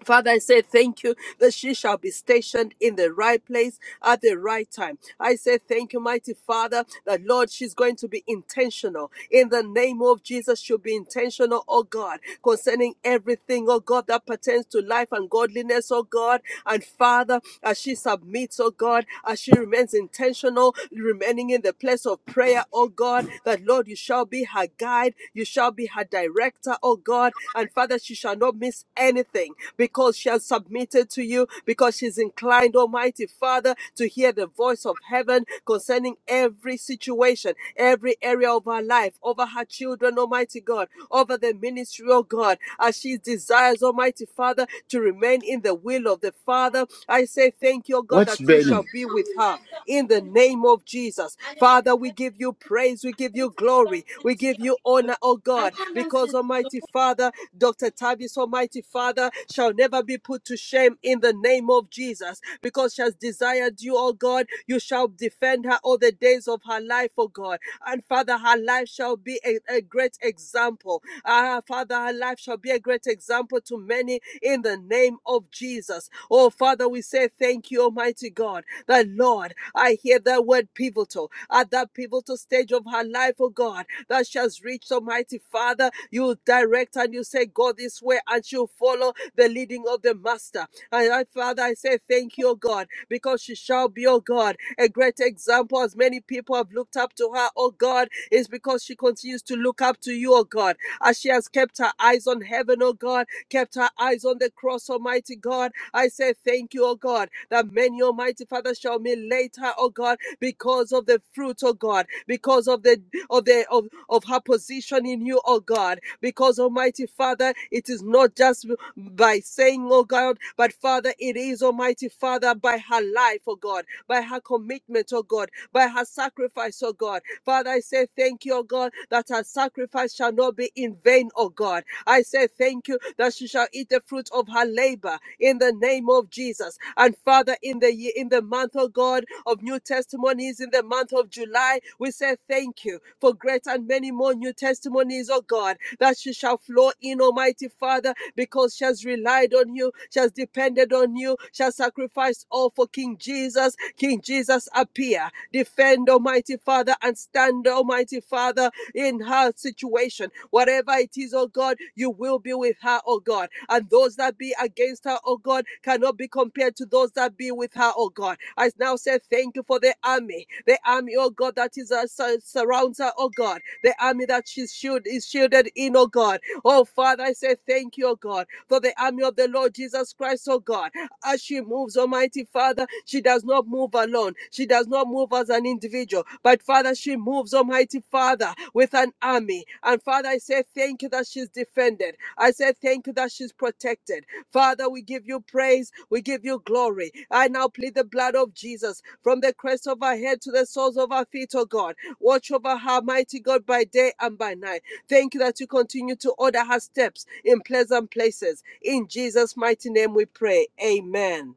H: Father, I say thank you that she shall be stationed in the right place at the right time. I say thank you, mighty Father, that Lord, she's going to be intentional. In the name of Jesus, she'll be intentional, oh God, concerning everything, oh God, that pertains to life and godliness, oh God. And Father, as she submits, oh God, as she remains intentional, remaining in the place of prayer, oh God, that Lord, you shall be her guide, you shall be her director, oh God. And Father, she shall not miss anything because she has submitted to you, because she's inclined, Almighty Father, to hear the voice of heaven concerning every situation, every area of her life, over her children, Almighty God, over the ministry, oh God, as she desires, Almighty Father, to remain in the will of the Father. I say thank you, oh God,
D: What's
H: that you shall
D: burning?
H: be with her her in the name of Jesus. Father, we give you praise, we give you glory, we give you honor, oh God, because Almighty Father, Dr. Tavis, Almighty Father, shall never be put to shame in the name of Jesus, because she has desired you, oh God. You shall defend her all the days of her life, oh God. And Father, her life shall be a, a great example. Ah, Father, her life shall be a great example to many in the name of Jesus. Oh, Father, we say thank you, Almighty God that Lord, I hear that word pivotal at that pivotal stage of her life, oh God, that she has reached Almighty Father. You direct and you say, Go this way, and she'll follow the leading of the Master. And I, Father, I say thank you, oh God, because she shall be, oh God, a great example. As many people have looked up to her, oh God, is because she continues to look up to you, oh God, as she has kept her eyes on heaven, oh God kept our eyes on the cross, Almighty God. I say thank you, O God, that many, Almighty Father, shall be later, O God, because of the fruit, O God, because of the of the of, of her position in you, O God, because Almighty Father, it is not just by saying, O God, but Father, it is Almighty Father by her life, O God, by her commitment, O God, by her sacrifice, O God. Father, I say thank you, O God, that her sacrifice shall not be in vain, O God. I say thank you that she shall eat the fruit of her labor in the name of Jesus. And Father, in the year, in the month, O God, of new testimonies, in the month of July, we say thank you for great and many more new testimonies, O God, that she shall flow in, Almighty Father, because she has relied on you, she has depended on you, she has sacrifice all for King Jesus. King Jesus, appear. Defend, Almighty Father, and stand, Almighty Father, in her situation. Whatever it is, oh God, you will be with her, oh God. And those that be against her, oh God, cannot be compared to those that be with her, oh God. I now say thank you for the army, the army, oh God, that is uh, surrounds her, oh God, the army that she shield is shielded in, oh God. Oh Father, I say thank you, oh God, for the army of the Lord Jesus Christ, oh God. As she moves, Almighty Father, she does not move alone. She does not move as an individual. But Father, she moves, Almighty Father, with an army. And Father, I say thank you that she's defended. I say thank you that she's protected. Father, we give you praise. We give give you glory. I now plead the blood of Jesus from the crest of our head to the soles of our feet, oh God. Watch over her, mighty God, by day and by night. Thank you that you continue to order her steps in pleasant places. In Jesus' mighty name we pray. Amen.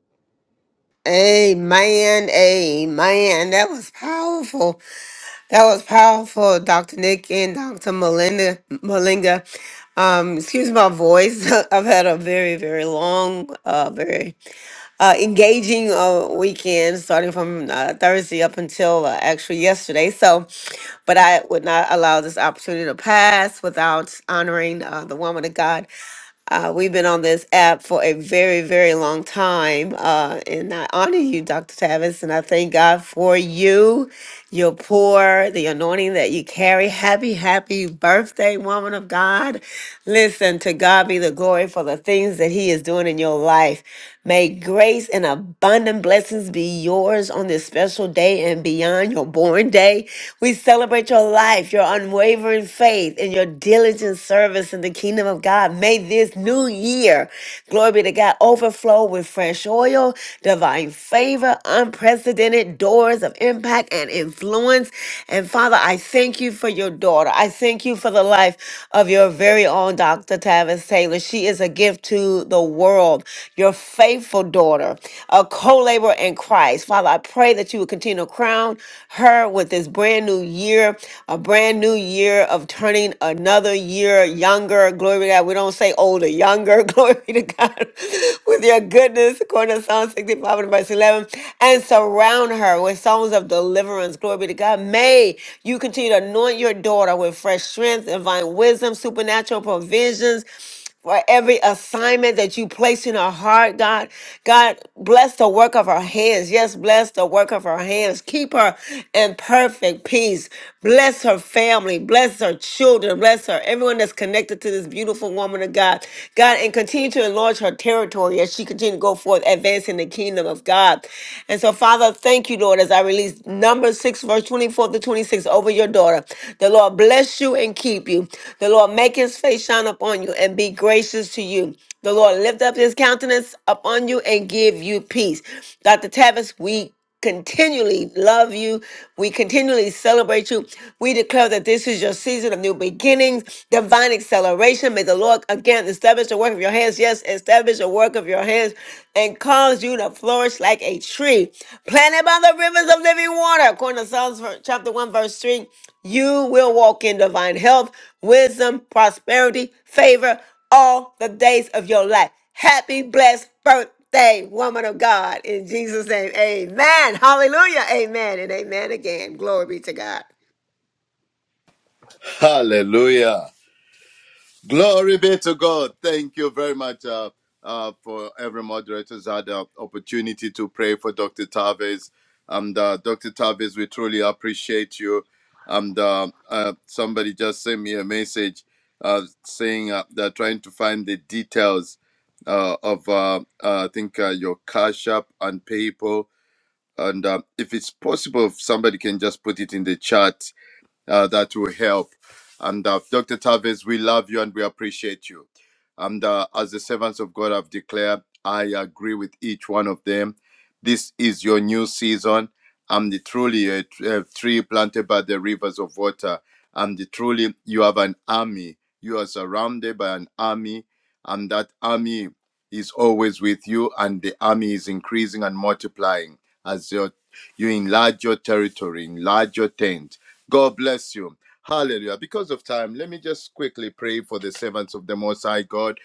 E: Amen, amen. That was powerful. That was powerful, Dr. Nick and Dr. Melinda Malinga. Um, excuse my voice. <laughs> I've had a very, very long, uh, very uh, engaging uh, weekend starting from uh, Thursday up until uh, actually yesterday. So, but I would not allow this opportunity to pass without honoring uh, the woman of God. Uh, we've been on this app for a very, very long time. Uh, and I honor you, Dr. Tavis, and I thank God for you, your pour, the anointing that you carry. Happy, happy birthday, woman of God. Listen, to God be the glory for the things that He is doing in your life. May grace and abundant blessings be yours on this special day and beyond your born day. We celebrate your life, your unwavering faith, and your diligent service in the kingdom of God. May this new year, glory be to God, overflow with fresh oil, divine favor, unprecedented doors of impact and influence. And Father, I thank you for your daughter. I thank you for the life of your very own Dr. Tavis Taylor. She is a gift to the world. Your faithful daughter, a co laborer in Christ. Father, I pray that you would continue to crown her with this brand new year, a brand new year of turning another year younger. Glory to God. We don't say older, younger. <laughs> Glory to God. with your goodness, according to Psalm 65 and verse 11, and surround surround her with songs of deliverance. Glory be to God. May you continue to anoint your daughter with fresh strength, divine wisdom, supernatural provisions for every assignment that you place in her heart, God. God, bless the work of her hands. Yes, bless the work of her hands. Keep her in perfect peace. Bless her family. Bless her children. Bless her, everyone that's connected to this beautiful woman of God. God, and continue to enlarge her territory territory as she continued to go forth, advancing the kingdom of God. And so, Father, thank you, Lord, as I release number six, verse 24 to 26 over your daughter. The Lord bless you and keep you. The Lord make his face shine upon you and be gracious to you. The Lord lift up his countenance upon you and give you peace. Dr. Tavis, we continually love you. We continually celebrate you. We declare that this is your season of new beginnings, divine acceleration. May the Lord again establish the work of your hands. Yes, establish the work of your hands and cause you to flourish like a tree planted by the rivers of living water. According to Psalms ver- chapter 1, verse 3, you will walk in divine health, wisdom, prosperity, favor all the days of your life. Happy blessed birthday, woman of God. In Jesus' name, amen. Hallelujah. Amen and amen again. Glory be to God.
D: Hallelujah. Glory be to God. Thank you very much uh, uh, for every moderator's had the opportunity to pray for Dr. Tavis. And uh, Dr. Tavis, we truly appreciate you. And uh, uh, somebody just sent me a message uh, saying uh, they're trying to find the details uh, of, uh, uh, I think, uh, your Cash App and PayPal And um, if it's possible, if somebody can just put it in the chat, uh, that will help. And uh, Dr. Tavis, we love you and we appreciate you. And uh, as the servants of God have declared, I agree with each one of them. This is your new season. I'm the truly a, tr- a tree planted by the rivers of water. I'm the truly you have an army. You are surrounded by an army, and that army is always with you, and the army is increasing and multiplying as your, you enlarge your territory, enlarge your tent God bless you. Hallelujah. Because of time, let me just quickly pray for the servants of the Most High God.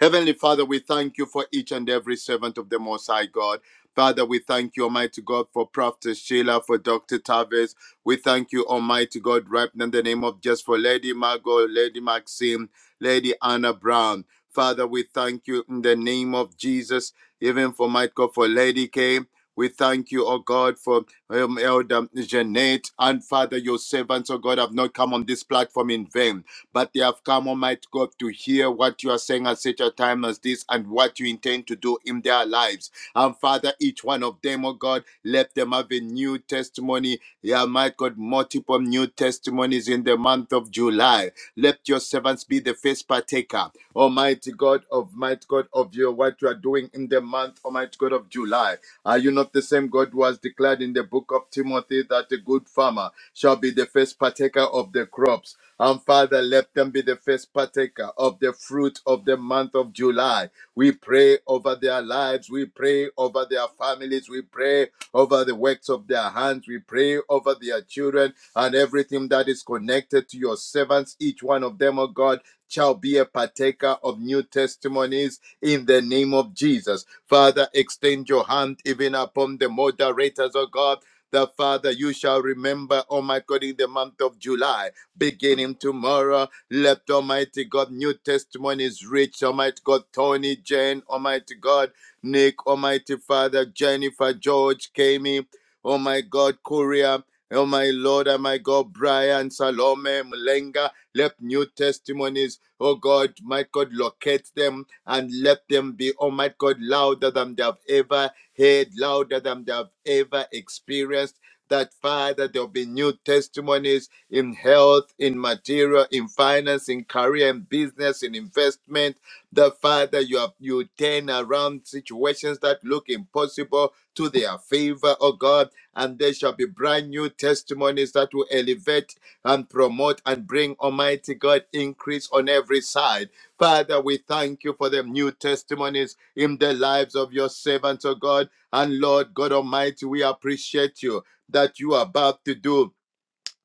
D: Heavenly Father, we thank you for each and every servant of the Most High God. Father, we thank you, Almighty God, for Prophet Sheila, for Dr. Tavis. We thank you, Almighty God, right now in the name of just for Lady Margot, Lady Maxim, Lady Anna Brown. Father, we thank you in the name of Jesus, even for Michael, for Lady K. We thank you, oh God, for um, Elder Jeanette, and Father, your servants, oh God, have not come on this platform in vain, but they have come, Almighty God, to hear what you are saying at such a time as this and what you intend to do in their lives. And Father, each one of them, oh God, let them have a new testimony. Yeah, my God, multiple new testimonies in the month of July. Let your servants be the first partaker, Almighty God, of might God, of your what you are doing in the month, Almighty God of July. Are you not the same God who has declared in the book of Timothy that a good farmer shall be the first partaker of the crops? And Father, let them be the first partaker of the fruit of the month of July. We pray over their lives. We pray over their families. We pray over the works of their hands. We pray over their children and everything that is connected to your servants. Each one of them, O God, shall be a partaker of new testimonies in the name of Jesus. Father, extend your hand even upon the moderators, oh God. That Father, you shall remember, oh my God, in the month of July, beginning tomorrow, let Almighty God new testimonies reach Almighty God, Tony, Jane, Almighty God, Nick, Almighty Father, Jennifer, George, Kami, oh my God, Korea, oh my Lord, oh my God, Brian, Salome, Mlenga, let new testimonies Oh God, my God, locate them and let them be, oh my God, louder than they have ever heard, louder than they have ever experienced. That Father, there'll be new testimonies in health, in material, in finance, in career, in business, in investment. The Father, you have you turn around situations that look impossible to their favor, oh God, and there shall be brand new testimonies that will elevate and promote and bring, Almighty God, increase on every side. Father, we thank you for the new testimonies in the lives of your servants, O God. And Lord God Almighty, we appreciate you that you are about to do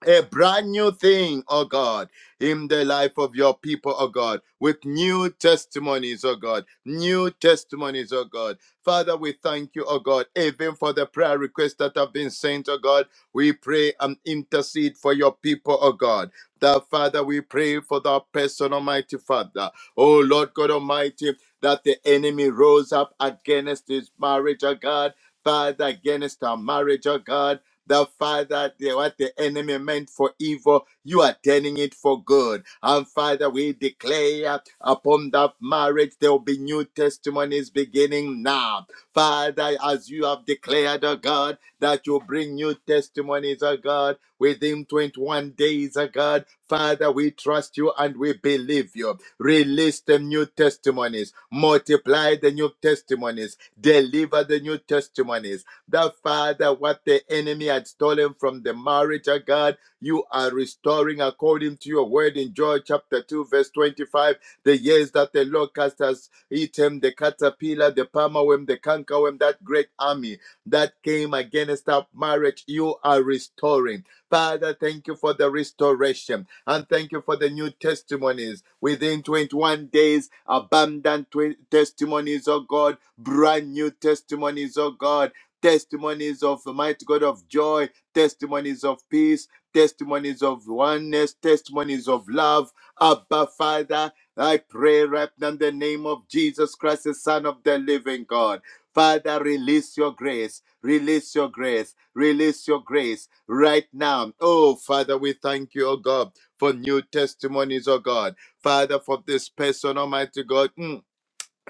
D: a brand new thing, oh God, in the life of your people, oh God, with new testimonies, oh God, new testimonies, oh God. Father, we thank you, oh God, even for the prayer requests that have been sent, oh God. We pray and intercede for your people, oh God. That Father, we pray for that person, Almighty Father. Oh Lord God Almighty, that the enemy rose up against his marriage, oh God. Father, against our marriage, oh God that Father, the- what the enemy meant for evil, you are turning it for good. And Father, we declare upon that marriage there will be new testimonies beginning now. Father, as you have declared, oh God, that you bring new testimonies, oh God, within 21 days, oh God. Father, we trust you and we believe you. Release the new testimonies, multiply the new testimonies, deliver the new testimonies that Father, what the enemy had stolen from the marriage, oh God, you are restoring according to your word in Joel chapter 2, verse 25. The years that the locust has eaten, the caterpillar, the palmerworm, the cankerworm, that great army that came against that marriage, you are restoring. Father, thank you for the restoration and thank you for the new testimonies. Within 21 days, abundant twe- testimonies, oh God, brand new testimonies, oh God testimonies of the mighty God of joy, testimonies of peace, testimonies of oneness, testimonies of love. Abba, Father, I pray right now in the name of Jesus Christ, the Son of the living God. Father, release your grace, release your grace, release your grace right now. Oh, Father, we thank you, oh God, for new testimonies, oh God. Father, for this person, Almighty God. Mm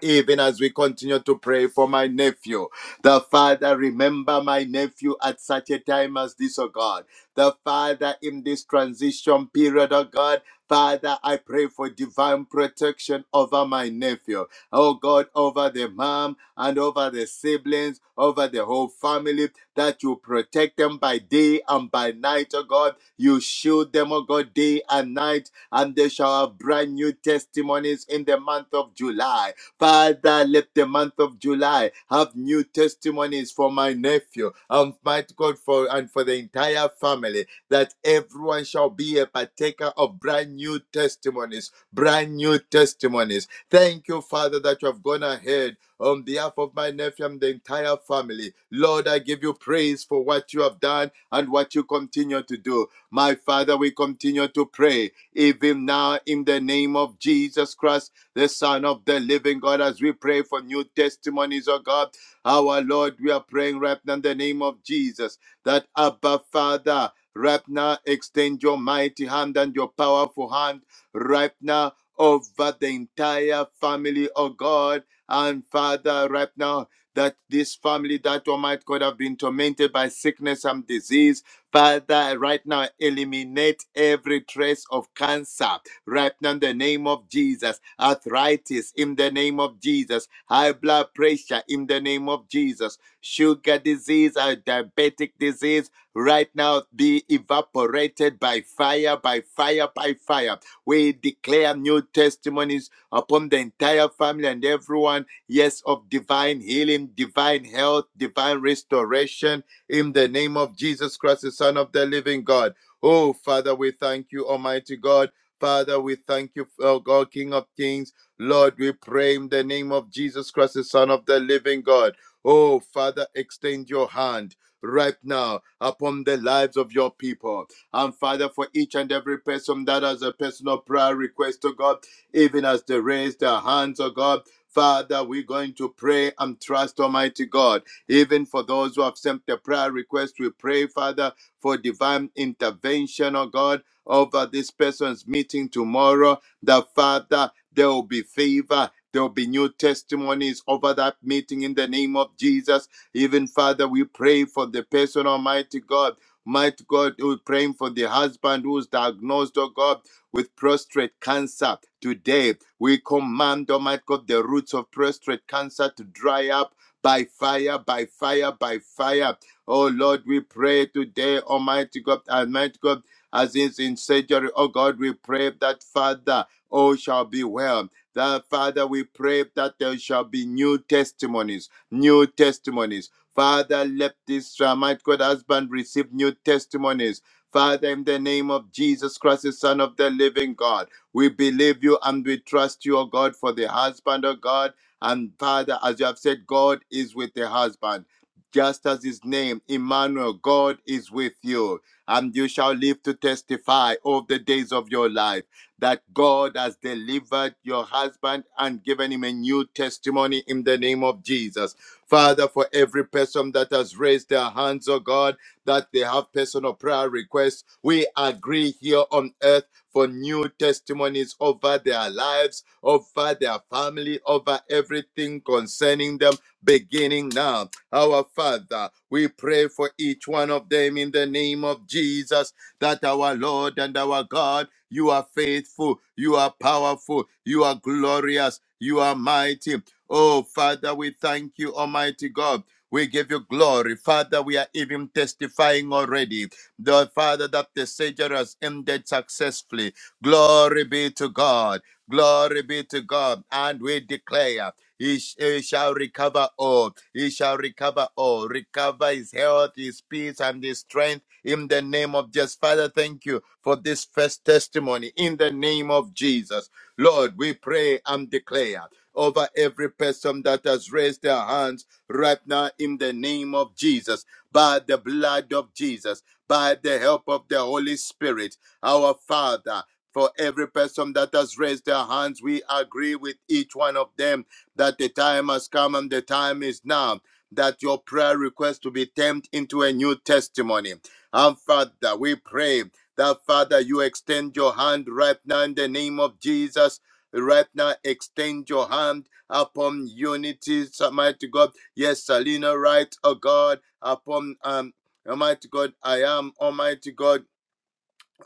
D: even as we continue to pray for my nephew. The Father, remember my nephew at such a time as this, oh God. The Father, in this transition period, oh God, Father, I pray for divine protection over my nephew. Oh God, over the mom and over the siblings, over the whole family, that you protect them by day and by night, oh God. You shield them, oh God, day and night, and they shall have brand new testimonies in the month of July. Father, let the month of July have new testimonies for my nephew and might God for and for the entire family. That everyone shall be a partaker of brand new testimonies, brand new testimonies. Thank you, Father, that you have gone ahead on behalf of my nephew and the entire family. Lord, I give you praise for what you have done and what you continue to do. My Father, we continue to pray even now in the name of Jesus Christ the Son of the Living God, as we pray for new testimonies, oh God. Our Lord, we are praying right now in the name of Jesus that Abba Father, right now, extend your mighty hand and your powerful hand right now over the entire family, oh God. And Father, right now, that this family, that Almighty God, have been tormented by sickness and disease. Father, right now, eliminate every trace of cancer right now in the name of Jesus. Arthritis in the name of Jesus. High blood pressure in the name of Jesus. Sugar disease, uh, diabetic disease, right now be evaporated by fire, by fire, by fire. We declare new testimonies upon the entire family and everyone, yes, of divine healing, divine health, divine restoration in the name of Jesus Christ, the Son of the living God. Oh, Father, we thank you, Almighty God. Father, we thank you, oh God, King of Kings. Lord, we pray in the name of Jesus Christ, the Son of the living God. Oh, Father, extend your hand right now upon the lives of your people. And Father, for each and every person that has a personal prayer request to God, even as they raise their hands, oh God. Father, we're going to pray and trust Almighty God. Even for those who have sent the prayer request, we pray, Father, for divine intervention, oh God over this person's meeting tomorrow, the Father, there will be favor. There will be new testimonies over that meeting in the name of Jesus. Even Father, we pray for the person, Almighty God. Mighty God, we're praying for the husband who's diagnosed, oh God, with prostate cancer. Today, we command, Almighty God, the roots of prostate cancer to dry up by fire, by fire, by fire. Oh Lord, we pray today, Almighty God, Almighty God as is in surgery. Oh God, we pray that Father, all shall be well. That Father, we pray that there shall be new testimonies, new testimonies. Father, let this uh, might God husband receive new testimonies. Father, in the name of Jesus Christ, the Son of the Living God, we believe you and we trust you, O God, for the husband, O God. And Father, as you have said, God is with the husband just as his name, Emmanuel, God is with you and you shall live to testify of the days of your life that God has delivered your husband and given him a new testimony in the name of Jesus. Father, for every person that has raised their hands, oh God, that they have personal prayer requests, we agree here on earth for new testimonies over their lives, over their family, over everything concerning them, beginning now our Father, we pray for each one of them in the name of Jesus, that our Lord and our God, you are faithful, you are powerful, you are glorious, you are mighty. Oh, Father, we thank you, Almighty God. We give you glory. Father, we are even testifying already. The Father, that the Savior has ended successfully. Glory be to God. Glory be to God. And we declare. He, sh- he shall recover all. He shall recover all. Recover his health, his peace, and his strength in the name of Jesus. Father, thank you for this first testimony in the name of Jesus. Lord, we pray and declare over every person that has raised their hands right now in the name of Jesus, by the blood of Jesus, by the help of the Holy Spirit, our Father. For every person that has raised their hands, we agree with each one of them that the time has come and the time is now that your prayer request to be turned into a new testimony. And Father, we pray that Father, you extend your hand right now in the name of Jesus. Right now, extend your hand upon unity, Almighty God. Yes, Salina, right, oh God, upon um, Almighty God, I am Almighty God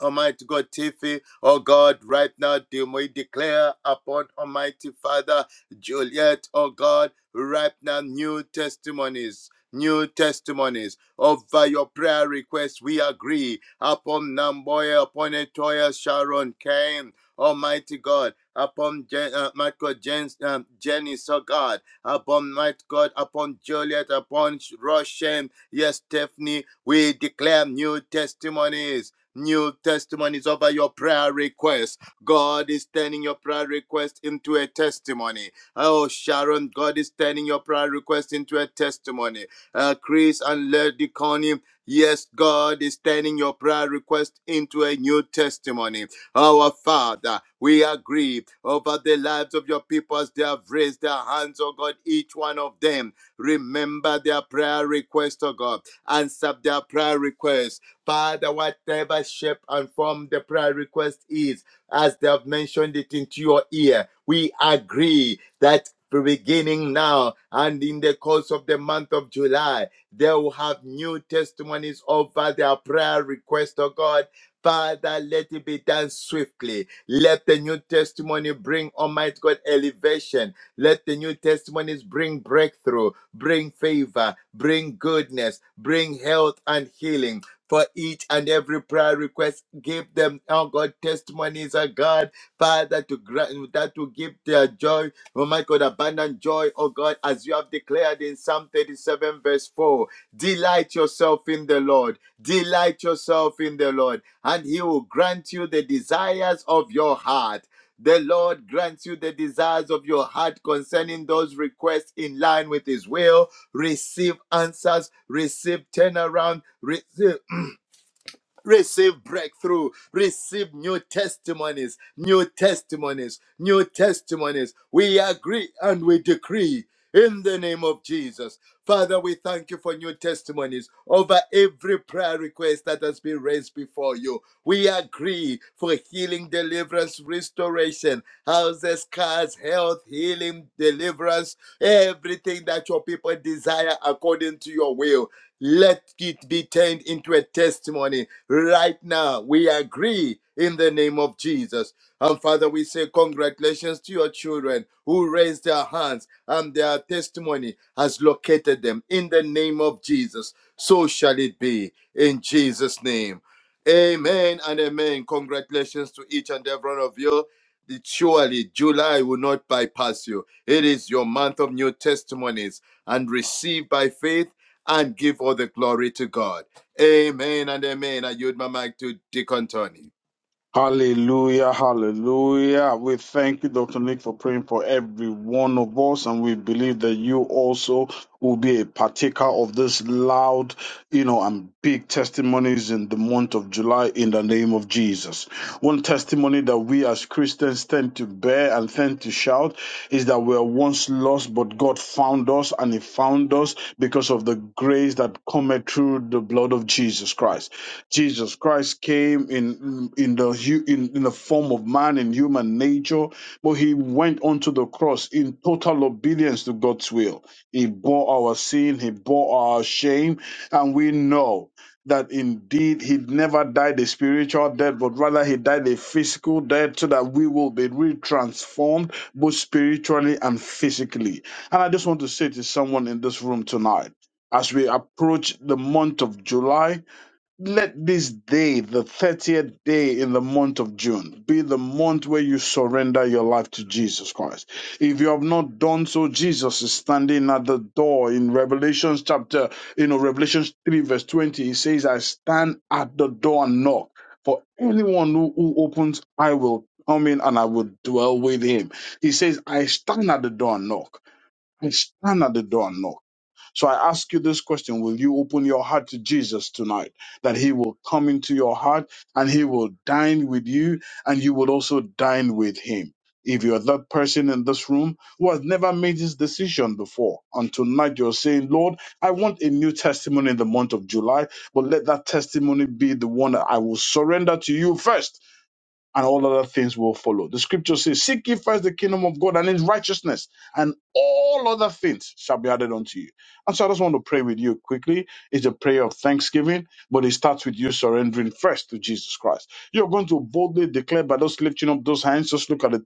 D: Almighty God, Tiffy, oh God, right now, do we declare upon Almighty Father Juliet, oh God, right now, new testimonies. New testimonies over your prayer requests. We agree upon Namboya, upon Etoya, Sharon, Cain, Almighty God, upon Jen, uh, my God, Jen, um, Jenny, so God, upon my God, upon Juliet, upon Roshan, yes, Stephanie. We declare new testimonies New testimonies over your prayer request. God is turning your prayer request into a testimony. Oh, Sharon, God is turning your prayer request into a testimony. Uh, Chris and Lady Connie, yes, God is turning your prayer request into a new testimony. Our Father, we agree over the lives of your people as they have raised their hands, oh God, each one of them. Remember their prayer request, oh God. Answer their prayer request Father, whatever shape and form the prayer request is, as they have mentioned it into your ear, we agree that beginning now and in the course of the month of July, they will have new testimonies over their prayer request, oh God. Father, let it be done swiftly. Let the new testimony bring Almighty God elevation. Let the new testimonies bring breakthrough, bring favor, bring goodness, bring health and healing for each and every prayer request. Give them, oh God, testimonies, oh God, Father, to grant that to give their joy, oh my God, abundant joy, oh God, as you have declared in Psalm 37, verse 4. Delight yourself in the Lord, delight yourself in the Lord, and He will grant you the desires of your heart. The Lord grants you the desires of your heart concerning those requests in line with His will. Receive answers, receive turnaround, receive Receive breakthrough. Receive new testimonies, new testimonies, new testimonies. We agree and we decree in the name of Jesus. Father, we thank you for new testimonies over every prayer request that has been raised before you. We agree for healing, deliverance, restoration, houses, cars, health, healing, deliverance, everything that your people desire according to your will. Let it be turned into a testimony right now. We agree in the name of Jesus. And Father, we say congratulations to your children who raised their hands and their testimony has located them in the name of Jesus. So shall it be in Jesus' name. Amen and amen. Congratulations to each and every one of you. Surely July will not bypass you. It is your month of new testimonies and receive by faith and give all the glory to God. Amen and amen. I yield my mic to Deacon Tony.
I: Hallelujah, hallelujah. We thank you, Dr. Nick, for praying for every one of us, and we believe that you also will be a partaker of this loud, you know, and big testimonies in the month of July in the name of Jesus. One testimony that we as Christians tend to bear and tend tend to shout is that we were once lost, but God found us and He found us because of the grace that cometh through the blood of Jesus Christ. Jesus Christ came in in the hu- in, in the form of man in human nature, but He went onto the cross in total obedience to God's will. He bore our sin, He bore our shame, and we know that indeed he never died a spiritual death, but rather he died a physical death so that we will be retransformed both spiritually and physically. And I just want to say to someone in this room tonight, as we approach the month of July, let this day, the 30th day in the month of June, be the month where you surrender your life to Jesus Christ. If you have not done so, Jesus is standing at the door in Revelation chapter, you know, Revelation 3, verse 20. He says, I stand at the door and knock. For anyone who, who opens, I will come in and I will dwell with him. He says, I stand at the door and knock. I stand at the door and knock. So I ask you this question Will you open your heart to Jesus tonight? That he will come into your heart and he will dine with you, and you will also dine with him. If you're that person in this room who has never made this decision before, and tonight you're saying, Lord, I want a new testimony in the month of July, but let that testimony be the one that I will surrender to you first and all other things will follow. The scripture says, Seek ye first the kingdom of God and his righteousness, and all other things shall be added unto you. And so I just want to pray with you quickly. It's a prayer of thanksgiving, but it starts with you surrendering first to Jesus Christ. You're going to boldly declare by just lifting up those hands, just look at the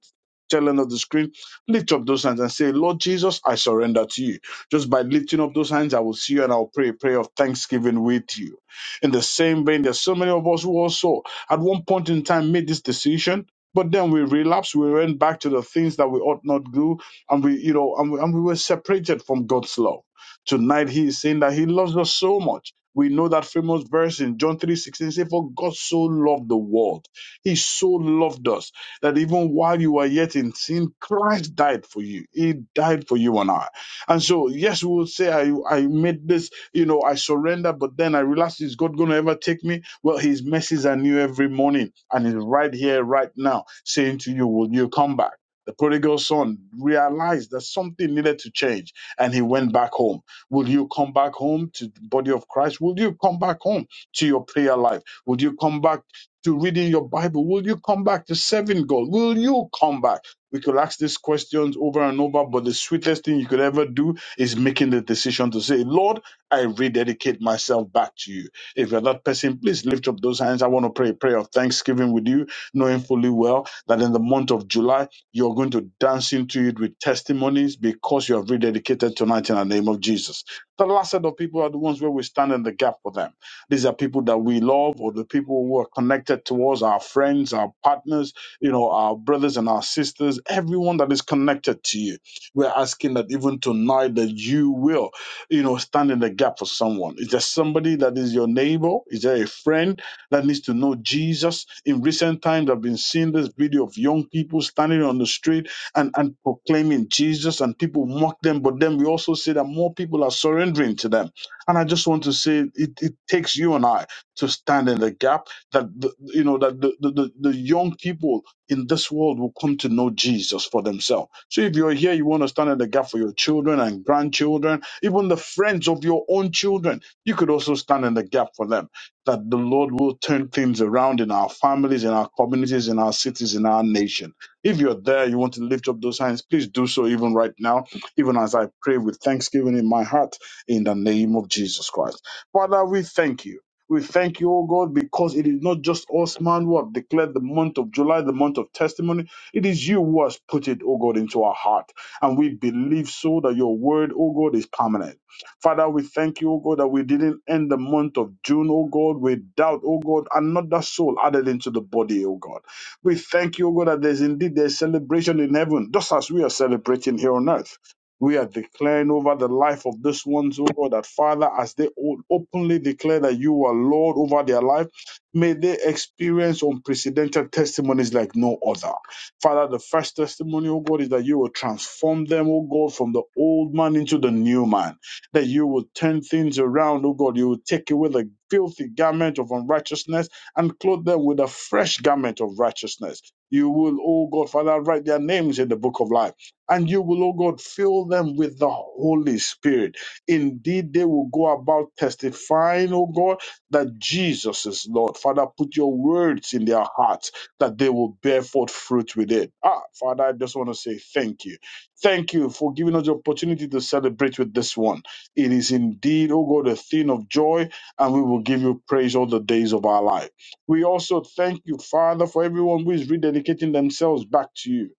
I: tail end of the screen, lift up those hands and say, Lord Jesus, I surrender to you. Just by lifting up those hands, I will see you and I'll pray a prayer of thanksgiving with you. In the same vein, there's so many of us who also at one point in time made this decision, but then we relapsed. We went back to the things that we ought not do, and we, you know, and we, and we were separated from God's love. Tonight, He is saying that He loves us so much. We know that famous verse in John three sixteen 16 says, For God so loved the world. He so loved us that even while you were yet in sin, Christ died for you. He died for you and I. And so, yes, we will say, I, I made this, you know, I surrender, but then I realized, is God going to ever take me? Well, his mercies are new every morning, and he's right here, right now, saying to you, Will you come back? The prodigal son realized that something needed to change and he went back home. Will you come back home to the body of Christ? Will you come back home to your prayer life? Will you come back to reading your Bible? Will you come back to serving God? Will you come back? We could ask these questions over and over, but the sweetest thing you could ever do is making the decision to say, Lord, I rededicate myself back to you. If you're that person, please lift up those hands. I want to pray a prayer of thanksgiving with you, knowing fully well that in the month of July, you're going to dance into it with testimonies because you have rededicated tonight in the name of Jesus. The last set of people are the ones where we stand in the gap for them. These are people that we love or the people who are connected to us, our friends, our partners, you know, our brothers and our sisters, everyone that is connected to you. We're asking that even tonight that you will you know, stand in the gap for someone? Is there somebody that is your neighbor? Is there a friend that needs to know Jesus? In recent times, I've been seeing this video of young people standing on the street and, and proclaiming Jesus, and people mock them. But then we also see that more people are surrendering to them. And I just want to say it, it takes you and I to stand in the gap that, the, you know, that the, the, the the young people in this world will come to know Jesus for themselves. So if you're here, you want to stand in the gap for your children and grandchildren even the friends of your own children. You could also stand in the gap for them that the Lord will turn things around in our families, in our communities, in our cities, in our nation. If you're there, you want to lift up those hands, please do so even right now, even as I pray with thanksgiving in my heart in the name of Jesus Christ. Father, we thank you. We thank you, O God, because it is not just us, man, who have declared the month of July, the month of testimony. It is you who has put it, O God, into our heart. And we believe so that your word, oh God, is permanent. Father, we thank you, oh God, that we didn't end the month of June, oh God, without, oh God, another soul added into the body, oh God. We thank you, oh God, that there's indeed there's celebration in heaven, just as we are celebrating here on earth. We are declaring over the life of this ones, oh God, that Father, as they o- openly declare that you are Lord over their life, may they experience unprecedented testimonies like no other. Father, the first testimony, oh God, is that you will transform them, oh God, from the old man into the new man. That you will turn things around, oh God. You will take away the filthy garment of unrighteousness and clothe them with a fresh garment of righteousness. You will, oh God, Father, write their names in the book of life. And you will, oh God, fill them with the Holy Spirit. Indeed, they will go about testifying, oh God, that Jesus is Lord. Father, put your words in their hearts that they will bear forth fruit with it. Ah, Father, I just want to say thank you. Thank you for giving us the opportunity to celebrate with this one. It is indeed, oh God, a thing of joy, and we will give you praise all the days of our life. We also thank you, Father, for everyone who is rededicating themselves back to you.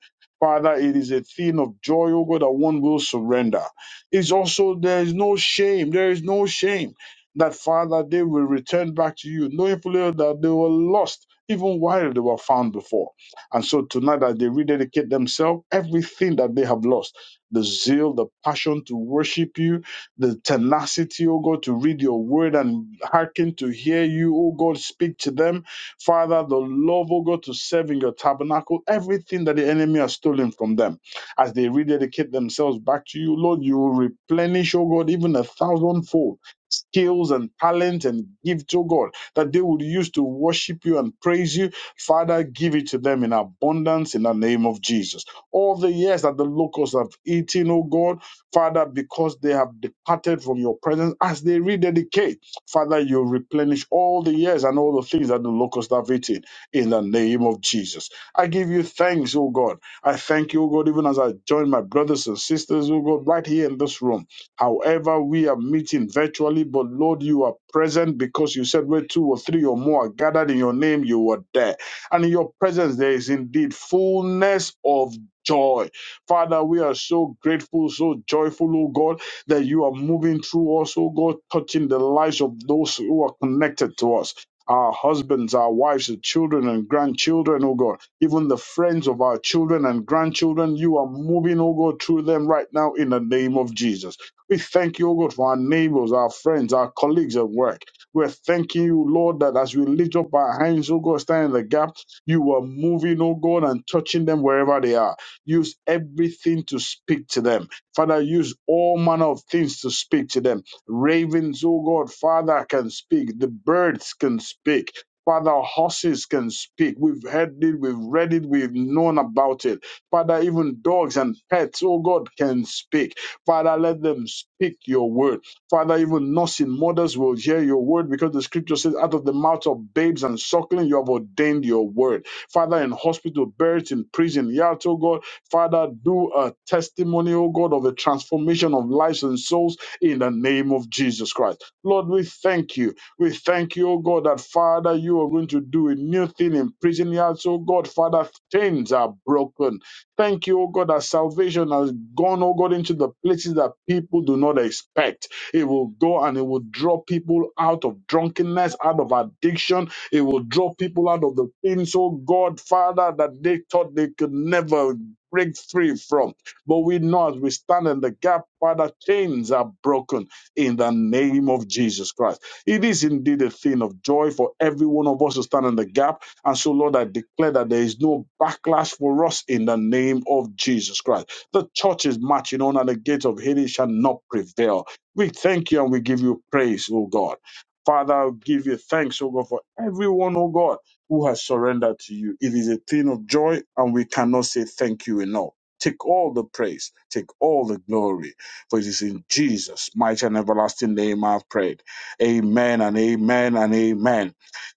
I: Father, it is a thing of joy, oh God, that one will surrender. It's also, there is no shame. There is no shame that, Father, they will return back to you, knowing fully well that they were lost even while they were found before. And so tonight, as they rededicate themselves, everything that they have lost the zeal, the passion to worship you, the tenacity, oh God, to read your word and hearken to hear you, oh God, speak to them. Father, the love, oh God, to serve in your tabernacle, everything that the enemy has stolen from them. As they rededicate themselves back to you, Lord, you will replenish, oh God, even a thousandfold skills and talent and gifts, oh God that they would use to worship you and praise you. Father, give it to them in abundance in the name of Jesus. All the years that the locusts have eaten, oh God, Father, because they have departed from your presence as they rededicate, Father, you replenish all the years and all the things that the locusts have eaten in the name of Jesus. I give you thanks, oh God. I thank you, oh God, even as I join my brothers and sisters, oh God, right here in this room. However, we are meeting virtually, but Lord, you are present because you said where two or three or more are gathered in your name, you are there. And in your presence, there is indeed fullness of joy. Father, we are so grateful, so joyful, oh God, that you are moving through us, oh God, touching the lives of those who are connected to us. Our husbands, our wives, and children and grandchildren, oh God, even the friends of our children and grandchildren, you are moving, oh God, through them right now in the name of Jesus. We thank you, O God, for our neighbors, our friends, our colleagues at work. We're thanking you, Lord, that as we lift up our hands, O God, stand in the gap, you are moving, O God, and touching them wherever they are. Use everything to speak to them. Father, use all manner of things to speak to them. Ravens, O God, Father, can speak. The birds can speak. Father, horses can speak. We've heard it, we've read it, we've known about it. Father, even dogs and pets, oh God, can speak. Father, let them speak your word. Father, even nursing mothers will hear your word because the scripture says, out of the mouth of babes and suckling, you have ordained your word. Father, in hospital, buried in prison, yet, oh God, Father, do a testimony, oh God, of the transformation of lives and souls in the name of Jesus Christ. Lord, we thank you. We thank you, oh God, that Father, you are going to do a new thing in prison yards, oh God. Father, chains are broken. Thank you, O God, that salvation has gone, O God, into the places that people do not expect. It will go and it will draw people out of drunkenness, out of addiction. It will draw people out of the things, oh God, Father, that they thought they could never break free from. But we know as we stand in the gap, Father, chains are broken in the name of Jesus Christ. It is indeed a thing of joy for every one of us to stand in the gap and so, Lord, I declare that there is no backlash for us in the name of Jesus Christ. The church is marching on, and the gates of Hades shall not prevail. We thank you and we give you praise, O God. Father, I give you thanks, O God, for everyone, O God, who has surrendered to you. It is a thing of joy, and we cannot say thank you enough. Take all the praise, take all the glory, for it is in Jesus' mighty and everlasting name I've prayed. Amen and amen and amen.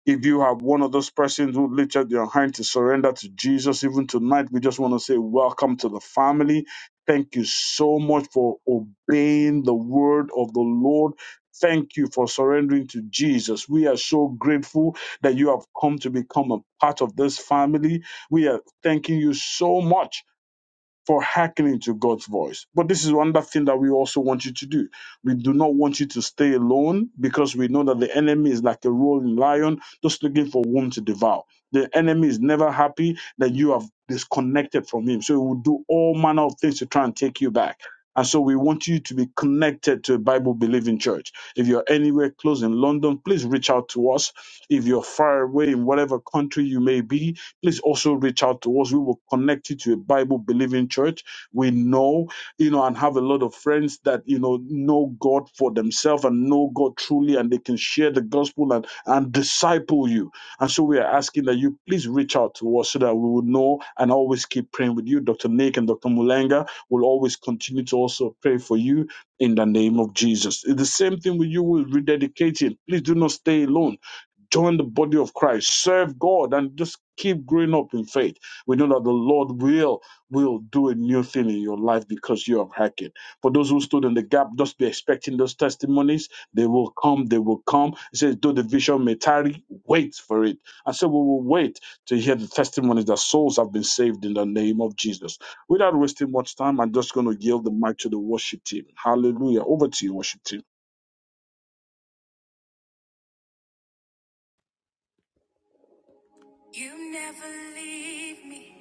I: If you are one of those persons who lifted up your hand to surrender to Jesus, even tonight, we just want to say welcome to the family. Thank you so much for obeying the word of the Lord. Thank you for surrendering to Jesus. We are so grateful that you have come to become a part of this family. We are thanking you so much for hearkening to God's voice. But this is one thing that we also want you to do. We do not want you to stay alone because we know that the enemy is like a roaring lion just looking for whom to devour. The enemy is never happy that you have disconnected from him. So he will do all manner of things to try and take you back. And so we want you to be connected to a Bible believing church. If you're anywhere close in London, please reach out to us. If you're far away in whatever country you may be, Please also reach out to us. We will connect you to a Bible believing church. We know, you know, and have a lot of friends that, you know, know God for themselves and know God truly and they can share the gospel and, and disciple you. And so we are asking that you please reach out to us so that we will know and always keep praying with you. Dr. Nick and Dr. Mulenga will always continue to also pray for you in the name of Jesus. It's The same thing with you with rededicating. Please do not stay alone join the body of Christ, serve God, and just keep growing up in faith. We know that the Lord will will do a new thing in your life because you have hacked it. For those who stood in the gap, just be expecting those testimonies. They will come. They will come. It says, though the vision may tarry, wait for it. And so we will wait to hear the testimonies that souls have been saved in the name of Jesus. Without wasting much time, I'm just going to yield the mic to the worship team. Hallelujah. Over to you, worship team.
A: You never leave me.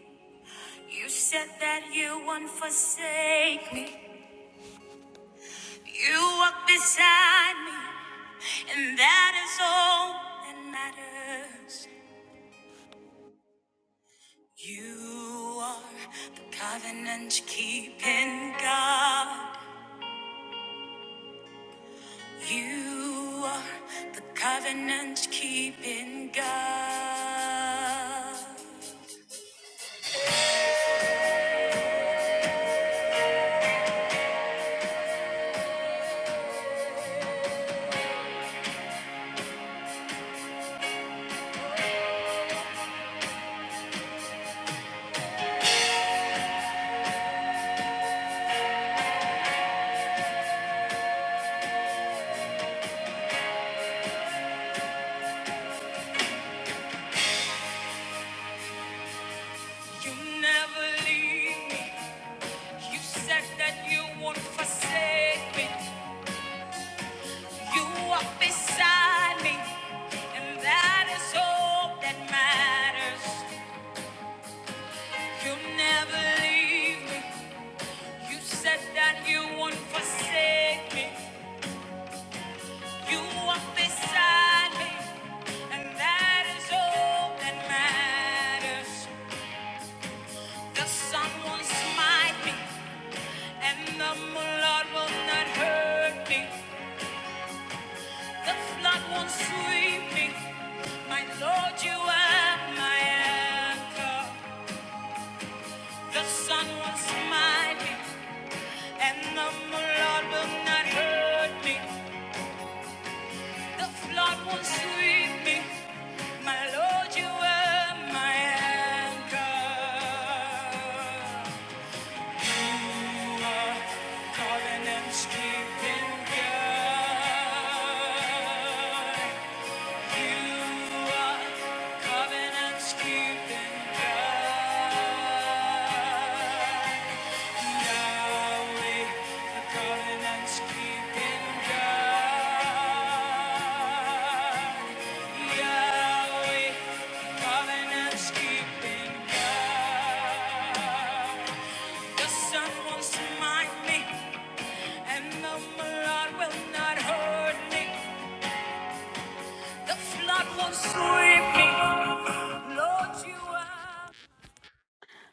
A: You said that you won't forsake me. You walk beside me. And that is all that matters. You are the covenant keeping God. You are the covenant keeping God. You never leave me. You said that you won't forsake me. You are beside me. And that is all that matters. You never leave me. You said that you won't forsake me. You are beside me, and that is all that matters. The sun will smite me, and the blood will not hurt me. The flood won't sweep me. My Lord, you are my anchor. The sun will smite me, and the blood will not hurt me. The Lord will sweep me. My Lord, you are my anchor. You are covenant's keeping God. You are covenant's keeping God. Yahweh, a covenant-keeping God. Yahweh, covenant-keeping God. The sun wants to mind me, and the blood will not hurt me. The flood will sweep me. Lord, you are.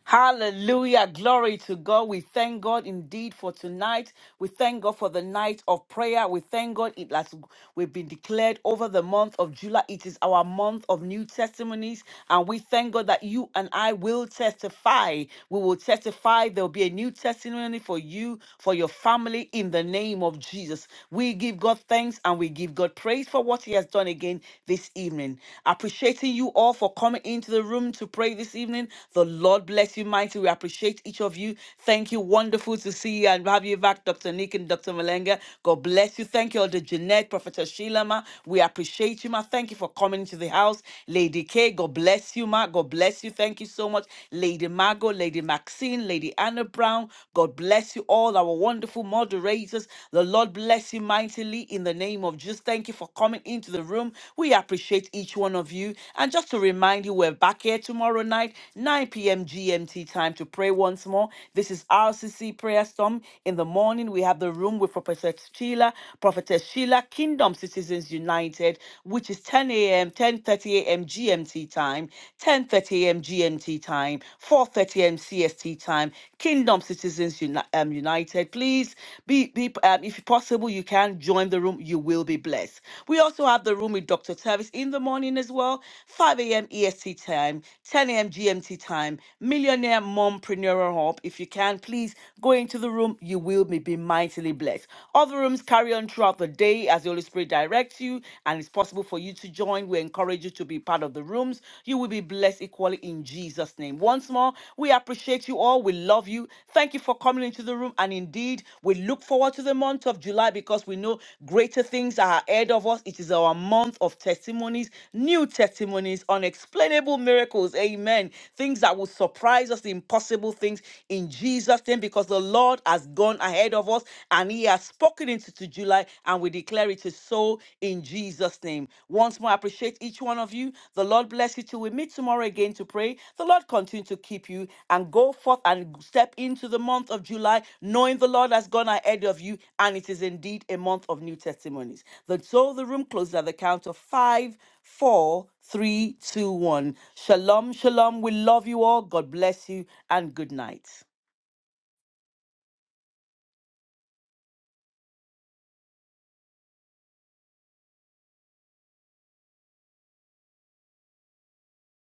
B: Hallelujah. Glory to God. We thank God indeed for tonight. We thank God for the night of prayer. We thank God it has we've been declared over the month of July. It is our month of new testimonies. And we thank God that you and I will testify. We will testify. There'll be a new testimony for you, for your family in the name of Jesus. We give God thanks and we give God praise for what He has done again this evening evening. Appreciating you all for coming into the room to pray this evening. The Lord bless you mighty. We appreciate each of you. Thank you. Wonderful to see you and have you back, Dr. Nick and Dr. Malenga. God bless you. Thank you, Elder Jeanette, Prophetess Sheila, ma. We appreciate you, ma. Thank you for coming into the house. Lady K, God bless you, ma. God bless you. Thank you so much. Lady Margot, Lady Maxine, Lady Anna Brown, God bless you all, our wonderful moderators. The Lord Lord bless you mightily in the name of Jesus. Thank you for coming into the room. We appreciate each one of you. And just to remind you, we're back here tomorrow night, 9 p.m. GMT time to pray once more. This is RCC Prayer Storm. In the morning, we have the room with Prophetess Sheila, Prophetess Sheila, Kingdom Citizens United, which is 10 a.m., 10.30 a.m. GMT time, 10.30 a.m. GMT time, 4.30 a.m. PST time, Kingdom Citizens Uni- um, United. Please be, be um, if possible, you can join the room. You will be blessed. We also have the room with Dr. Tavis in the morning as well, 5 a m. E. S. T. time, 10 a m. G. M. T. time, Millionaire Mompreneur Hub. If you can, please go into the room. You will be, be mightily blessed. Other rooms carry on throughout the day as the Holy Spirit directs you, and it's possible for you to join. We encourage you to be part of the rooms. You will be blessed equally in Jesus' name. Once more, we appreciate you all. We love you. Thank you for coming into the room. And indeed, we look forward to the month of July because we know greater things are ahead of us. It is our month of testimonies, new testimonies, unexplainable miracles. Amen. Things that will surprise us, impossible things in Jesus' name because the Lord has gone ahead of us and He has spoken into to July. July, and we declare it is so in Jesus' name. Once more, I appreciate each one of you. The Lord bless you till we meet tomorrow again to pray. The Lord continue to keep you and go forth and step into the month of July, knowing the Lord has gone ahead of you, and it is indeed a month of new testimonies. The, so the room closes at the count of five, four, three, two, one. Shalom, shalom. We love you all. God bless you, and good night.